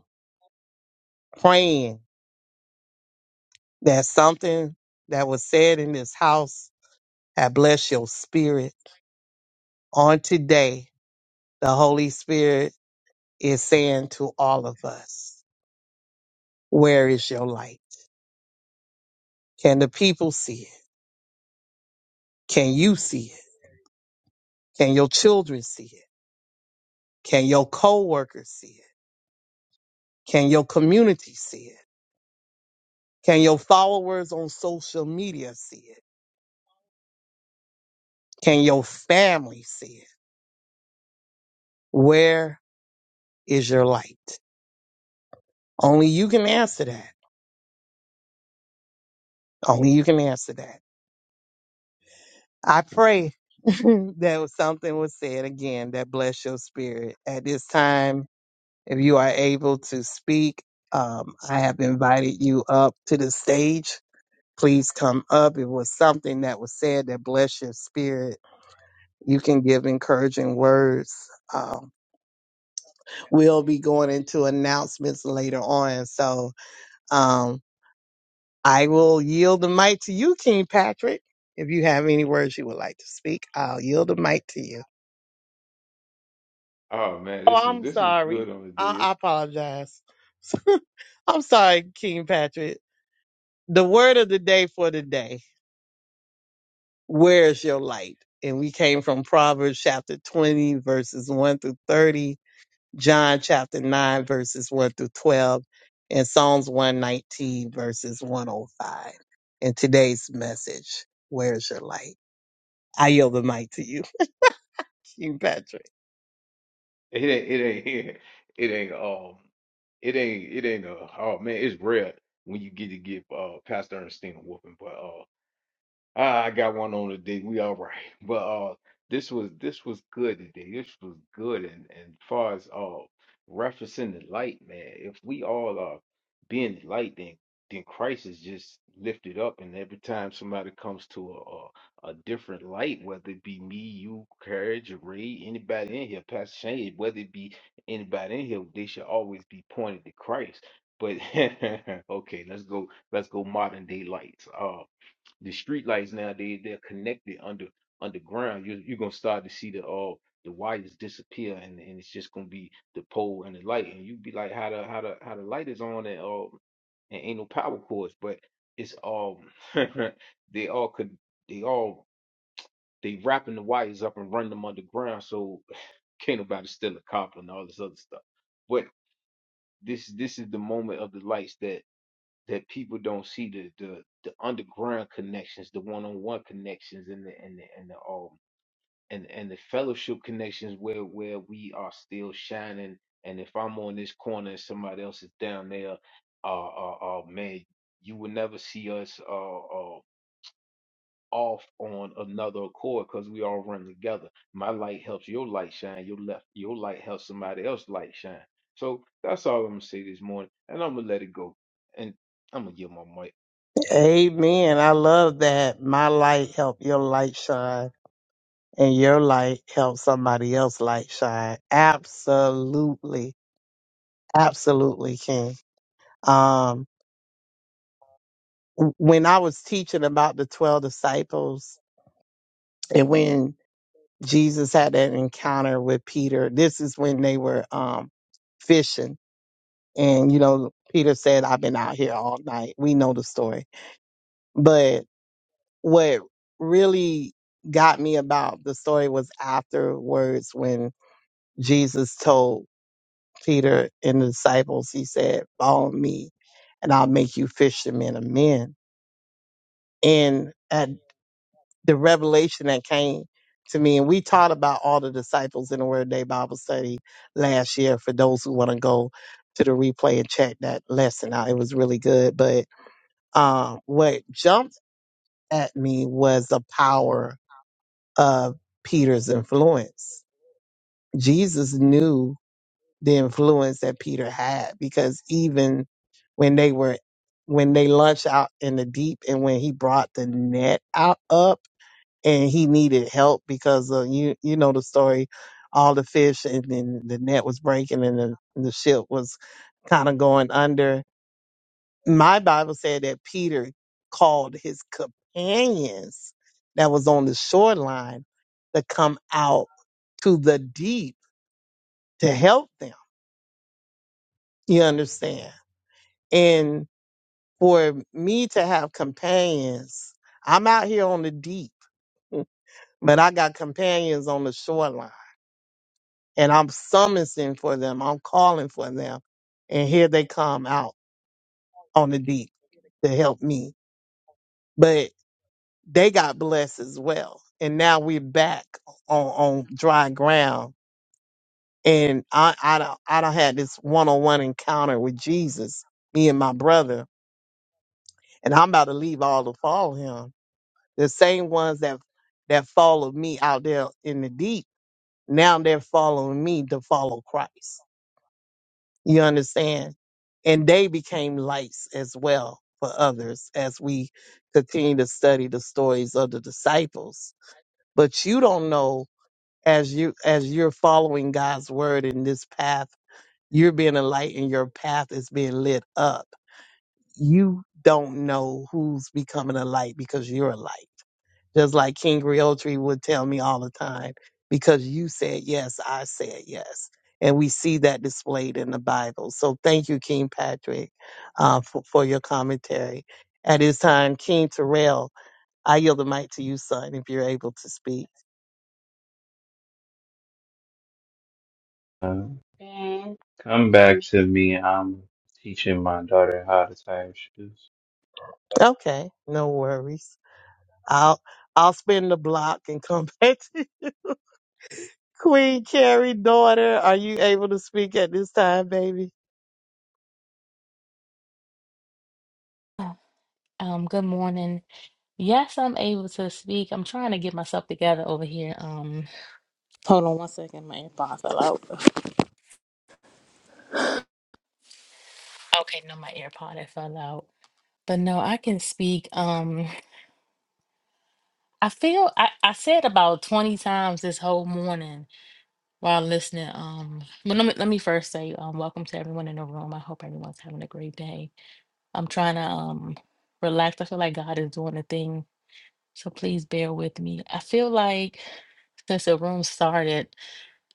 S2: praying that something that was said in this house I bless your spirit. On today, the Holy Spirit is saying to all of us, where is your light? Can the people see it? Can you see it? Can your children see it? Can your co-workers see it? Can your community see it? Can your followers on social media see it? Can your family see it? Where is your light? Only you can answer that. Only you can answer that. I pray that something was said again that bless your spirit. At this time, if you are able to speak, um, I have invited you up to the stage. Please come up. It was something that was said that bless your spirit. You can give encouraging words. Um, we'll be going into announcements later on. So um, I will yield the mic to you, King Patrick. If you have any words you would like to speak, I'll yield the mic to you.
S1: Oh man,
S2: Oh,
S1: this is
S2: I'm
S1: this was
S2: sorry.
S1: good on the
S2: I,
S1: day.
S2: I apologize. I'm sorry, King Patrick. The word of the day for the day, where is your light? And we came from Proverbs chapter 20, verses 1 through 30, John chapter 9, verses 1 through 12, and Psalms 119, verses 105. And today's message, where is your light? I yield the mic to you, King Patrick.
S1: It ain't it ain't it ain't um it ain't it ain't uh oh man, it's rare when you get to give uh Pastor Ernestine a whooping, but uh Ah, I got one on today. We all right. But uh this was this was good today. This was good and and far as uh referencing the light, man. If we all are being the light, then then Christ is just lifted up and every time somebody comes to a, a a different light, whether it be me, you, Carriage, Ray, anybody in here, Pastor Shane, whether it be anybody in here, they should always be pointed to Christ. But okay, let's go let's go modern day lights. Uh, the street lights nowadays they're connected under underground. You you're gonna start to see the all the wires disappear and, and it's just gonna be the pole and the light and you be like how the how the how the light is on and all and ain't no power cords, but it's all they all could they all they wrapping the wires up and run them underground so can't nobody steal a copper and all this other stuff. But this this is the moment of the lights that that people don't see the the, the underground connections, the one on one connections, and the and the and the um and and the fellowship connections where where we are still shining. And if I'm on this corner and somebody else is down there, uh, uh, uh man, you will never see us uh, uh off on another accord because we all run together. My light helps your light shine. Your left, your light helps somebody else's light shine. So that's all I'm gonna say this morning, and I'm gonna let it go. And I'm gonna give my mic.
S2: Amen. I love that. My light help your light shine. and your light helps somebody else's light shine. Absolutely. Absolutely, King. Um, w- when I was teaching about the 12 disciples and when Jesus had that encounter with Peter, this is when they were um, fishing. And, you know, Peter said, I've been out here all night. We know the story. But what really got me about the story was afterwards when Jesus told Peter and the disciples, he said, Follow me, and I'll make you fishermen of men. And at the revelation that came to me, and we taught about all the disciples in the Word Day Bible study last year for those who want to go to the replay and check that lesson out. It was really good. But um, what jumped at me was the power of Peter's influence. Jesus knew the influence that Peter had because even when they were when they launched out in the deep and when he brought the net out up and he needed help because of you you know the story all the fish and then the net was breaking and the, the ship was kind of going under my bible said that peter called his companions that was on the shoreline to come out to the deep to help them you understand for me to have companions. I'm out here on the deep, but I got companions on the shoreline and I'm summoning for them. I'm calling for them. And here they come out on the deep to help me. But they got blessed as well. And now we're back on, on dry ground. And I, I don't, I don't had this one-on-one encounter with Jesus, me and my brother, and I'm about to leave all to follow him The same ones that that followed me out there in the deep, now they're following me to follow Christ. You understand? And they became lights as well for others as we continue to study the stories of the disciples. But you don't know as you as you're following God's word in this path, you're being a light and your path is being lit up. You don't know who's becoming a light because you're a light Just like King Realtree would tell me all the time, because you said yes, I said yes. And we see that displayed in the Bible. So thank you, King Patrick, uh, for, for your commentary. At this time, King Terrell, I yield the mic to you, son, if you're able to speak.
S3: time and come back to me. I'm teaching my daughter how to tie her shoes.
S2: Okay, no worries. I'll I'll spin the block and come back to Queen Carrie, daughter, are you able to speak at this time, baby?
S5: Um, good morning. Yes, I'm able to speak. I'm trying to get myself together over here. Um, hold on one second. My AirPod fell out. Okay, no, my AirPod it fell out. But no, I can speak. Um, I feel I, I said about 20 times this whole morning while listening. Um, but let me let me first say, um, welcome to everyone in the room. I hope everyone's having a great day. I'm trying to um relax. I feel like God is doing a thing, so please bear with me. I feel like since the room started.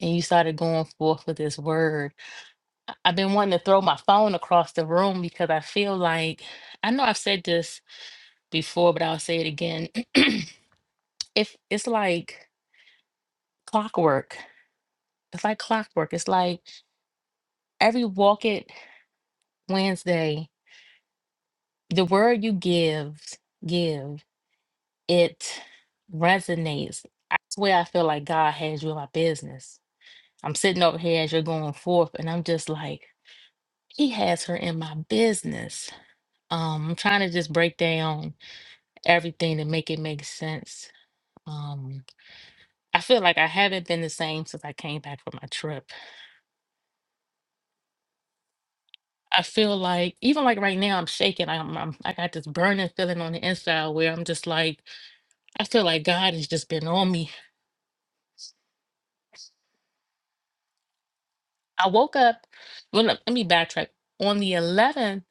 S5: and you started going forth with this word. I- I've been wanting to throw my phone across the room because I feel like I know I've said this before, but I'll say it again. if it's like clockwork, it's like clockwork. It's like every walk it Wednesday, the word you give, give it resonates. I swear, I feel like God has you in my business. I'm sitting over here as you're going forth, and I'm just like, He has her in my business Um, I'm trying to just break down everything to make it make sense. Um, I feel like I haven't been the same since I came back from my trip. I feel like even like right now I'm shaking. I'm, I'm I got this burning feeling on the inside where I'm just like I feel like God has just been on me. I woke up. Well, let let me backtrack. On the 11th,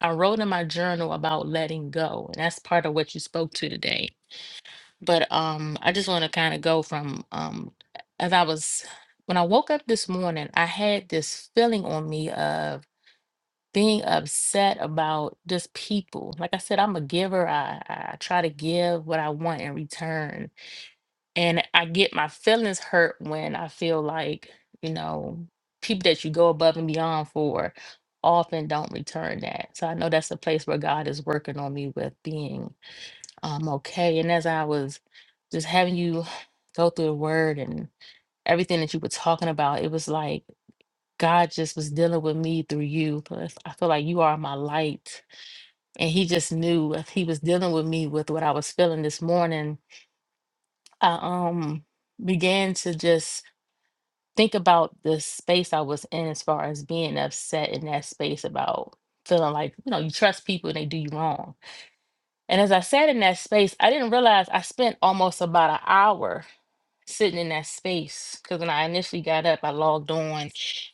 S5: I wrote in my journal about letting go, and that's part of what you spoke to today But um, I just want to kind of go from um, as I was when I woke up this morning, I had this feeling on me of being upset about just people. Like I said, I'm a giver. I, I try to give what I want in return, and I get my feelings hurt when I feel like you know people that you go above and beyond for often don't return that. So I know that's a place where God is working on me with being i okay. And as I was just having you go through the word and everything that you were talking about, it was like God just was dealing with me through you. 'Cause I feel like you are my light. And he just knew if he was dealing with me with what I was feeling this morning. I um began to just think about the space I was in as far as being upset in that space about feeling like, you know, you trust people and they do you wrong. And as I sat in that space, I didn't realize I spent almost about an hour sitting in that space. Because when I initially got up, I logged on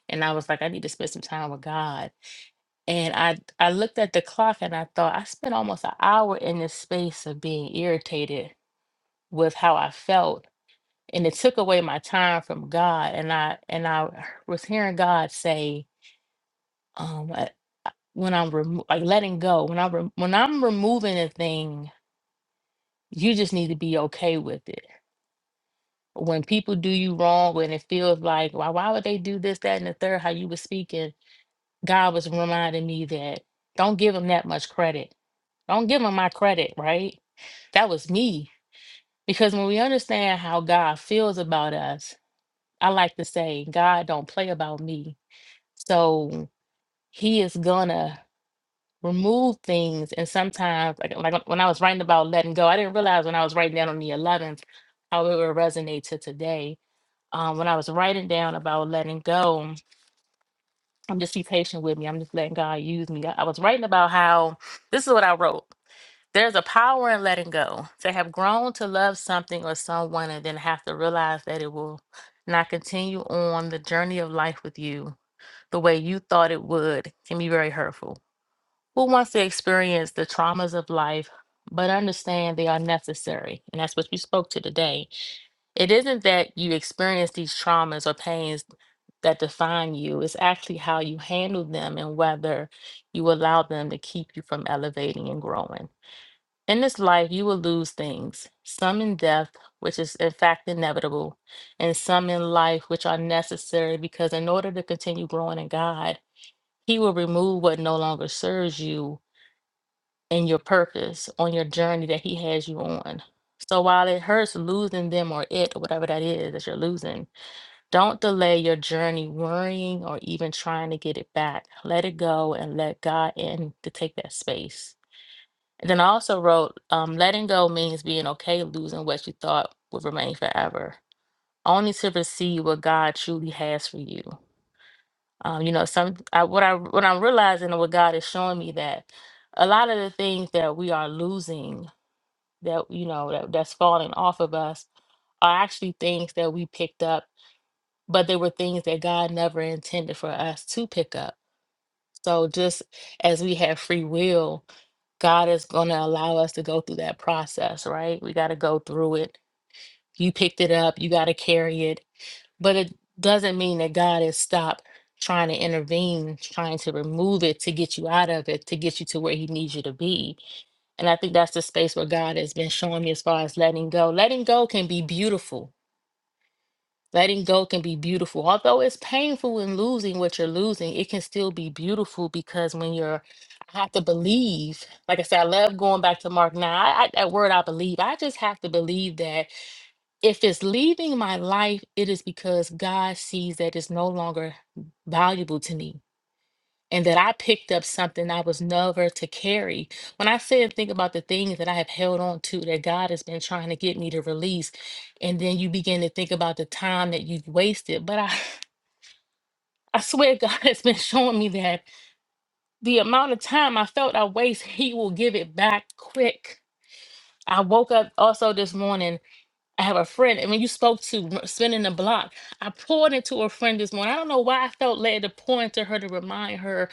S5: and I was like, I need to spend some time with God. And I I looked at the clock and I thought I spent almost an hour in this space of being irritated with how I felt. And it took away my time from God. And I and I was hearing God say, um, uh, when I'm remo- like letting go, when I'm rem- when I'm removing a thing, you just need to be okay with it when people do you wrong when it feels like why why would they do this that and the third how you were speaking god was reminding me that don't give them that much credit don't give them my credit right that was me because when we understand how god feels about us i like to say god don't play about me so he is gonna remove things and sometimes like, like when i was writing about letting go i didn't realize when i was writing down on the 11th how it would resonate to today um, when I was writing down about letting go, I'm just be patient with me. I'm just letting God use me. I I was writing about how this is what I wrote. There's a power in letting go. To have grown to love something or someone and then have to realize that it will not continue on the journey of life with you the way you thought it would can be very hurtful. Who wants to experience the traumas of life but understand they are necessary? And that's what we spoke to today. It isn't that you experience these traumas or pains that define you, it's actually how you handle them and whether you allow them to keep you from elevating and growing. In this life, you will lose things, some in death, which is in fact inevitable, and some in life, which are necessary because in order to continue growing in God, He will remove what no longer serves you and your purpose on your journey that he has you on. So while it hurts losing them or it or whatever that is that you're losing, don't delay your journey worrying or even trying to get it back. Let it go and let God in to take that space. And then I also wrote, um, letting go means being okay losing what you thought would remain forever, only to receive what God truly has for you. Um, you know, some I, what I what I'm realizing and what God is showing me that a lot of the things that we are losing that you know that, that's falling off of us are actually things that we picked up but they were things that god never intended for us to pick up so just as we have free will god is going to allow us to go through that process right we got to go through it you picked it up you got to carry it but it doesn't mean that God has stopped trying to intervene, trying to remove it to get you out of it, to get you to where He needs you to be. And I think that's the space where God has been showing me as far as letting go. Letting go can be beautiful. Letting go can be beautiful. Although it's painful in losing what you're losing, it can still be beautiful because when you're, I have to believe, like I said, I love going back to Mark. Now, I, I, that word I believe, I just have to believe that if it's leaving my life, it is because God sees that it's no longer valuable to me and that I picked up something I was never to carry. When I say and think about the things that I have held on to that God has been trying to get me to release, and then you begin to think about the time that you've wasted. But I, I swear God has been showing me that the amount of time I felt I waste, He will give it back quick. I woke up also this morning I have a friend, and when you spoke to r- spinning the block, I poured into a friend this morning. I don't know why I felt led to pour into her to remind her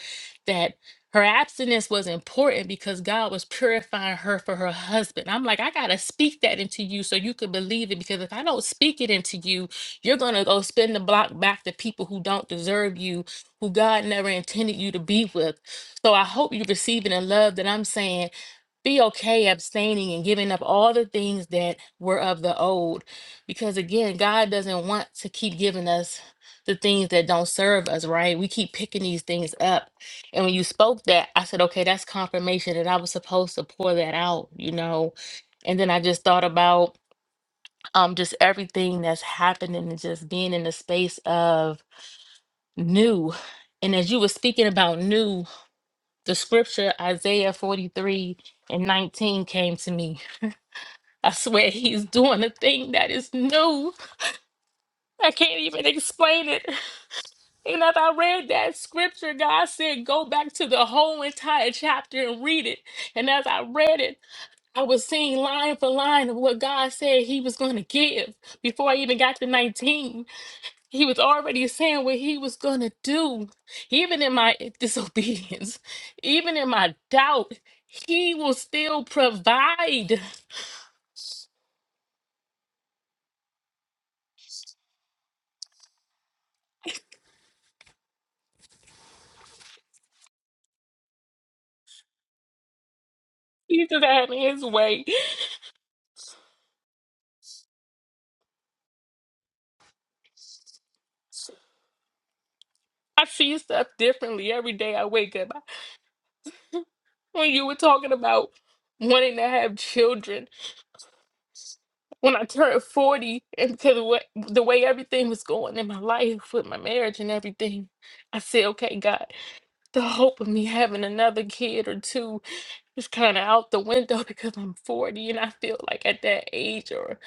S5: that her abstinence was important because God was purifying her for her husband. I'm like, I gotta speak that into you so you could believe it. Because if I don't speak it into you, you're gonna go spin the block back to people who don't deserve you, who God never intended you to be with. So I hope you receive it in love that I'm saying be okay abstaining and giving up all the things that were of the old because again god doesn't want to keep giving us the things that don't serve us right we keep picking these things up and when you spoke that i said okay that's confirmation that i was supposed to pour that out you know and then i just thought about um just everything that's happening and just being in the space of new and as you were speaking about new the scripture isaiah 43 and 19 came to me I swear he's doing a thing that is new. I can't even explain it. And as I read that scripture, God said, go back to the whole entire chapter and read it. And as I read it, I was seeing line for line of what God said he was going to give before I even got to 19. He was already saying what he was going to do. Even in my disobedience, even in my doubt, he will still provide. He just had his way. I see stuff differently every day I wake up. When you were talking about wanting to have children, when I turned 40, and because of what, the way everything was going in my life with my marriage and everything, I said, okay, God, the hope of me having another kid or two is kind of out the window because I'm 40 and I feel like at that age or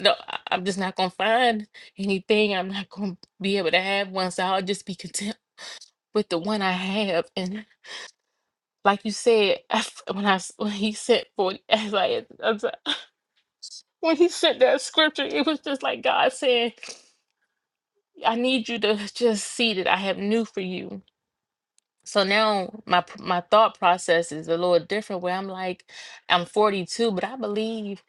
S5: no, I- I'm just not going to find anything I'm not going to be able to have one. So I'll just be content with the one I have. and." like you said, af- when I s- when he sent forty, as I I'm sorry, when he sent that scripture, it was just like God saying, "I need you to just see that I have new for you." So now my p- my thought process is a little different. Where I'm like, I'm 42, but I believe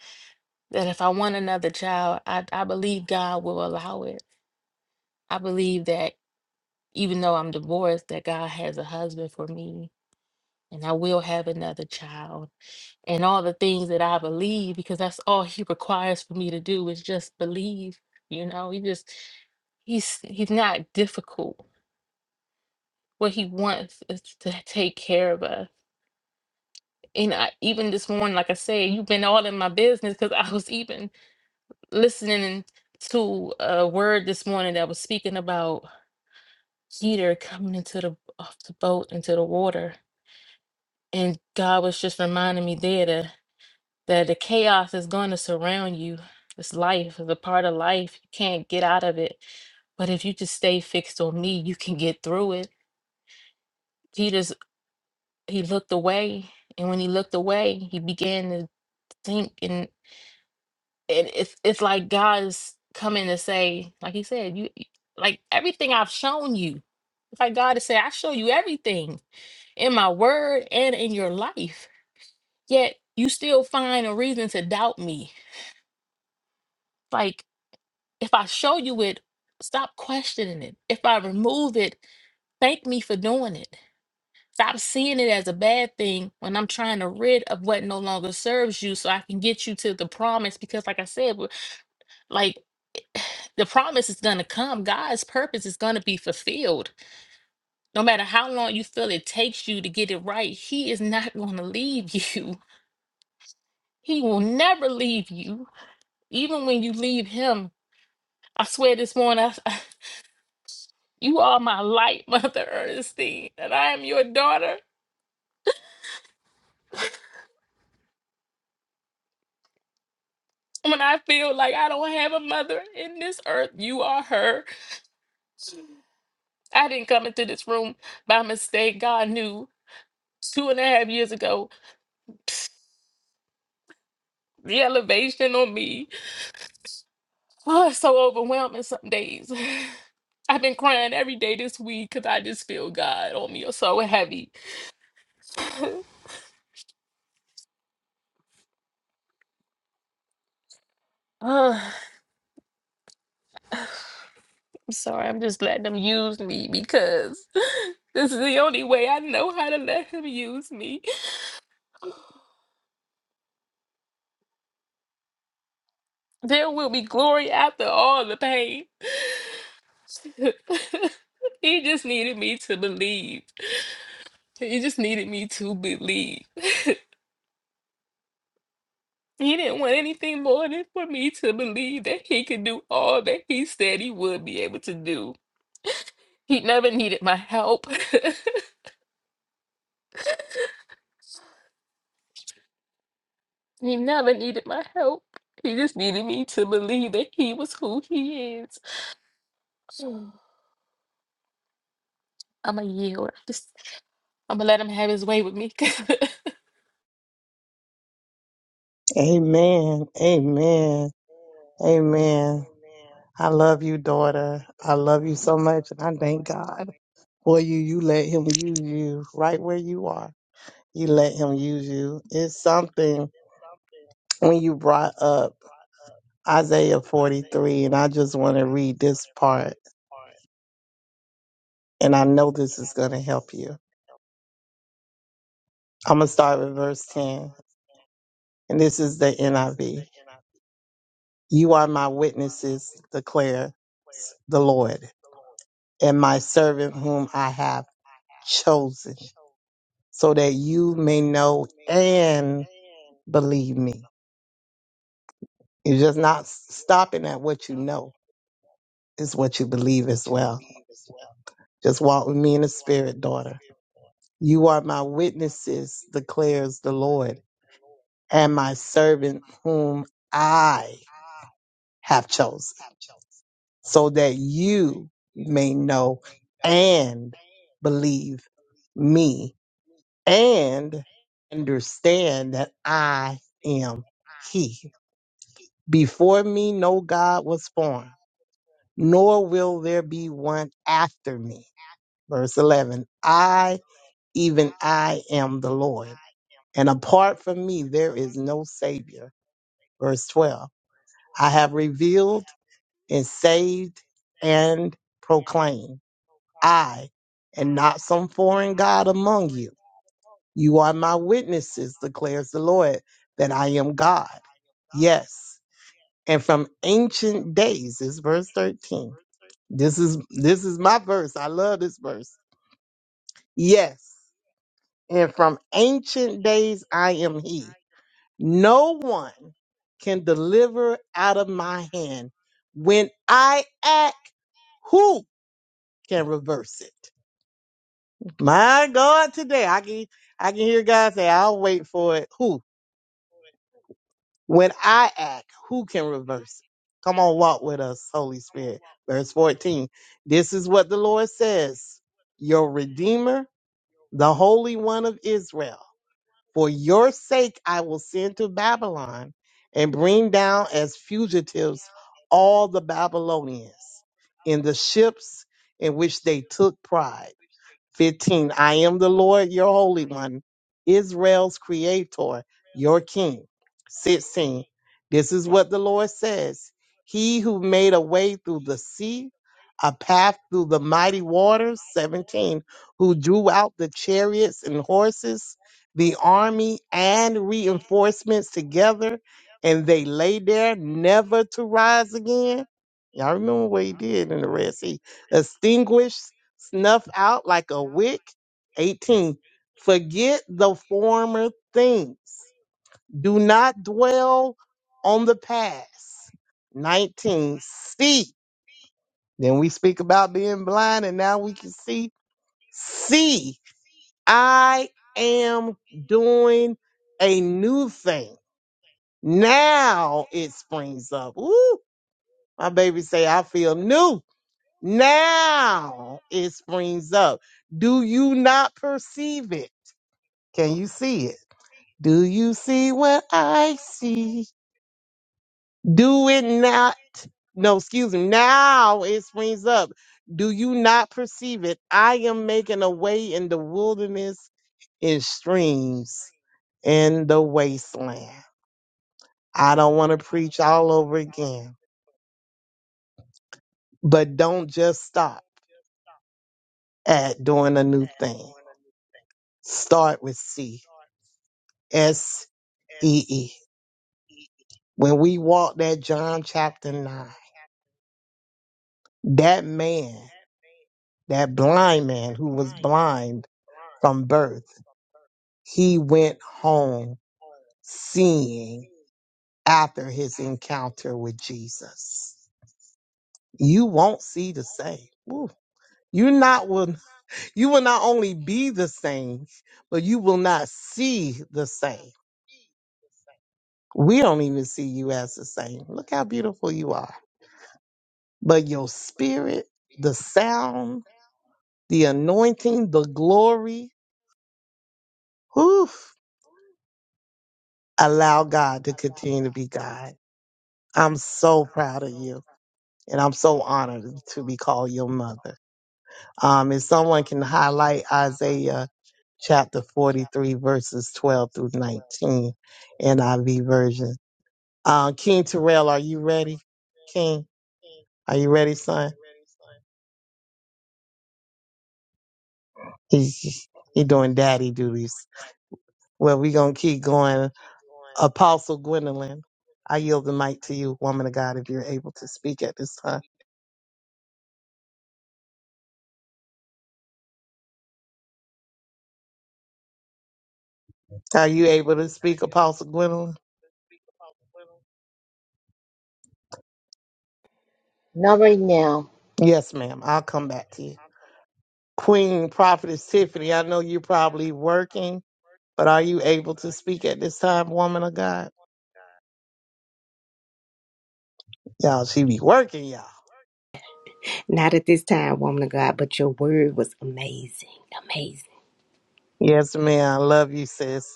S5: that if I want another child, I I believe God will allow it. I believe that even though I'm divorced, that God has a husband for me, and I will have another child and all the things that I believe because that's all he requires for me to do is just believe. You know, he just he's he's not difficult. What he wants is to take care of us. And I, even this morning, like I said, you've been all in my business because I was even listening to a word this morning that was speaking about Peter coming into the off the boat into the water, and God was just reminding me there. that the chaos is going to surround you. It's life, it's a part of life. You can't get out of it. But if you just stay fixed on me, you can get through it. Peter's he looked away, and when he looked away, he began to think, and and it's it's like God is coming to say, like he said, you you- like everything I've shown you. It's like God is saying, I show you everything in my word and in your life. Yet you still find a reason to doubt me. like. If I show you it, stop questioning it. If I remove it, thank me for doing it. Stop seeing it as a bad thing when I'm trying to rid of what no longer serves you so I can get you to the promise. Because, like I said, w- like the promise is going to come, God's purpose is going to be fulfilled. No matter how long you feel it takes you to get it right, He is not going to leave you. He will never leave you. Even when you leave Him, I swear this morning, You are my light, Mother Ernestine, and I am your daughter. When I feel like I don't have a mother in this earth, you are her. I didn't come into this room by mistake. God knew two and a half years ago the elevation on me. Oh, it's so overwhelming some days. I've been crying every day this week because I just feel God on me. It's so heavy. I'm sorry, I'm just letting him use me because this is the only way I know how to let him use me. There will be glory after all the pain. he just needed me to believe. He just needed me to believe. He didn't want anything more than for me to believe that he could do all that he said he would be able to do. He never needed my help. he never needed my help. He just needed me to believe that he was who he is. So, I'm going to yield. Just, I'm going to let him have his way with me. 'cause
S2: Amen. Amen. Amen. I love you, daughter. I love you so much, and I thank God for you. You let Him use you right where you are. You let Him use you. It's something when you brought up Isaiah 43, and I just want to read this part, and I know this is going to help you. I'm going to start with verse 10, and this is the NIV. You are my witnesses, declare the Lord, and my servant whom I have. chosen so that you may know and believe me. You're just not s- stopping at what you know, it's what you believe as well. Just walk with me in the spirit, daughter. You are my witnesses, declares the Lord, and my servant whom I have chosen, so that you may know and believe me and understand that I am He. Before me, no God was formed, nor will there be one after me. Verse 11 I, even I, am the Lord, and apart from me, there is no Savior. Verse 12 I have revealed and saved and proclaimed, I, and not some foreign God among you. You are my witnesses, declares the Lord, that I am God. Yes. And from ancient days, is verse 13. This is this is my verse. I love this verse. Yes. And from ancient days I am he. No one can deliver out of my hand. When I act, who can reverse it? My God, today I can I can hear God say, I'll wait for it. Who? When I act, who can reverse it? Come on, walk with us, Holy Spirit. Verse 14. This is what the Lord says Your Redeemer, the Holy One of Israel. For your sake, I will send to Babylon and bring down as fugitives all the Babylonians in the ships in which they took pride. 15 I am the Lord your Holy One, Israel's Creator, your King. 16 This is what the Lord says He who made a way through the sea, a path through the mighty waters. 17 Who drew out the chariots and horses, the army and reinforcements together, and they lay there never to rise again. Y'all remember what he did in the Red Sea? Extinguished snuff out like a wick. 18. Forget the former things. Do not dwell on the past. 19. See. Then we speak about being blind and now we can see. See, I am doing a new thing. Now it springs up. Ooh, my baby say, I feel new. Now it springs up. Do you not perceive it? Can you see it? Do you see what I see? Do it not. No, excuse me. Now it springs up. Do you not perceive it? I am making a way in the wilderness, in streams, in the wasteland. I don't want to preach all over again, but don't just stop at doing a new thing. Start with C. S E E. When we walk that John chapter 9, that man. that blind man who was blind from birth, he went home seeing after his encounter with Jesus. You won't see the same. Woo. You not will you will not only be the same, but you will not see the same. We don't even see you as the same. Look how beautiful you are. But your spirit, the sound, the anointing, the glory, whew, allow God to continue to be God. I'm so proud of you. And I'm so honored to be called your mother. Um, if someone can highlight Isaiah chapter 43, verses 12 through 19, NIV version. Uh, King Terrell, are you ready? King, are you ready, son? He's he doing daddy duties. Well, we're going to keep going. Apostle Gwendolyn, I yield the mic to you, woman of God, if you're able to speak at this time. Are you able to speak, Apostle Gwendolyn?
S6: Not right now.
S2: Yes, ma'am. I'll come back to you. Queen Prophetess Tiffany, I know you're probably working, but are you able to speak at this time, woman of God? Y'all, she be working, y'all.
S7: Not at this time, woman of God, but your word was amazing, amazing.
S2: Yes, ma'am. I love you, sis.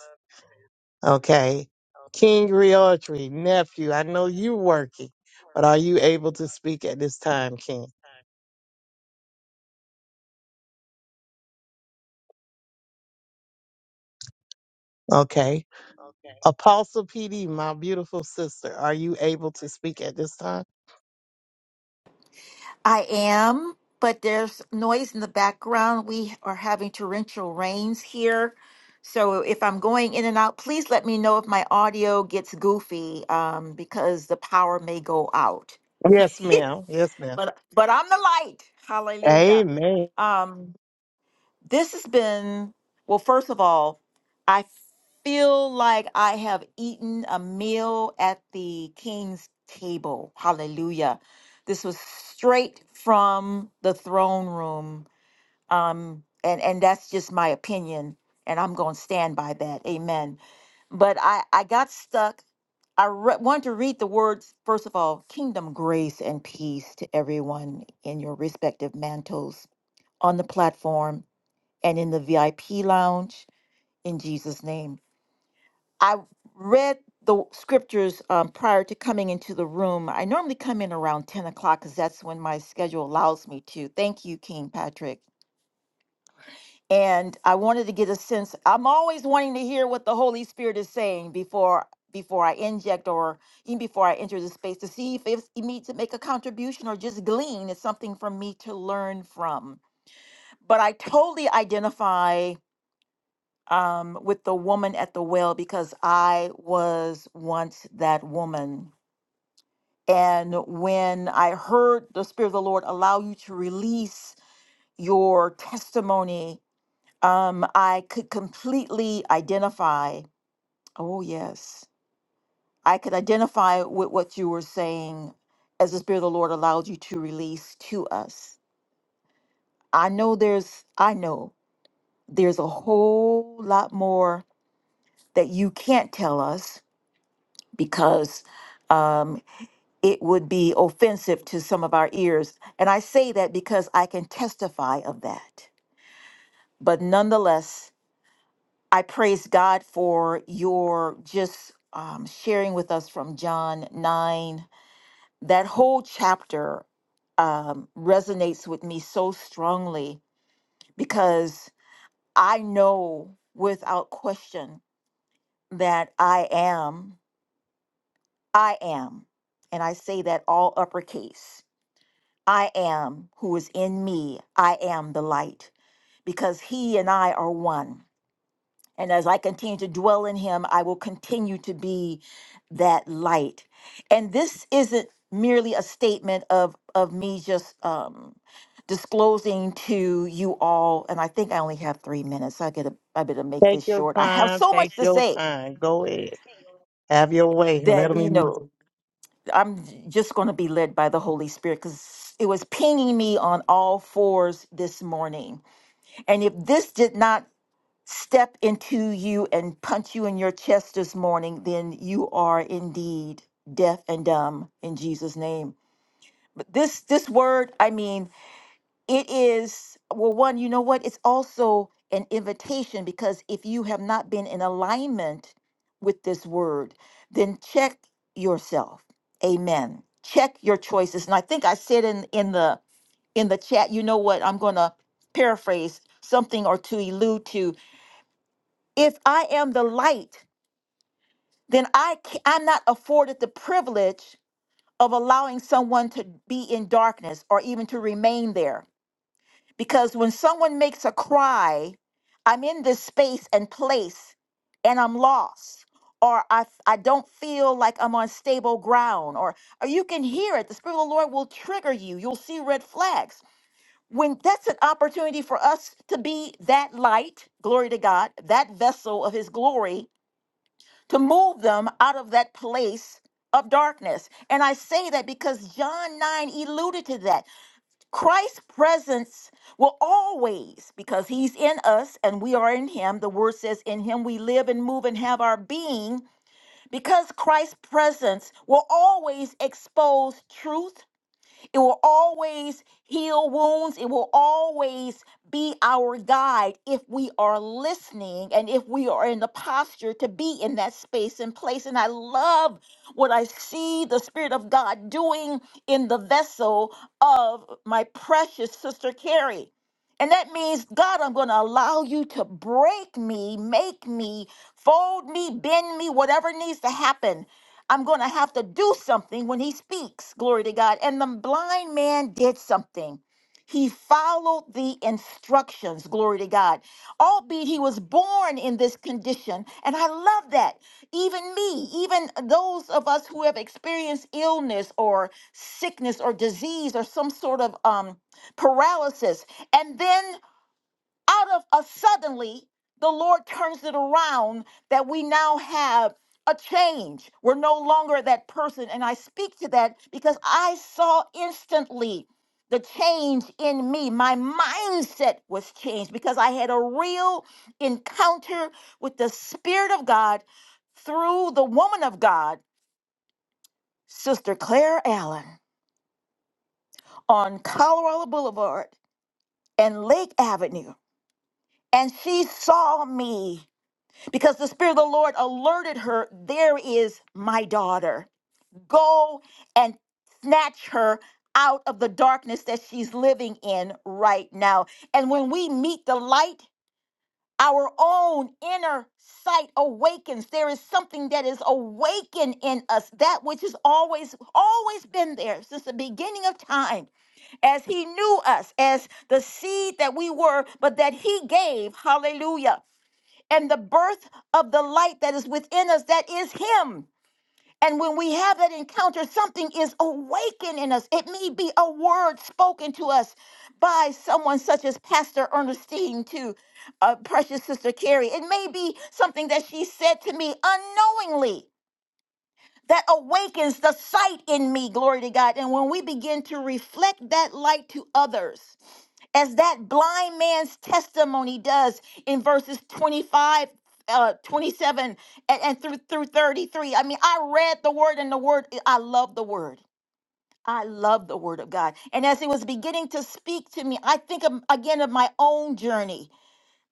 S2: Okay. King Riotri, nephew, I know you working, but are you able to speak at this time, King? Okay. Apostle PD, my beautiful sister, are you able to speak at this time?
S4: I am, but there's noise in the background. We are having torrential rains here. So if I'm going in and out, please let me know if my audio gets goofy um, because the power may go out.
S2: Yes, ma'am. Yes, ma'am.
S4: But but I'm the light. Hallelujah.
S2: Amen.
S4: Um, this has been well first of all i feel like i have eaten a meal at the king's table hallelujah this was straight from the throne room um and and that's just my opinion and i'm going to stand by that amen but i i got stuck i re- wanted to read the words first of all kingdom grace and peace to everyone in your respective mantles on the platform and in the VIP lounge in Jesus' name. I read the scriptures um, prior to coming into the room. I normally come in around 10 o'clock because that's when my schedule allows me to. Thank you, King Patrick. And I wanted to get a sense. I'm always wanting to hear what the Holy Spirit is saying before before I inject or even before I enter the space to see if it's me to make a contribution or just glean. It's something for me to learn from. But I totally identify um, with the woman at the well because I was once that woman. And when I heard the Spirit of the Lord allow you to release your testimony, um, I could completely identify. Oh, yes. I could identify with what you were saying as the Spirit of the Lord allowed you to release to us. I know there's, I know there's a whole lot more that you can't tell us because um, it would be offensive to some of our ears. And I say that because I can testify of that. But nonetheless, I praise God for your just um, sharing with us from John 9. That whole chapter um, resonates with me so strongly because I know without question that I am, I am, and I say that all uppercase I am who is in me. I am the light because he and I are one. And as I continue to dwell in him, I will continue to be that light. And this isn't merely a statement of, of me just um, disclosing to you all. And I think I only have three minutes. I, gotta, I better make
S2: Take
S4: this
S2: your
S4: short. I have
S2: time.
S4: so
S2: Take
S4: much to
S2: your
S4: say
S2: time. Go ahead. Have your way. Let
S4: that,
S2: them
S4: you
S2: use you.
S4: know, I'm j- just going to be led by the Holy Spirit because it was pinging me on all fours this morning And if this did not step into you and punch you in your chest this morning, then you are indeed deaf and dumb in Jesus' name. But this this word, I mean, it is well, one, you know what? It's also an invitation because if you have not been in alignment with this word, then check yourself. Amen. Check your choices. And I think I said in in the in the chat, you know what? I'm gonna paraphrase something or to allude to if I am the light, then I ca- I'm not afforded the privilege of allowing someone to be in darkness or even to remain there. Because when someone makes a cry, I'm in this space and place and I'm lost or I, f- I don't feel like I'm on stable ground or, or you can hear it. The Spirit of the Lord will trigger you. You'll see red flags. When that's an opportunity for us to be that light, glory to God, that vessel of his glory to move them out of that place of darkness. And I say that because John 9 alluded to that. Christ's presence will always, because he's in us and we are in him, the word says, in him we live and move and have our being. Because Christ's presence will always expose truth it will always heal wounds. It will always be our guide if we are listening and if we are in the posture to be in that space and place. And I love what I see the Spirit of God doing in the vessel of my precious sister Carrie. And that means, God, I'm going to allow you to break me, make me, fold me, bend me, whatever needs to happen I'm going to have to do something when he speaks. Glory to God. And the blind man did something. He followed the instructions, glory to God. Albeit he was born in this condition. And I love that. Even me, even those of us who have experienced illness or sickness or disease or some sort of um, paralysis. And then out of a suddenly, the Lord turns it around that we now have a change. We're no longer that person. And I speak to that because I saw instantly the change in me. My mindset was changed because I had a real encounter with the Spirit of God through the woman of God, Sister Claire Allen, on Colorado Boulevard and Lake Avenue. And she saw me because the Spirit of the Lord alerted her, There is my daughter. Go and snatch her out of the darkness that she's living in right now. And when we meet the light, our own inner sight awakens. There is something that is awakened in us, that which has always, always been there since the beginning of time, as He knew us, as the seed that we were, but that He gave. Hallelujah and the birth of the light that is within us that is him and when we have that encounter something is awakened in us it may be a word spoken to us by someone such as pastor ernestine to uh, precious sister carrie it may be something that she said to me unknowingly that awakens the sight in me glory to god and when we begin to reflect that light to others as that blind man's testimony does in verses 25 uh 27 and, and through through 33 i mean i read the word and the word i love the word i love the word of god and as it was beginning to speak to me i think of, again of my own journey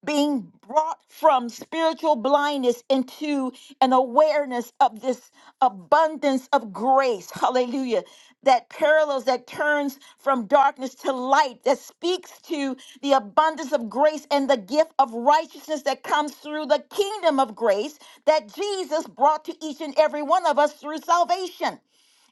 S4: being brought from spiritual blindness into an awareness of this abundance of grace. Hallelujah. That parallels, that turns from darkness to light, that speaks to the abundance of grace and the gift of righteousness that comes through the kingdom of grace that Jesus brought to each and every one of us through salvation.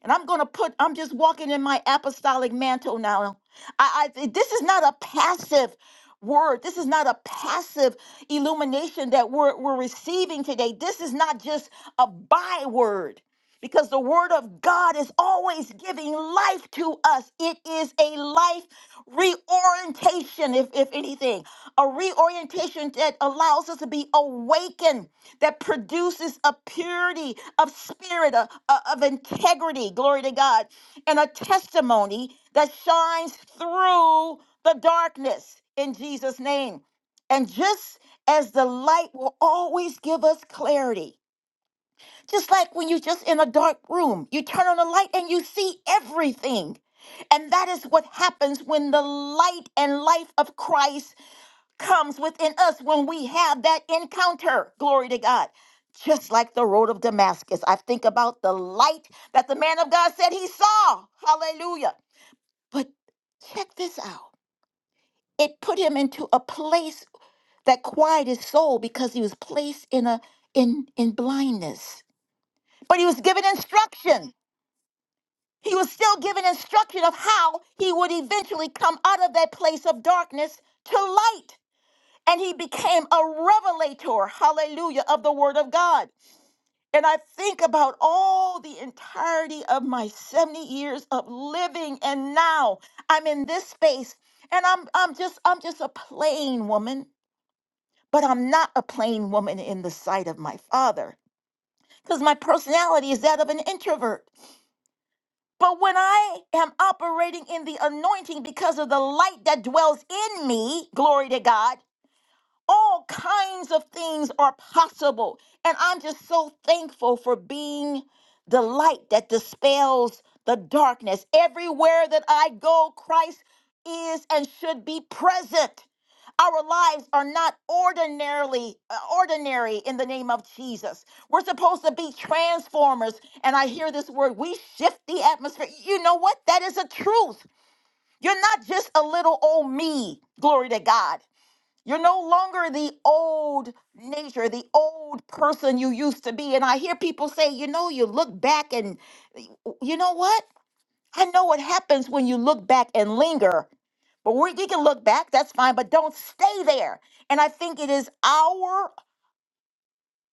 S4: And I'm going to put, I'm just walking in my apostolic mantle now. I, I this is not a passive word. This is not a passive illumination that we're, we're receiving today. This is not just a byword because the word of God is always giving life to us. It is a life reorientation, if, if anything, a reorientation that allows us to be awakened that produces a purity of spirit, a- a- of integrity, glory to God, and a testimony that shines through the darkness in Jesus' name. And just as the light will always give us clarity, just like when you're just in a dark room, you turn on the light and you see everything. And that is what happens when the light and life of Christ comes within us when we have that encounter. Glory to God. Just like the road of Damascus, I think about the light that the man of God said he saw. Hallelujah. But check this out it put him into a place that quieted his soul because he was placed in a in in blindness but he was given instruction he was still given instruction of how he would eventually come out of that place of darkness to light and he became a revelator, hallelujah, of the word of God. And I think about all the entirety of my 70 years of living and now I'm in this space and I'm I'm just I'm just a plain woman, but I'm not a plain woman in the sight of my father because my personality is that of an introvert. But when I am operating in the anointing because of the light that dwells in me, glory to God, all kinds of things are possible. And I'm just so thankful for being the light that dispels the darkness. Everywhere that I go, Christ is and should be present. Our lives are not ordinarily uh, ordinary in the name of Jesus. We're supposed to be transformers. And I hear this word, we shift the atmosphere. You know what? That is a truth. You're not just a little old me. Glory to God. You're no longer the old nature, the old person you used to be. And I hear people say, you know, you look back and you know what? I know what happens when you look back and linger, but we, we can look back, that's fine, but don't stay there. And I think it is our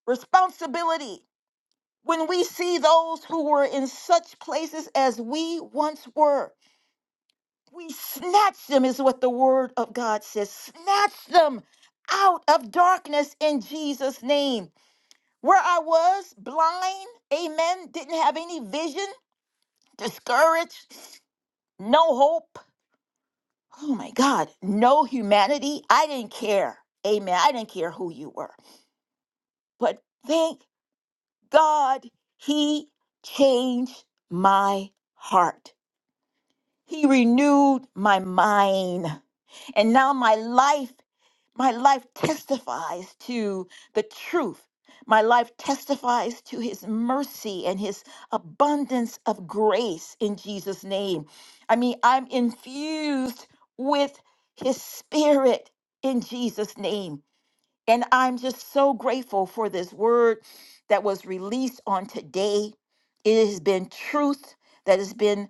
S4: responsibility when we see those who were in such places as we once were We snatch them, is what the word of God says. Snatch them out of darkness in Jesus' name. Where I was blind, amen, didn't have any vision, discouraged, no hope. Oh my God, no humanity. I didn't care, amen. I didn't care who you were. But thank God he changed my heart. He renewed my mind. And now my life My life testifies to the truth. My life testifies to his mercy and his abundance of grace in Jesus' name. I mean, I'm infused with his spirit in Jesus' name. And I'm just so grateful for this word that was released on today. It has been truth that has been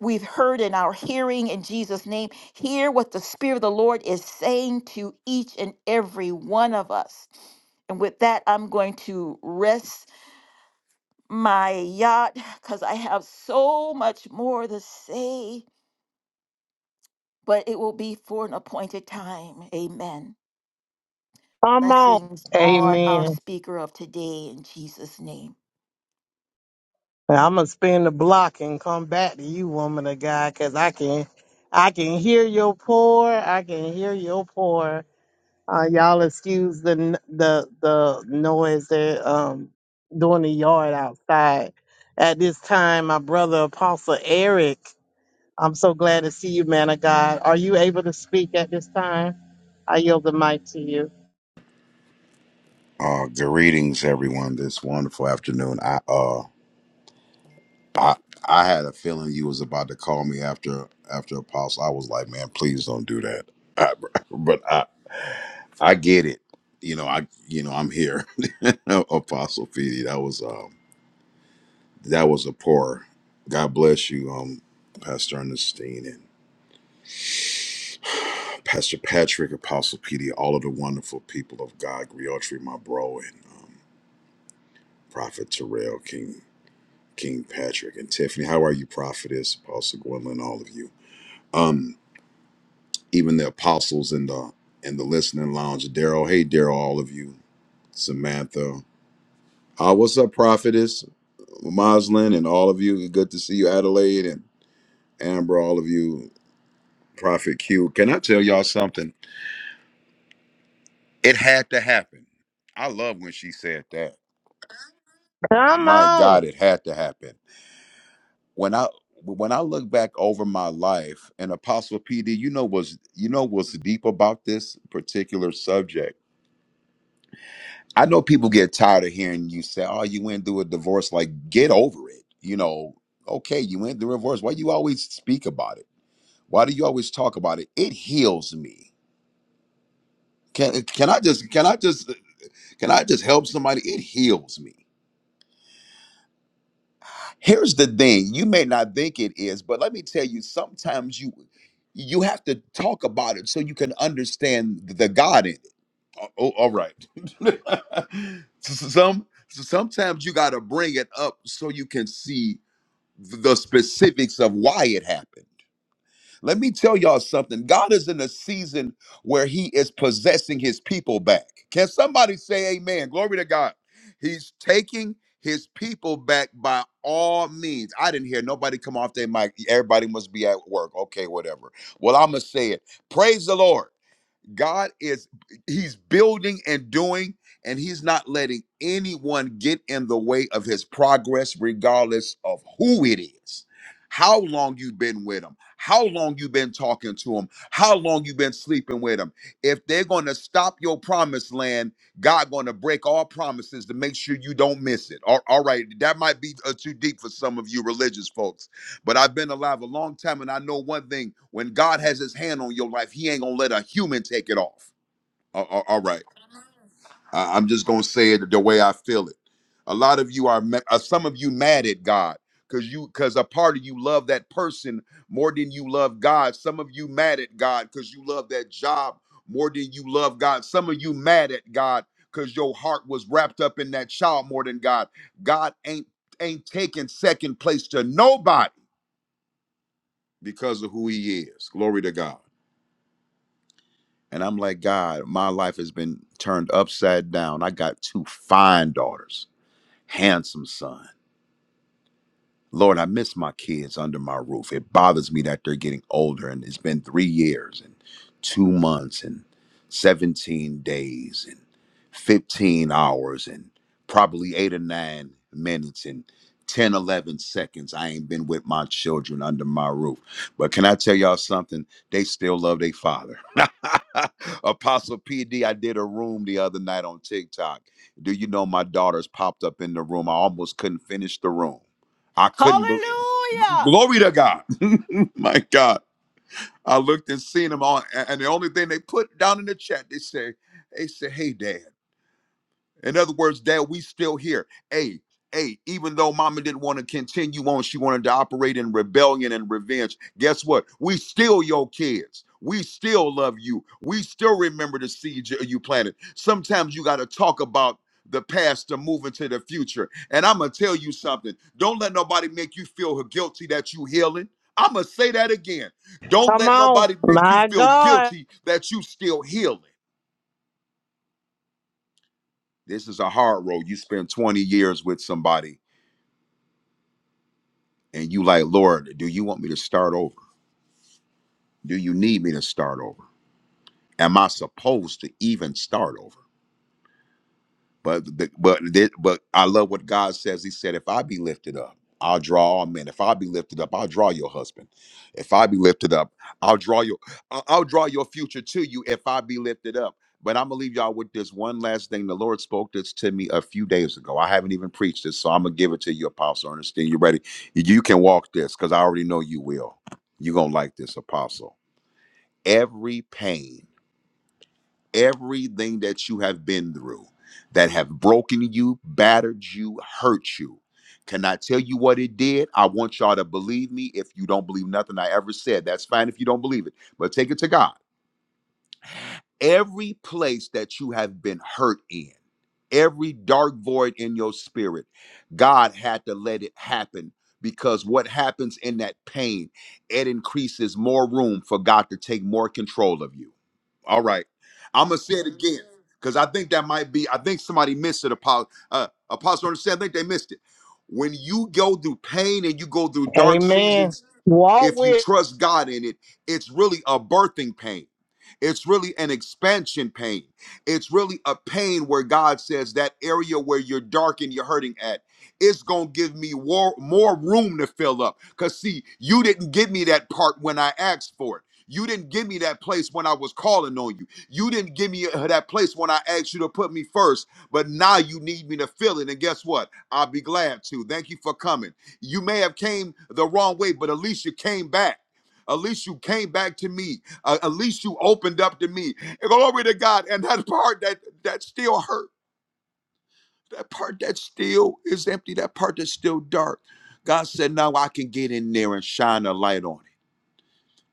S4: we've heard in our hearing in Jesus name. Hear what the spirit of the Lord is saying to each and every one of us. And with that, I'm going to rest my yacht cuz I have so much more to say, but it will be for an appointed time. Amen.
S2: Come on.
S4: blessings on our
S2: Amen.
S4: speaker of today in Jesus' name.
S2: I'm going to spin the block and come back to you, woman of God, 'cause I can, I can hear your pour. I can hear your pour. Uh, y'all excuse the n- the the noise that um doing the yard outside. At this time, my brother Apostle Eric, I'm so glad to see you, man of God. Are you able to speak at this time? I yield the mic to you.
S8: Uh, greetings, everyone. This wonderful afternoon. I uh, I, I had a feeling you was about to call me after after Apostle. I was like, man, please don't do that. I, but I I get it. You know, I you know I'm here, Apostle Feedy. That was um that was a pour. God bless you, um, Pastor Ernestine and Pastor Patrick, Apostle P D. all of the wonderful people of God, Griotri, my bro, and. um, Prophet Terrell, King King Patrick, and Tiffany. How are you, Prophetess, Apostle Gwendolyn, all of you? Um, even the apostles in the in the listening lounge, Daryl. Hey, Daryl, all of you. Samantha. Uh, what's up, Prophetess? Moslin and all of you. Good to see you, Adelaide and Amber, all of you. Prophet Q. Can I tell y'all something? It had to happen. I love when she said that.
S2: Come
S8: My
S2: on.
S8: God, it had to happen when I when I look back over my life, and Apostle PD, you know was you know what's deep about this particular subject. I know people get tired of hearing you say, "Oh, you went through a divorce." Like, get over it. You know, okay, you went through a divorce. Why you always speak about it? Why do you always talk about it? It heals me. Can can I just can I just can I just help somebody? It heals me. Here's the thing, you may not think it is, but let me tell you, sometimes you you have to talk about it so you can understand the God in it. Oh, oh, all right. Some sometimes you got to bring it up so you can see the specifics of why it happened. Let me tell y'all something. God is in a season where he is possessing his people back. Can somebody say amen? Glory to God. He's taking his people back by all means. I didn't hear nobody come off their mic. Everybody must be at work. Okay, whatever. Well, I'm going to say it. Praise the Lord. God is he's building and doing and he's not letting anyone get in the way of his progress regardless of who it is. How long you have been with him? How long you have been talking to him? How long you have been sleeping with him? If they're going to stop your promised land, God going to break all promises to make sure you don't miss it. All all right, that might be uh, too deep for some of you religious folks but I've been alive a long time, and I know one thing: when God has His hand on your life, He ain't gonna let a human take it off. A- a- all right, I, am just gonna say it the way I feel it. A lot of you are, ma- uh, some of you, mad at God because you, because a part of you love that person more than you love God. Some of you mad at God because you love that job more than you love God. Some of you mad at God because your heart was wrapped up in that child more than God. God ain't ain't taking second place to nobody because of who he is. Glory to God. And I'm like, God, my life has been turned upside down. I got two fine daughters, handsome son. Lord, I miss my kids under my roof. It bothers me that they're getting older, and it's been three years and two months and 17 days and 15 hours and probably eight or nine minutes and 10, 11 seconds. I ain't been with my children under my roof. But can I tell y'all something? They still love their father. Apostle P D. I did a room the other night on TikTok. Do you know my daughters popped up in the room? I almost couldn't finish the room I couldn't believe.
S4: Hallelujah.
S8: Glory to God. My God. I looked and seen them all. a- And the only thing they put down in the chat, they say, they say, hey, dad. In other words, Dad, we still here. Hey, hey, even though Mama didn't want to continue on, she wanted to operate in rebellion and revenge. Guess what? We still your kids. We still love you. We still remember the seeds you you planted. Sometimes you got to talk about the past to move into the future. And I'm gonna tell you something. Don't let nobody make you feel guilty that you healing. I'm gonna say that again. Don't
S2: Come
S8: let
S2: on.
S8: nobody make you
S2: My
S8: feel
S2: God.
S8: guilty that you still healing. This is a hard road. You spend 20 years with somebody and you like, Lord, do you want me to start over? Do you need me to start over? Am I supposed to even start over? But the, but thi- but I love what God says. He said, "If I be lifted up, I'll draw all men. If I be lifted up, I'll draw your husband. If I be lifted up, I'll draw your I- I'll draw your future to you. If I be lifted up." But I'm gonna leave y'all with this one last thing. The Lord spoke this to me a few days ago. I haven't even preached this, so I'm gonna give it to you, Apostle Ernestine. You ready? You can walk this because I already know you will. You're gonna like this, Apostle. Every pain everything that you have been through that have broken you, battered you, hurt you. Can I tell you what it did? I want y'all to believe me. If you don't believe nothing I ever said, that's fine if you don't believe it, but take it to God. Every place that you have been hurt in, every dark void in your spirit, God had to let it happen because what happens in that pain, it increases more room for God to take more control of you. All right. I'm gonna say it again because I think that might be. I think somebody missed it. Apostle, uh, Apostle understand. I think they missed it. When you go through pain and you go through dark
S2: Amen.
S8: seasons,
S2: Walk
S8: if you
S2: with
S8: trust God in it, it's really a birthing pain. It's really an expansion pain. It's really a pain where God says that area where you're dark and you're hurting at, it's going to give me war, more room to fill up. Because, see, you didn't give me that part when I asked for it. You didn't give me that place when I was calling on you. You didn't give me uh, that place when I asked you to put me first, but now you need me to fill it. And guess what? I'll be glad to. Thank you for coming. You may have came the wrong way, but at least you came back. At least you came back to me. Uh, at least you opened up to me. And glory to God. And that part that that still hurt, that part that still is empty, that part that's still dark. God said, now I can get in there and shine a light on it.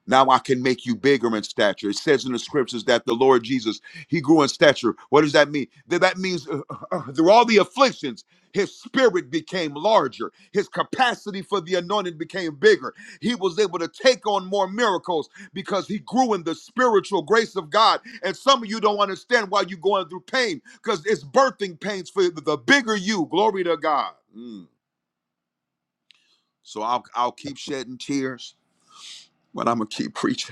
S8: Now I can make you bigger in stature. It says in the scriptures that the Lord Jesus, he grew in stature. What does that mean? That, that means uh, uh, uh, through all the afflictions, his spirit became larger. His capacity for the anointing became bigger. He was able to take on more miracles because he grew in the spiritual grace of God. And some of you don't understand why you're going through pain because it's birthing pains for the bigger you. Glory to God. Mm. So I'll, I'll keep shedding tears, but I'm going to keep preaching.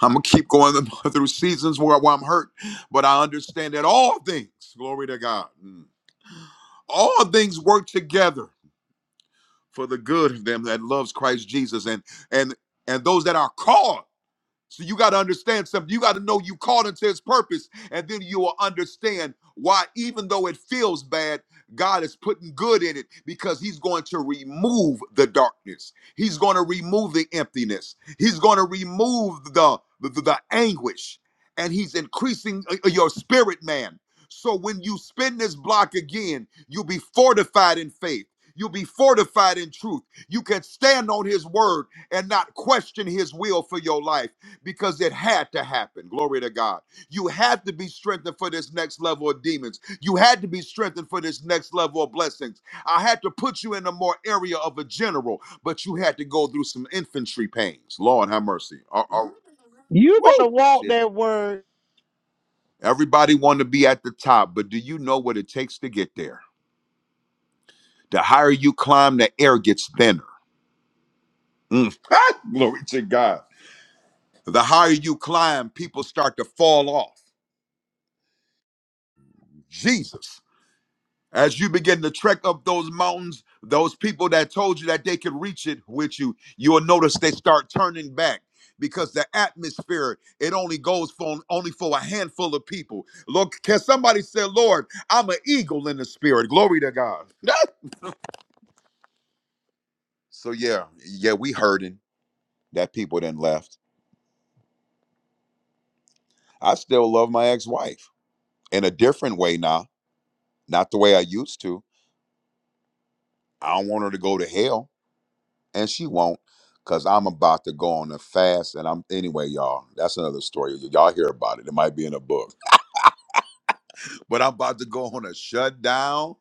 S8: I'm gonna keep going through seasons where, where I'm hurt, but I understand that all things, glory to God, mm, all things work together for the good of them that loves Christ Jesus and and and those that are called. So you got to understand something. You got to know you called into his purpose, and then you will understand why, even though it feels bad, God is putting good in it because he's going to remove the darkness. He's going to remove the emptiness. He's going to remove the, the, the anguish. And he's increasing uh, uh, your spirit, man. So when you spin this block again, you'll be fortified in faith. You'll be fortified in truth. You can stand on his word and not question his will for your life because it had to happen. Glory to God. You had to be strengthened for this next level of demons. You had to be strengthened for this next level of blessings. I had to put you in a more area of a general, but you had to go through some infantry pains. Lord have mercy. Uh, uh,
S2: you better
S8: woo!
S2: walk
S8: Shit.
S2: that word.
S8: Everybody want to be at the top, but do you know what it takes to get there? The higher you climb, the air gets thinner. Mm. Glory to God. The higher you climb, people start to fall off. Jesus. As you begin to trek up those mountains, those people that told you that they could reach it with you, you will notice they start turning back because the atmosphere it only goes for only for a handful of people. Look, can somebody say, "Lord, I'm an eagle in the spirit." Glory to God. so yeah, yeah, we hurting that people then left. I still love my ex-wife in a different way now, not the way I used to. I don't want her to go to hell and she won't because i'm about to go on a fast and i'm anyway y'all that's another story Y- y'all hear about it it might be in a book but i'm about to go on a shutdown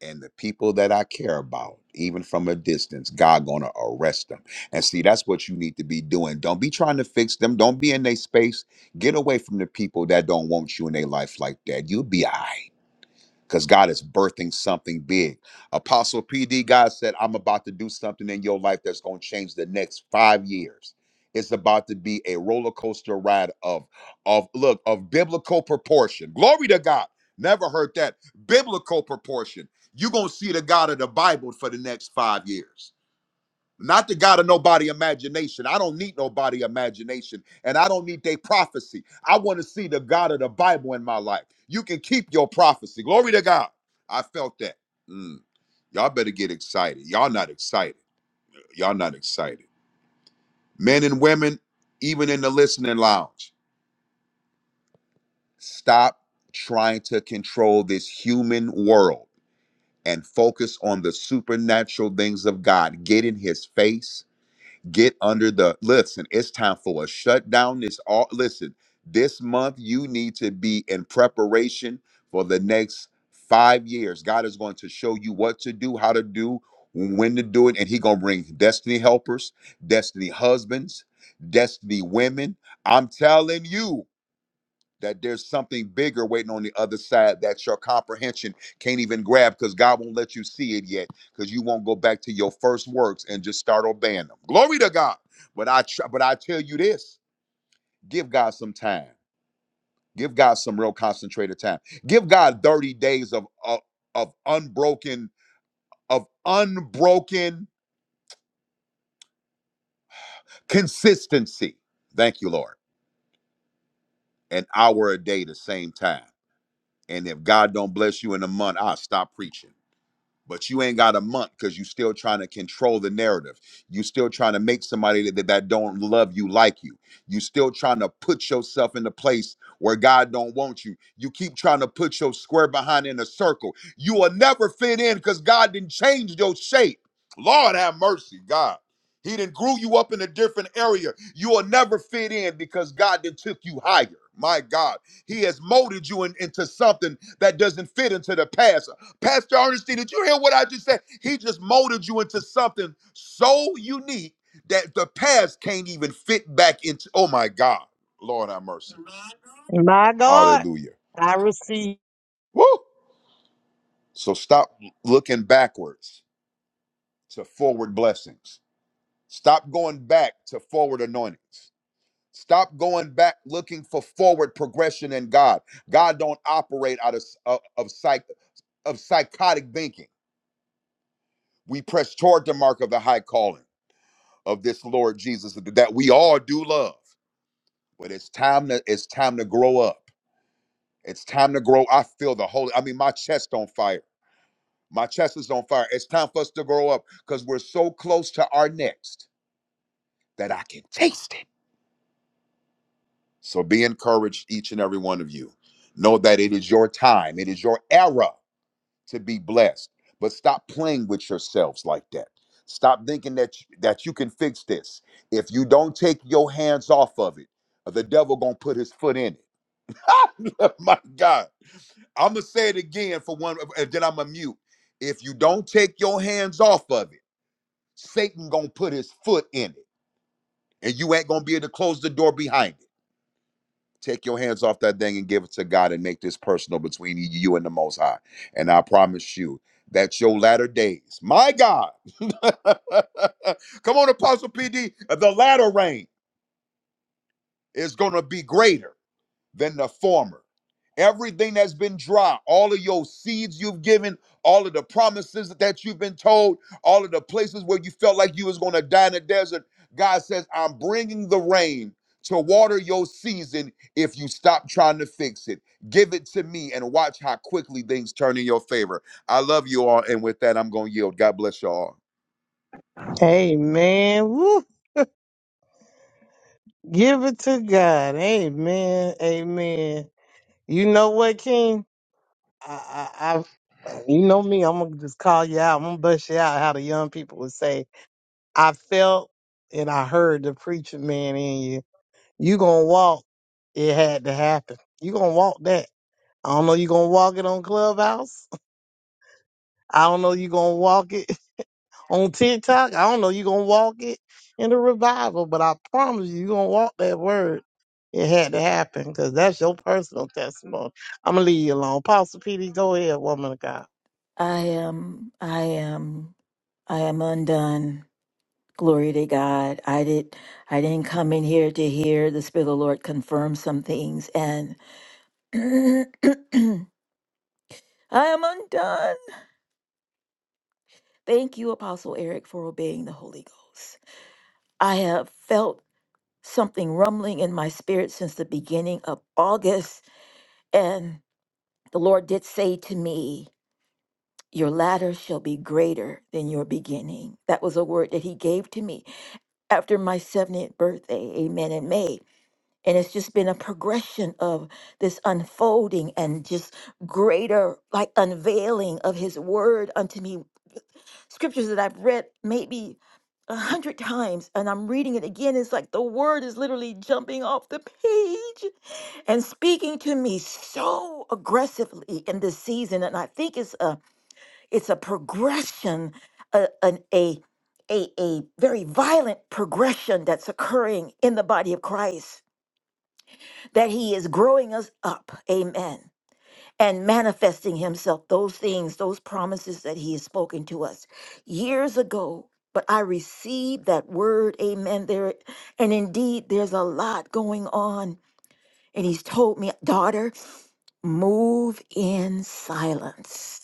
S8: and the people that i care about even from a distance god gonna arrest them and see that's what you need to be doing don't be trying to fix them don't be in their space get away from the people that don't want you in their life like that you'll be all right because God is birthing something big. Apostle PD, God said, I'm about to do something in your life that's going to change the next five years. It's about to be a roller coaster ride of, of look, of biblical proportion. Glory to God. Never heard that. Biblical proportion. You're going to see the God of the Bible for the next five years not the God of nobody imagination. I don't need nobody imagination, and I don't need their prophecy. I want to see the God of the Bible in my life. You can keep your prophecy. Glory to God. I felt that. Mm. Y'all better get excited. Y'all not excited. Y'all not excited. Men and women, even in the listening lounge, stop trying to control this human world and focus on the supernatural things of God. Get in His face Get under the listen, it's time for a shutdown. This all listen, this month you need to be in preparation for the next five years. God is going to show you what to do, how to do, when to do it, and He gonna bring destiny helpers, destiny husbands, destiny women. I'm telling you that there's something bigger waiting on the other side that your comprehension can't even grab because God won't let you see it yet because you won't go back to your first works and just start obeying them. Glory to God. But I tr- but I tell you this, give God some time. Give God some real concentrated time. Give God 30 days of of, of unbroken of unbroken consistency. Thank you, Lord. An hour a day the same time. And if God don't bless you in a month, I'll stop preaching. but you ain't got a month because you still trying to control the narrative you still trying to make somebody that, that don't love you like you you still trying to put yourself in a place where god don't want you you keep trying to put your square behind in a circle you will never fit in because god didn't change your shape lord have mercy god he didn't grew you up in a different area you will never fit in because god didn't took you higher my god he has molded you in- into something that doesn't fit into the past Pastor Ernestine, did you hear what I just said? He just molded you into something so unique that the past can't even fit back into. Oh my God, Lord have mercy.
S2: My God.
S8: Hallelujah.
S2: I receive.
S8: Woo! So stop looking backwards to forward blessings. Stop going back to forward anointings. Stop going back looking for forward progression in God. God don't operate out of of, psych of psychotic thinking. We press toward the mark of the high calling of this Lord Jesus that we all do love. But it's time to it's time to grow up. It's time to grow. I feel the holy. I mean, my chest on fire. My chest is on fire. It's time for us to grow up because we're so close to our next that I can taste it. So be encouraged, each and every one of you. Know that it is your time. It is your era. to be blessed. But stop playing with yourselves like that. Stop thinking that you, that you can fix this. If you don't take your hands off of it, the devil gonna put his foot in it. My God, I'm gonna say it again for one, and then I'm gonna mute. If you don't take your hands off of it, Satan gonna put his foot in it, and you ain't gonna be able to close the door behind it. Take your hands off that thing and give it to God and make this personal between you and the Most High. And I promise you that your latter days, my God, come on, Apostle PD, the latter rain is going to be greater than the former. Everything that's been dry, all of your seeds you've given, all of the promises that you've been told, all of the places where you felt like you was going to die in the desert, God says, "I'm bringing the rain to water your season if you stop trying to fix it. Give it to me and watch how quickly things turn in your favor." I love you all and with that I'm going to yield. God bless y'all.
S2: Amen. Woo. Give it to God. Amen. Amen. You know what, King? I, I, I you know me. I'm gonna just call you out. I'm gonna bust you out. How the young people would say, I felt and I heard the preacher man in you. You gonna walk. It had to happen. You gonna walk that. I don't know you gonna walk it on Clubhouse. I don't know you gonna walk it on TikTok. I don't know you gonna walk it in the revival, but I promise you, you gonna walk that word. It had to happen because that's your personal testimony. I'm gonna leave you alone. Apostle PD, go ahead, woman of God.
S4: I am, I am, I am undone. Glory to God. I did I didn't come in here to hear the Spirit of the Lord confirm some things and I am undone. Thank you, Apostle Eric, for obeying the Holy Ghost. I have felt something rumbling in my spirit since the beginning of August, and the Lord did say to me, Your latter shall be greater than your beginning. That was a word that he gave to me after my 70th birthday, amen, in May. And it's just been a progression of this unfolding and just greater, like unveiling of his word unto me. Scriptures that I've read maybe a hundred times and I'm reading it again. It's like the word is literally jumping off the page and speaking to me so aggressively in this season. And I think it's a it's a progression, a, an, a, a, a very violent progression that's occurring in the body of Christ, that he is growing us up, amen, and manifesting himself, those things, those promises that he has spoken to us years ago. But I received that word, amen, there. And indeed, there's a lot going on. And he's told me, daughter, move in silence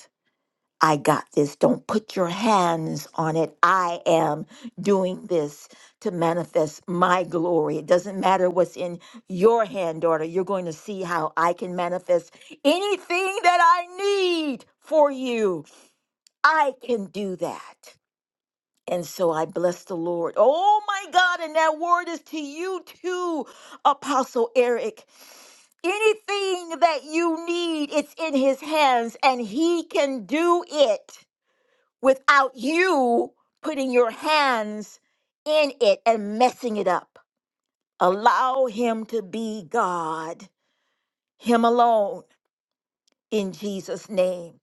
S4: I got this. Don't put your hands on it. I am doing this to manifest my glory. It doesn't matter what's in your hand, daughter. You're going to see how I can manifest anything that I need for you. I can do that. And so I bless the Lord. Oh my God. And that word is to you too, Apostle Eric. Anything that you need, it's in his hands and he can do it without you putting your hands in it and messing it up. Allow him to be God, him alone, in Jesus' name.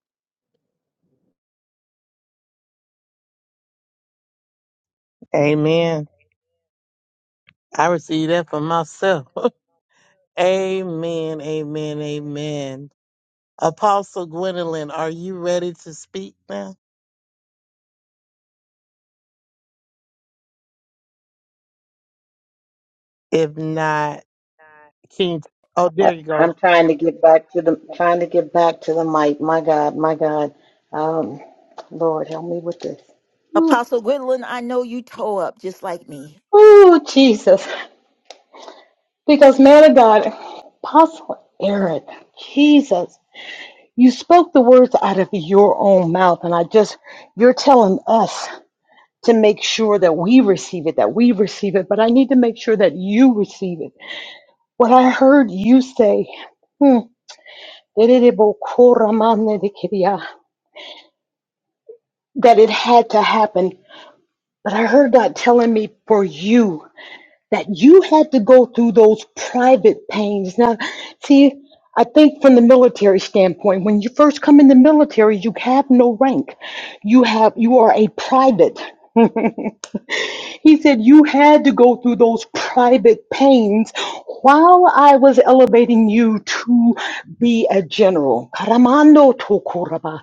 S2: Amen. I received that for myself. amen, amen, amen. Apostle Gwendolyn, are you ready to speak now? If not, King, oh, there
S6: I,
S2: you go.
S6: I'm trying to get back to the trying to get back to the mic. My God, my God. Um, Lord, help me with this. Ooh,
S4: Apostle Gwendolyn, I know you toe up just like me.
S6: ooh, Jesus. Because man of God, Apostle Aaron, Jesus, you spoke the words out of your own mouth, and I just you're telling us to make sure that we receive it, that we receive it, but I need to make sure that you receive it. What I heard you say, hmm, that it had to happen. But I heard God telling me for you that you had to go through those private pains. Now, see, I think from the military standpoint, when you first come in the military, you have no rank. You have you are a private. He said, You had to go through those private pains while I was elevating you to be a general. Karamando tokuraba.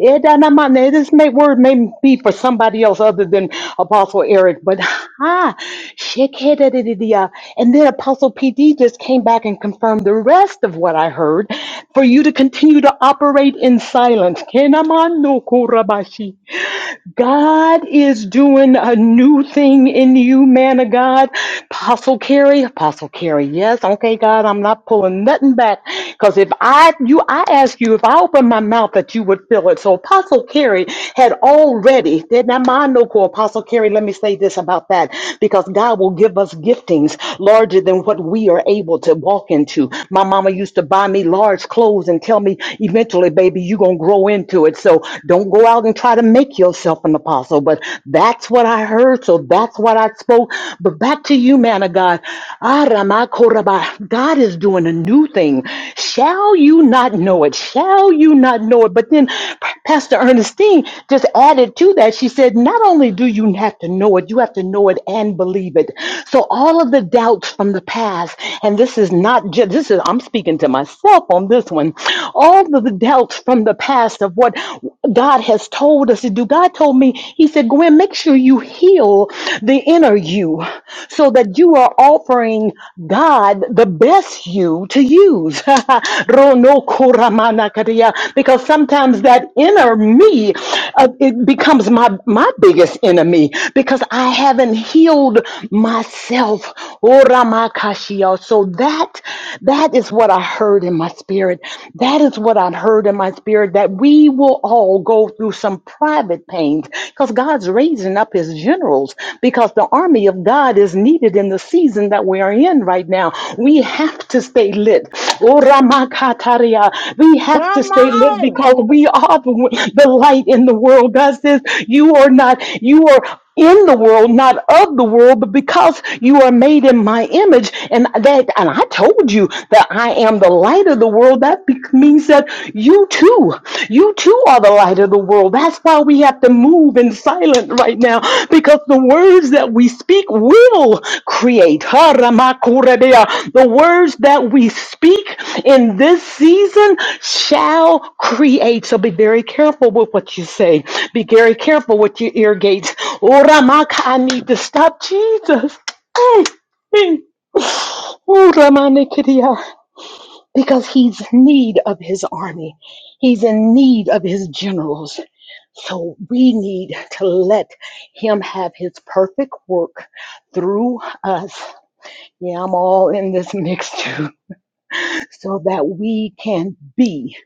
S6: Edanamane. This may, word may be for somebody else other than Apostle Eric, but ha, shekedadididia. and then Apostle PD just came back and confirmed the rest of what I heard for you to continue to operate in silence. Kenamando kurabashi. God is doing a new thing in you, man of God. Apostle Carrie, Apostle Carrie. yes, okay, God, I'm not pulling nothing back. Because if I you I ask you if I open my mouth that you would fill it. So Apostle Carrie had already, did not mind no call. Apostle Carrie. let me say this about that. Because God will give us giftings larger than what we are able to walk into. My mama used to buy me large clothes and tell me eventually, baby, you're gonna grow into it word. So don't go out and try to make yourself an apostle. But that's what I heard. So that's what I spoke. But back to you, man of God. Ah, Ramakoraba. God is doing a new thing. Shall you not know it? Shall you not know it? But then Pastor Ernestine just added to that. She said, not only do you have to know it, you have to know it and believe it. So all of the doubts from the past, and this is not just, this is, I'm speaking to myself on this one all of the doubts from the past of what God has told us to do. God told me, He said, Gwen, make sure you heal the inner you so that you are offering God the best you to use. Rono because sometimes that inner me uh, it becomes my my biggest enemy because I haven't healed myself. Oramakashia. So that that is what what I heard in my spirit. That is what I heard in my spirit that we will all go through some private pains because God's raising up his generals because the army of God is needed in the season that we are in right now. We have to stay lit. Oh, Ramakataria. We
S2: Come
S6: have to stay lit
S2: on.
S6: because we are the, the light in the world. God says, You are not, you are in the world, not of the world, but because you are made in my image. And that, and I told you that I am the light of the world. That be- means that you too, you too are the light of the world. That's why we have to move in silence right now because the words that we speak will create. Ha, The words that we speak in this season shall create. So be very careful with what you say. Be very careful with your ear gates. Oh, I need to stop Jesus. Mm, mm. Oh, Because he's in need of his army. He's in need of his generals. So we need to let Him have His perfect work through us. Yeah, I'm all in this mix too, so that we can be,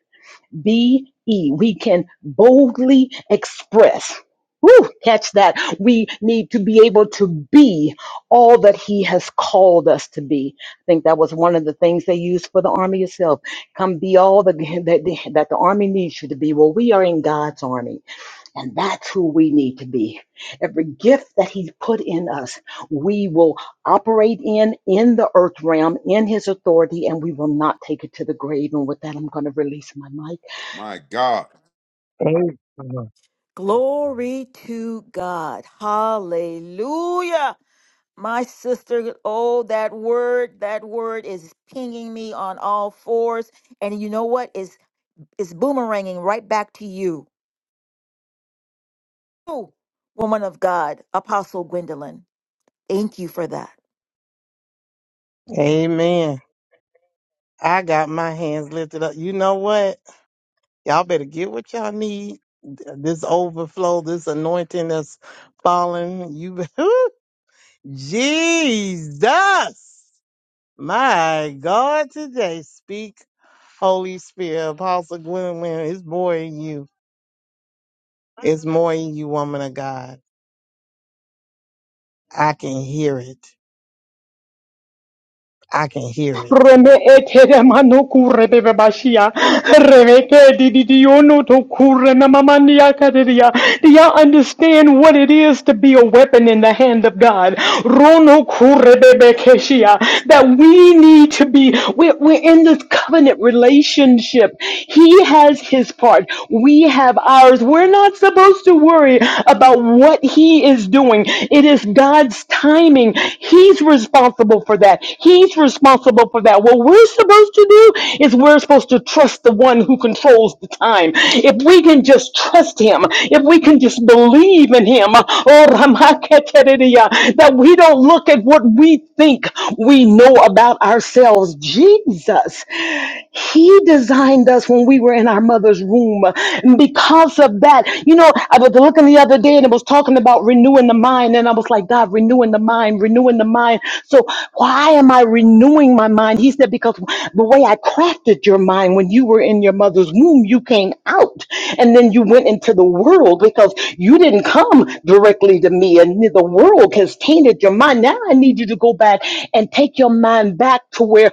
S6: be, e. We can boldly express. Woo, catch that. We need to be able to be all that He has called us to be. I think that was one of the things they used for the army itself. Come be all the, that, that the army needs you to be. Well, we are in God's army. And that's who we need to be. Every gift that He's put in us, we will operate in, in the earth realm, in His authority, and we will not take it to the grave. And with that, I'm going to release my mic.
S8: My God.
S2: Amen.
S4: Glory to God. Hallelujah. My sister, oh, that word, that word is pinging me on all fours. And you know what? It's, it's boomeranging right back to you. Oh, woman of God, Apostle Gwendolyn, thank you for that.
S2: Amen. I got my hands lifted up. You know what? Y'all better get what y'all need. This overflow, this anointing that's falling. You Jesus. My God today. Speak, Holy Spirit. Apostle Gwendolyn, it's more in you. It's more in you, woman of God. I can hear it. I can hear it.
S6: Reme etere mano kure bebe bashia. Remeke di di di ono to kure na mamani akaderia. Do y'all understand what it is to be a weapon in the hand of God? Rono kure bebe keshia. That we need to be, we're, we're in this covenant relationship. He has his part. We have ours. We're not supposed to worry about what he is doing. It is is God's timing. He's responsible for that. He's responsible for that. What we're supposed to do is we're supposed to trust the one who controls the time. If we can just trust him, if we can just believe in him, oh, Ramaketeriya, that we don't look at what we think we know about ourselves. Jesus, he designed us when we were in our mother's womb And because because of that. You know, I was looking the other day and it was talking about renewing the mind, and I was like, God, renewing the mind, renewing the mind. So why am I renewing my mind? He said, because the way I crafted your mind when you were in your mother's womb, you came out and then you went into the world because you didn't come directly to me, and the world has tainted your mind. Now I need you to go back and take your mind back to where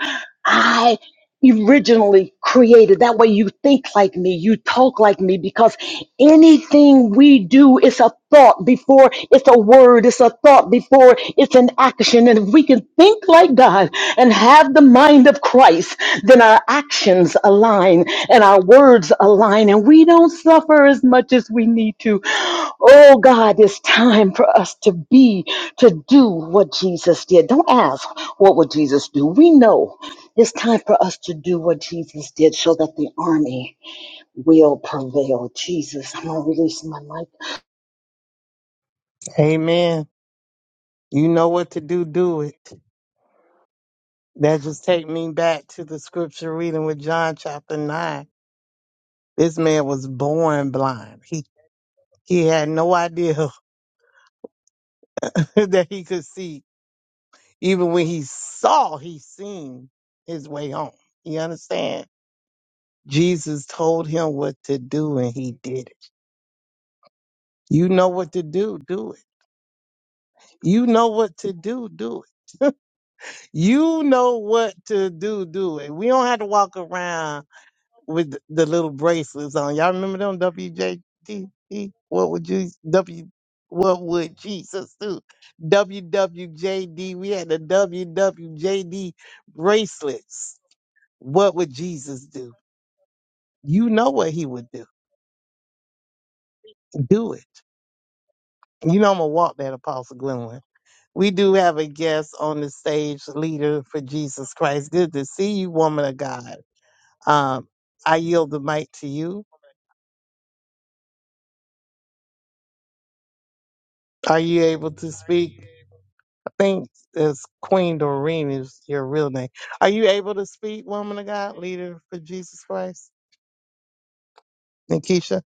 S6: originally created. That way you think like me, you talk like me, because anything we do is a thought before it's a word, it's a thought before it's an action. And if we can think like God and have the mind of Christ, then our actions align and our words align and we don't suffer as much as we need to. Oh God, it's time for us to be, to do what Jesus did. Don't ask, what would Jesus do? We know it's time for us to do what Jesus did so that the army will prevail. Jesus, I'm going to release my mic.
S2: Amen. You know what to do, do it. That just take me back to the scripture reading with John chapter nine. This man was born blind. He he had no idea that he could see. Even when he saw, he seen his way home. You understand? Jesus told him what to do and he did it. You know what to do, do it. You know what to do, do it. You know what to do, do it. We don't have to walk around with the little bracelets on. Y'all remember them WJD? What would you W? What would Jesus do? WWJD. We had the WWJD bracelets. What would Jesus do? You know what he would do. Do it. You know I'm gonna walk that Apostle Gwendolyn. We do have a guest on the stage, leader for Jesus Christ. Good to see you, woman of God. Um, I yield the mic to you. Are you able to speak? think it's Queen Doreen is your real name. Are you able to speak, woman of God, leader for Jesus Christ? Nikisha?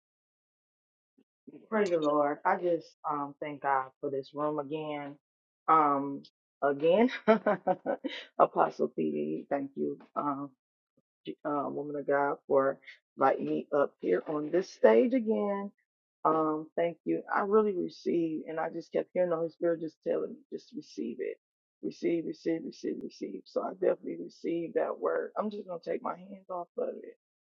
S9: Praise the Lord. I just um thank God for this room again. Um again. Apostle PD, thank you. Um uh, woman of God, for inviting me up here on this stage again. Um, thank you. I really received, and I just kept hearing the Holy Spirit just telling me, just receive it. Receive, receive, receive, receive. So I definitely received that word. I'm just going to take my hands off of it.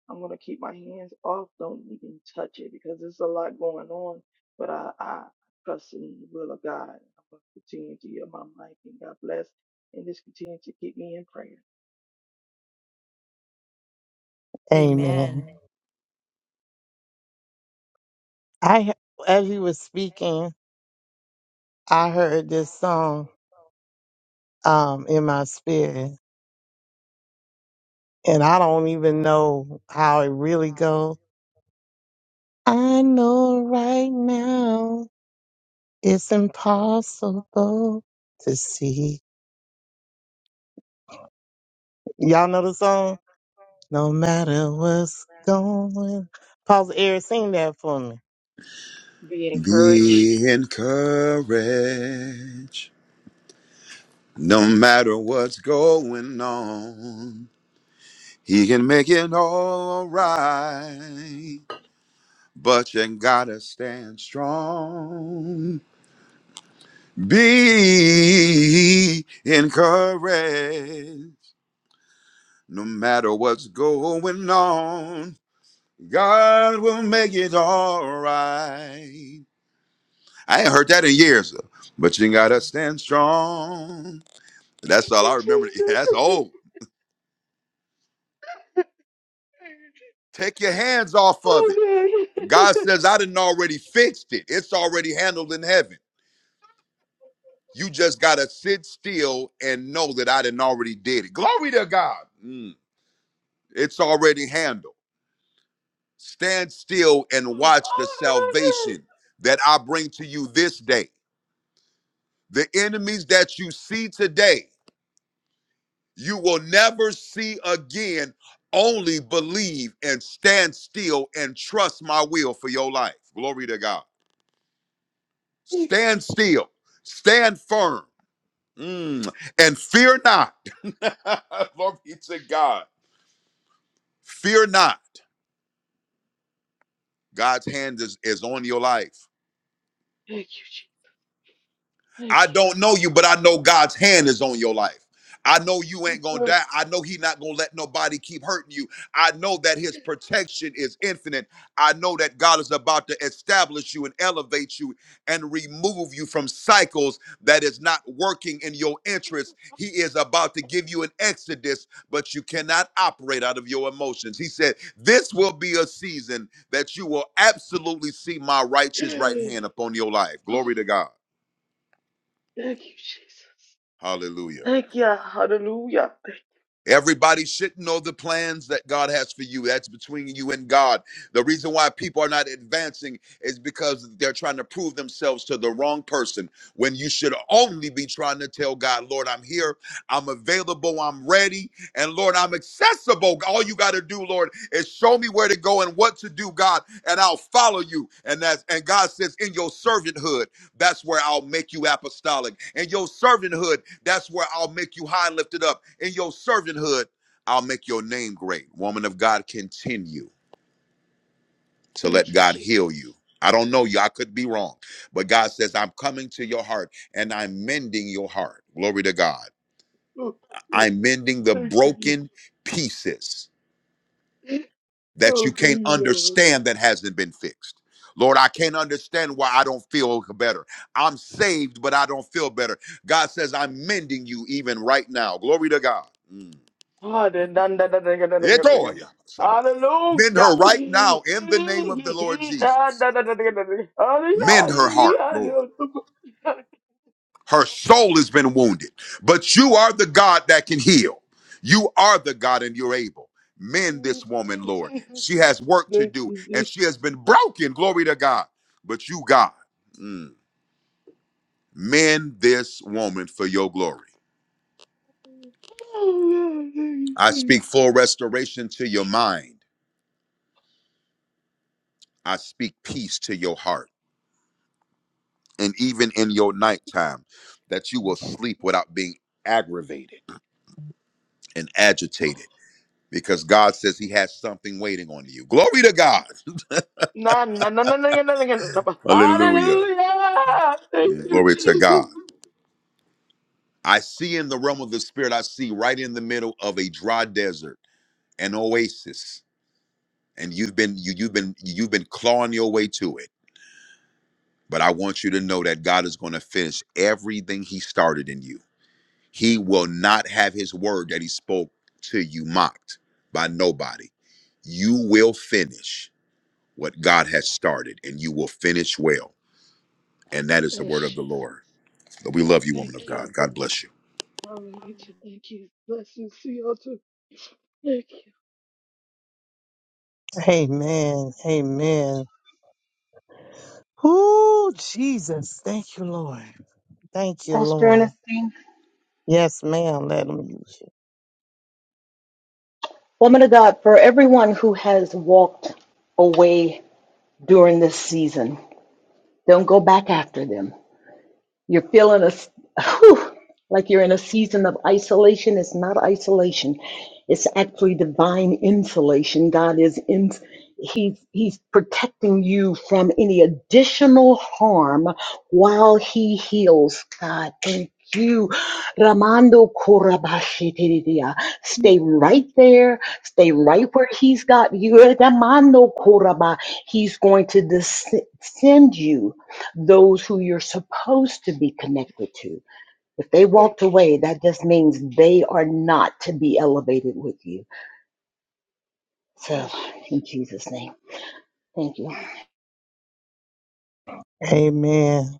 S9: I'm going to keep my hands off. Don't even touch it because there's a lot going on. But I, I trust in the will of God. I'm going to continue to hear my mic, and God bless. And just continue to keep me in prayer.
S2: Amen.
S4: Amen.
S2: I as you were speaking, I heard this song um in my spirit. And I don't even know how it really goes. I know right now it's impossible to see. Y'all know the song? No matter what's going. Pause the air, sing that for me.
S9: Be encouraged
S8: Be encouraged. No matter what's going on, he can make it all right. But you gotta stand strong. Be encouraged. No matter what's going on, God will make it all right. I ain't heard that in years, But you gotta stand strong. That's
S9: Thank
S8: all I
S9: you,
S8: remember. That's
S9: Jesus.
S8: old. Take your hands off of it.
S9: Oh God.
S8: God says, I didn't already fixed it. It's already handled in heaven. You just gotta sit still and know that I didn't already did it. Glory to God. Mm. It's already handled. Stand still and
S9: Oh
S8: watch the
S9: God.
S8: salvation that I bring to you this day. The enemies that you see today, you will never see again. Only believe and stand still and trust my will for your life. Glory to God.
S9: Thank you.
S8: Stand still. Stand firm. Mm. And fear not. Glory be to God. Fear not. God's hand is, is on your life.
S9: Thank you, Jesus. Thank
S8: I don't know you, but I know God's hand is on your life. I know you ain't gonna die. I know He not gonna let nobody keep hurting you. I know that His protection is infinite. I know that God is about to establish you and elevate you and remove you from cycles that is not working in your interest. He is about to give you an exodus, but you cannot operate out of your emotions. He said, This will be a season that you will absolutely see my righteous right
S9: you.
S8: hand upon your life.
S9: Oh,
S8: Glory to God.
S9: thank you, Jesus.
S8: Hallelujah.
S9: Thank you. Hallelujah.
S8: Everybody should know the plans that God has for you. That's between you and God. The reason why people are not advancing is because they're trying to prove themselves to the wrong person when you should only be trying to tell God, Lord, I'm here, I'm available, I'm ready, and Lord, I'm accessible. All you got to do, Lord, is show me where to go and what to do, God, and I'll follow you. And that's and God says, in your servanthood. That's where I'll make you apostolic. In your servanthood, that's where I'll make you high and lifted up. In your servanthood, I'll make your name great. Woman of God, continue to let
S9: Thank you,
S8: God
S9: Jesus.
S8: heal you. I don't know you. I could be wrong. But God says, I'm coming to your heart and I'm mending your heart. Glory to God.
S9: Oh, oh,
S8: I'm mending the
S9: thank you,
S8: broken pieces.
S9: Jesus.
S8: that you
S9: Oh, thank
S8: can't
S9: you, Lord.
S8: understand that hasn't been fixed. Lord, I can't understand why I don't feel better. I'm saved, but I don't feel better. God says, I'm mending you even right now. Glory to God. Mm.
S9: Hallelujah.
S8: Etoya sabaya.
S9: Hallelujah.
S8: Mend her right now in the name of the Lord Jesus. Mend her heart, Lord. Her soul has been wounded. But you are the God that can heal. You are the God and you're able. Mend this
S9: oh, thank you,
S8: woman,
S9: Jesus.
S8: Lord.
S9: Oh,
S8: She
S9: God,
S8: has work to do and she has been broken. Glory to God. But you, God, mm, mend this woman for your glory.
S9: thank you,
S8: I
S9: Jesus.
S8: speak full restoration to your mind. I speak peace to your heart. And even in your nighttime, that you will sleep without being aggravated and agitated because God says he has something waiting on you. Glory to God.
S9: Na, na, na, na, na, na, na, na, na, na.
S8: Hallelujah.
S9: Hallelujah. Thank
S8: Yeah.
S9: you,
S8: Glory to
S9: Jesus.
S8: God. I see in the realm of the spirit, I see right in the middle of a dry desert, an oasis. And you've been you, you've been you've been clawing your way to it. But I want you to know that God is going to finish everything he started in you. He will not have his word that he spoke to you mocked by nobody. You will finish what God has started, and you will finish well. And that is the
S9: Yes,
S8: word of the
S9: Jesus.
S8: Lord. So We love you, woman of
S9: Thank you.
S8: God. God bless you.
S9: Hallelujah. Thank you. Bless you. See you all too. Thank you.
S2: Amen. Amen. Ooh, Jesus. Thank you, Lord. Thank you,
S6: Pastor
S2: Lord.
S6: Ernestine.
S2: Yes, ma'am. Let them use
S6: Woman of God, for everyone who has walked away during this season, don't go back after them. You're feeling a, whew, like you're in a season of isolation. It's not isolation. It's actually divine insulation. God is in, he's, he's protecting you from any additional harm while he heals. God, thank you. Ramando Korabashitiridia. Stay
S9: Thank
S6: right
S9: you, Jesus.
S6: there. Stay right where he's got you. Ramando Koraba. He's going to descend you those who you're supposed to be connected to. If they walked away, that just means they are not to be elevated with you. So,
S9: Yes, Jesus.
S6: in Jesus' name, thank you.
S9: Thank you.
S2: you. Amen.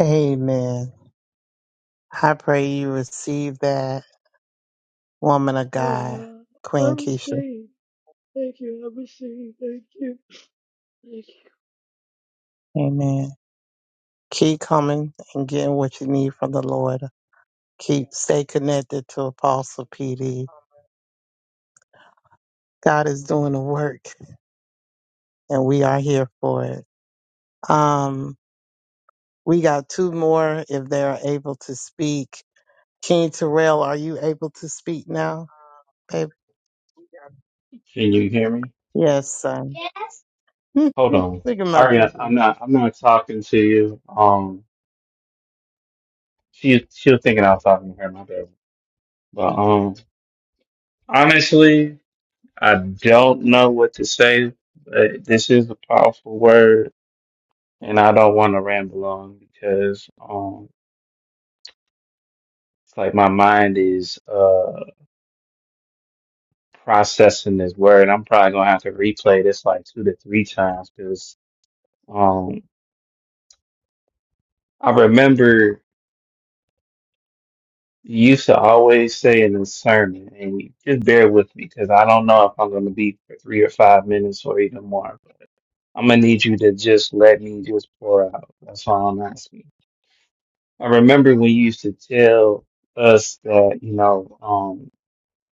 S2: Amen. I pray you receive that woman of
S9: Oh,
S2: God,
S9: yeah. I
S2: Queen Keisha.
S9: receive. Thank you. I receive. Thank you. Thank you.
S2: Amen. Keep coming and getting what you need from the Lord. Keep stay connected to Apostle PD. God is doing the work and we are here for it. Um, we got two more if they're able to speak. King Terrell, are you able to speak now, baby?
S3: Can you hear me?
S2: Yes, son.
S3: Yes. Hold
S2: Look
S3: on.
S2: at my
S3: Ariana,
S2: baby.
S3: I'm not I'm not talking to you. Um she she was thinking I was talking to her, my bad. But um honestly I don't know what to say, but this is a powerful word, and I don't want to ramble on because um, it's like my mind is uh processing this word. I'm probably gonna have to replay this like two to three times because um I remember you used to always say in a sermon, and just bear with me because I don't know if I'm gonna be for three or five minutes or even more. But I'm gonna need you to just let me just pour out. That's all I'm asking. I remember when you used to tell us that, you know, um,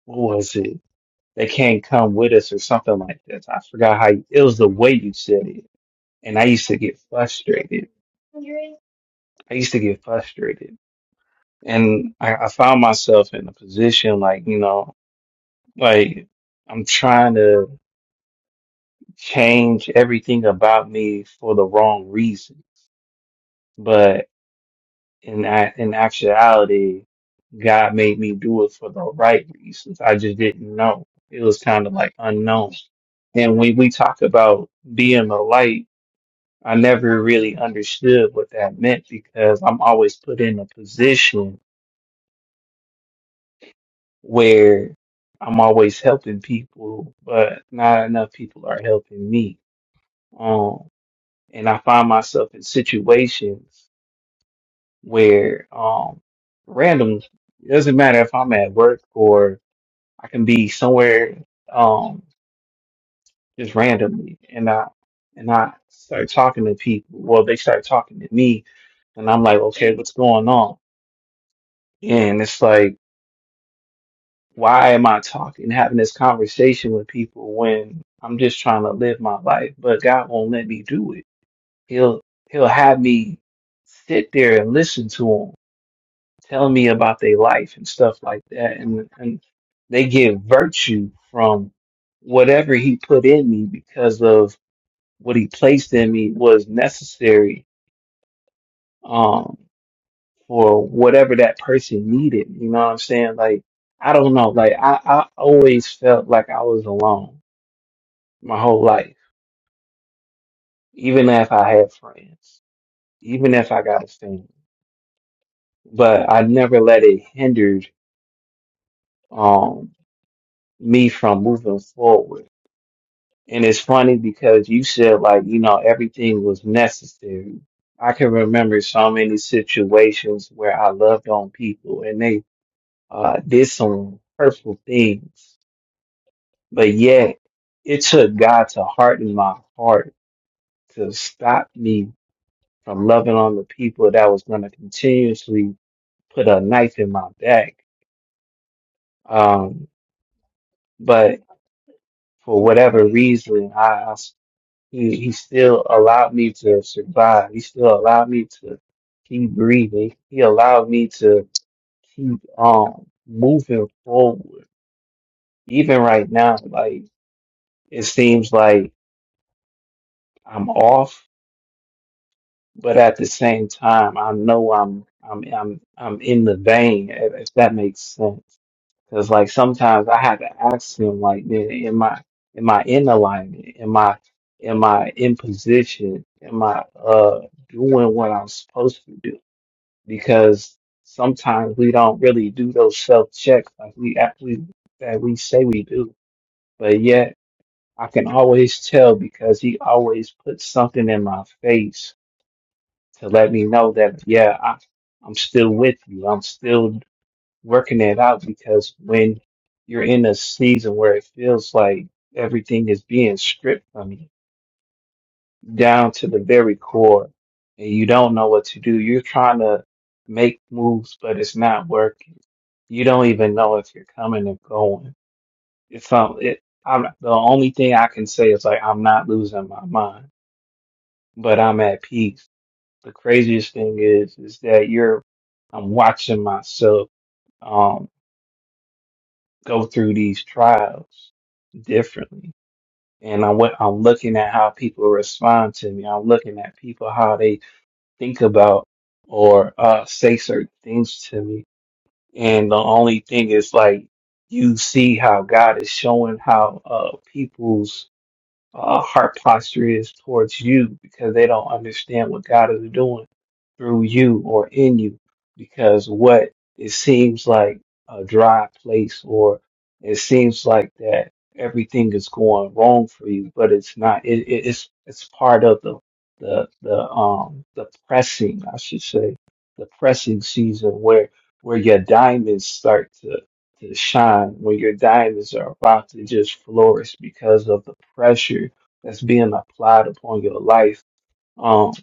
S3: what was it? They can't come with us or something like that. I forgot how you, it was the way you said it. And I used to get frustrated. I used to get frustrated. And I, I found myself in a position like, you know, like I'm trying to change everything about me for the wrong reason. in a- in actuality, God made me do it for the right reasons. I just didn't know. It was kind of like unknown. And when we talk about being the light, I never really understood what that meant because I'm always put in a position where I'm always helping people, but not enough people are helping me. Um, and I find myself in situations where, um, random, it doesn't matter if I'm at work or I can be somewhere um just randomly and I and I start talking to people. Well, they start talking to me and I'm like, okay, what's going on? And it's like, why am I talking, having this conversation with people when I'm just trying to live my life, but God won't let me do it. He'll he'll have me sit there and listen to him. tell me about their life and stuff like that and and they get virtue from whatever he put in me because of what he placed in me was necessary um for whatever that person needed you know what i'm saying like i don't know like i i always felt like i was alone my whole life even if i had friends even if i got a family but i never let it hindered um me from moving forward And it's funny because you said like, you know, everything was necessary. I can remember so many situations where I loved on people and they uh, did some hurtful things, but yet it took God to harden my heart to stop me from loving on the people that was going to continuously put a knife in my back. Um, but for whatever reason, I, He, he still allowed me to survive. He still allowed me to keep breathing. He allowed me to keep um moving forward. Even right now, like it seems like I'm off, but at the same time, I know I'm I'm I'm I'm in the vein, if, if that makes sense. Because like sometimes I have to ask him, like, "Man, am I am I in alignment? Am I am I in position? Am I uh doing what I'm supposed to do? Because sometimes we don't really do those self checks like we actually that we say we do. But yet I can always tell because he always puts something in my face to let me know that yeah, I, I'm still with you. I'm still working that out because when you're in a season where it feels like everything is being stripped from you down to the very core and you don't know what to do, you're trying to make moves, but it's not working. You don't even know if you're coming or going. It's um. it, I'm the only thing I can say is like I'm not losing my mind, but I'm at peace. The craziest thing is, is that you're, I'm watching myself um, go through these trials differently. And I'm, wa- I'm looking at how people respond to me. I'm looking at people, how they think about or uh, say certain things to me. And the only thing is like, you see how God is showing how uh, people's uh, heart posture is towards you because they don't understand what God is doing through you or in you because what it seems like a dry place or it seems like that everything is going wrong for you, but it's not. It, it, it's it's part of the the the um the pressing, I should say, the pressing season where where your diamonds start to to shine when your diamonds are about to just flourish because of the pressure that's being applied upon your life. Um,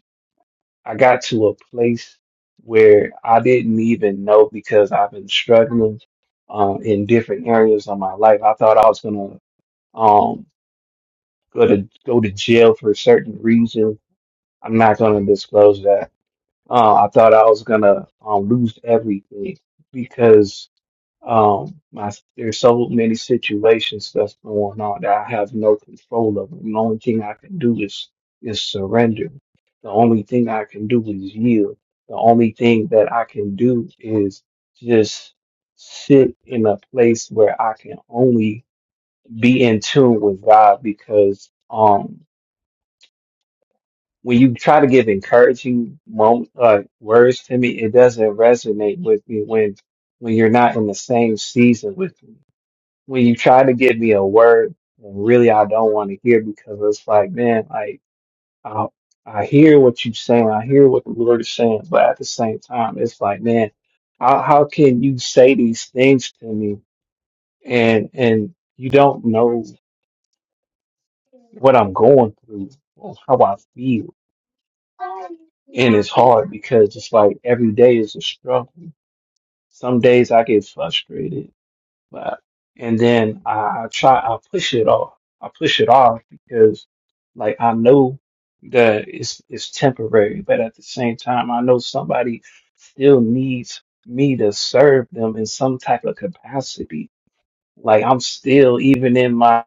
S3: I got to a place where I didn't even know because I've been struggling um, in different areas of my life. I thought I was gonna um, go to go to jail for a certain reason. I'm not gonna disclose that. Uh, I thought I was gonna um, lose everything because Um, I, there's so many situations that's going on that I have no control over. The only thing I can do is is surrender. The only thing I can do is yield. The only thing that I can do is just sit in a place where I can only be in tune with God because um when you try to give encouraging moment, uh, words to me, it doesn't resonate with me when when you're not in the same season with me when you try to give me a word and really I don't want to hear because it's like, man, like I I hear what you're saying, I hear what the Lord is saying, but at the same time, it's like, man, how how can you say these things to me and and you don't know what I'm going through or how I feel. And it's hard because it's like every day is a struggle. Some days I get frustrated But and then I, I try I push it off. I push it off because like I know that it's it's temporary, but at the same time I know somebody still needs me to serve them in some type of capacity. Like I'm still even in my